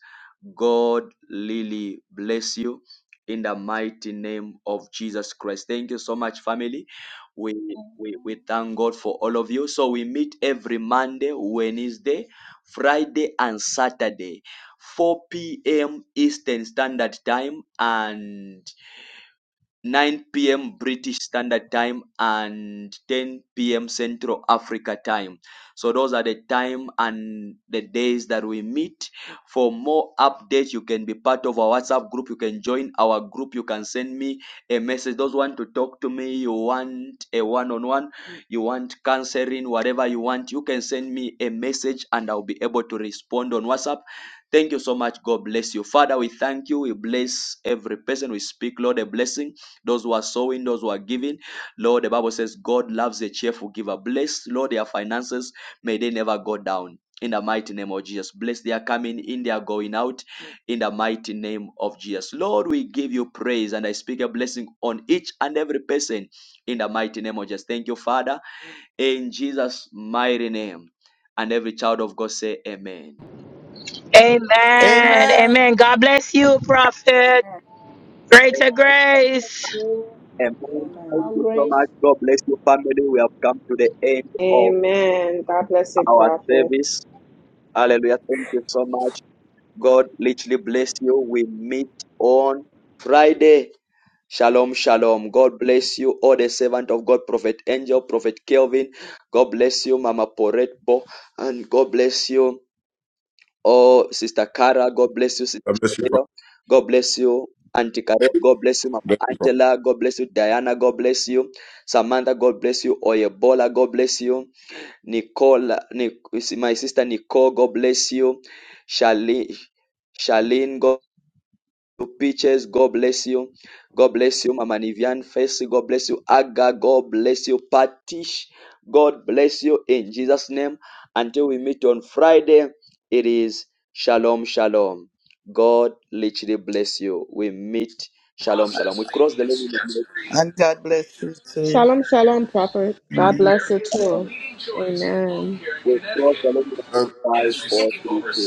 Speaker 1: God really bless you in the mighty name of Jesus Christ. Thank you so much, family. We, we we
Speaker 17: Amen.
Speaker 1: thank God for all of you. So we meet every Monday, Wednesday, Friday, and Saturday. 4 p.m. Eastern Standard Time and 9 p.m. British Standard Time and 10 p.m. Central Africa Time. So those are the time and the days that we meet. For more updates, you can be part of our WhatsApp group. You can join our group. You can send me a message. Those want to talk to me, you want a one-on-one, you want counseling, whatever you want, you can send me a message and I'll be able to respond on WhatsApp. Thank you so much. God bless you. Father, we thank you. We bless every person. We speak, Lord, a blessing those who are sowing, those who are giving. Lord, the Bible says God loves a cheerful giver. Bless, Lord, their finances. May they never go down. In the mighty name of Jesus. Bless their coming in, their going out. In the mighty name of Jesus. Lord, we give you praise and I speak a blessing on each and every person. In the mighty name of Jesus. Thank you, Father. In Jesus' mighty name. And every child of God say, Amen.
Speaker 25: Amen.
Speaker 5: Amen.
Speaker 25: Amen. God bless you, prophet. Greater
Speaker 17: Amen. God bless
Speaker 25: grace.
Speaker 17: you,
Speaker 1: Amen.
Speaker 18: Amen.
Speaker 1: Thank
Speaker 17: More
Speaker 1: you so much.
Speaker 17: Grace.
Speaker 1: God bless your family. We have come to the end of
Speaker 19: Amen. God bless you,
Speaker 1: our
Speaker 19: prophet.
Speaker 1: service. Hallelujah. Thank you so much. God literally bless you. We meet on Friday. Shalom, shalom. God bless you, all the servant of God, Prophet Angel, Prophet Kelvin. God bless you, Mama Poretbo. And God bless you, oh, Sister Cara. God bless you, Sister
Speaker 24: God bless you,
Speaker 1: Shabeo.
Speaker 24: prophet.
Speaker 1: God bless you, Auntie Karet. God bless you, Mama
Speaker 24: Bless you,
Speaker 1: Angela. God bless you, Diana. God bless you, Samantha. God bless you, Oyebola. God bless you. Nicole, Nic, my sister Nicole, God bless you. Charlene, Charlene, God Peaches, God bless you. God bless you, Mama Nivian Face, God bless you. Aga, God bless you. Patish, God bless you in Jesus' name. Until we meet on Friday, it is Shalom, Shalom. God literally bless you. We meet Shalom, Shalom. We cross the line.
Speaker 5: And God bless you too.
Speaker 19: Shalom, shalom, prophet. God
Speaker 5: Amen.
Speaker 19: bless you too. Amen.
Speaker 1: We cross the line.
Speaker 24: prophet.
Speaker 1: Five, four, three, two.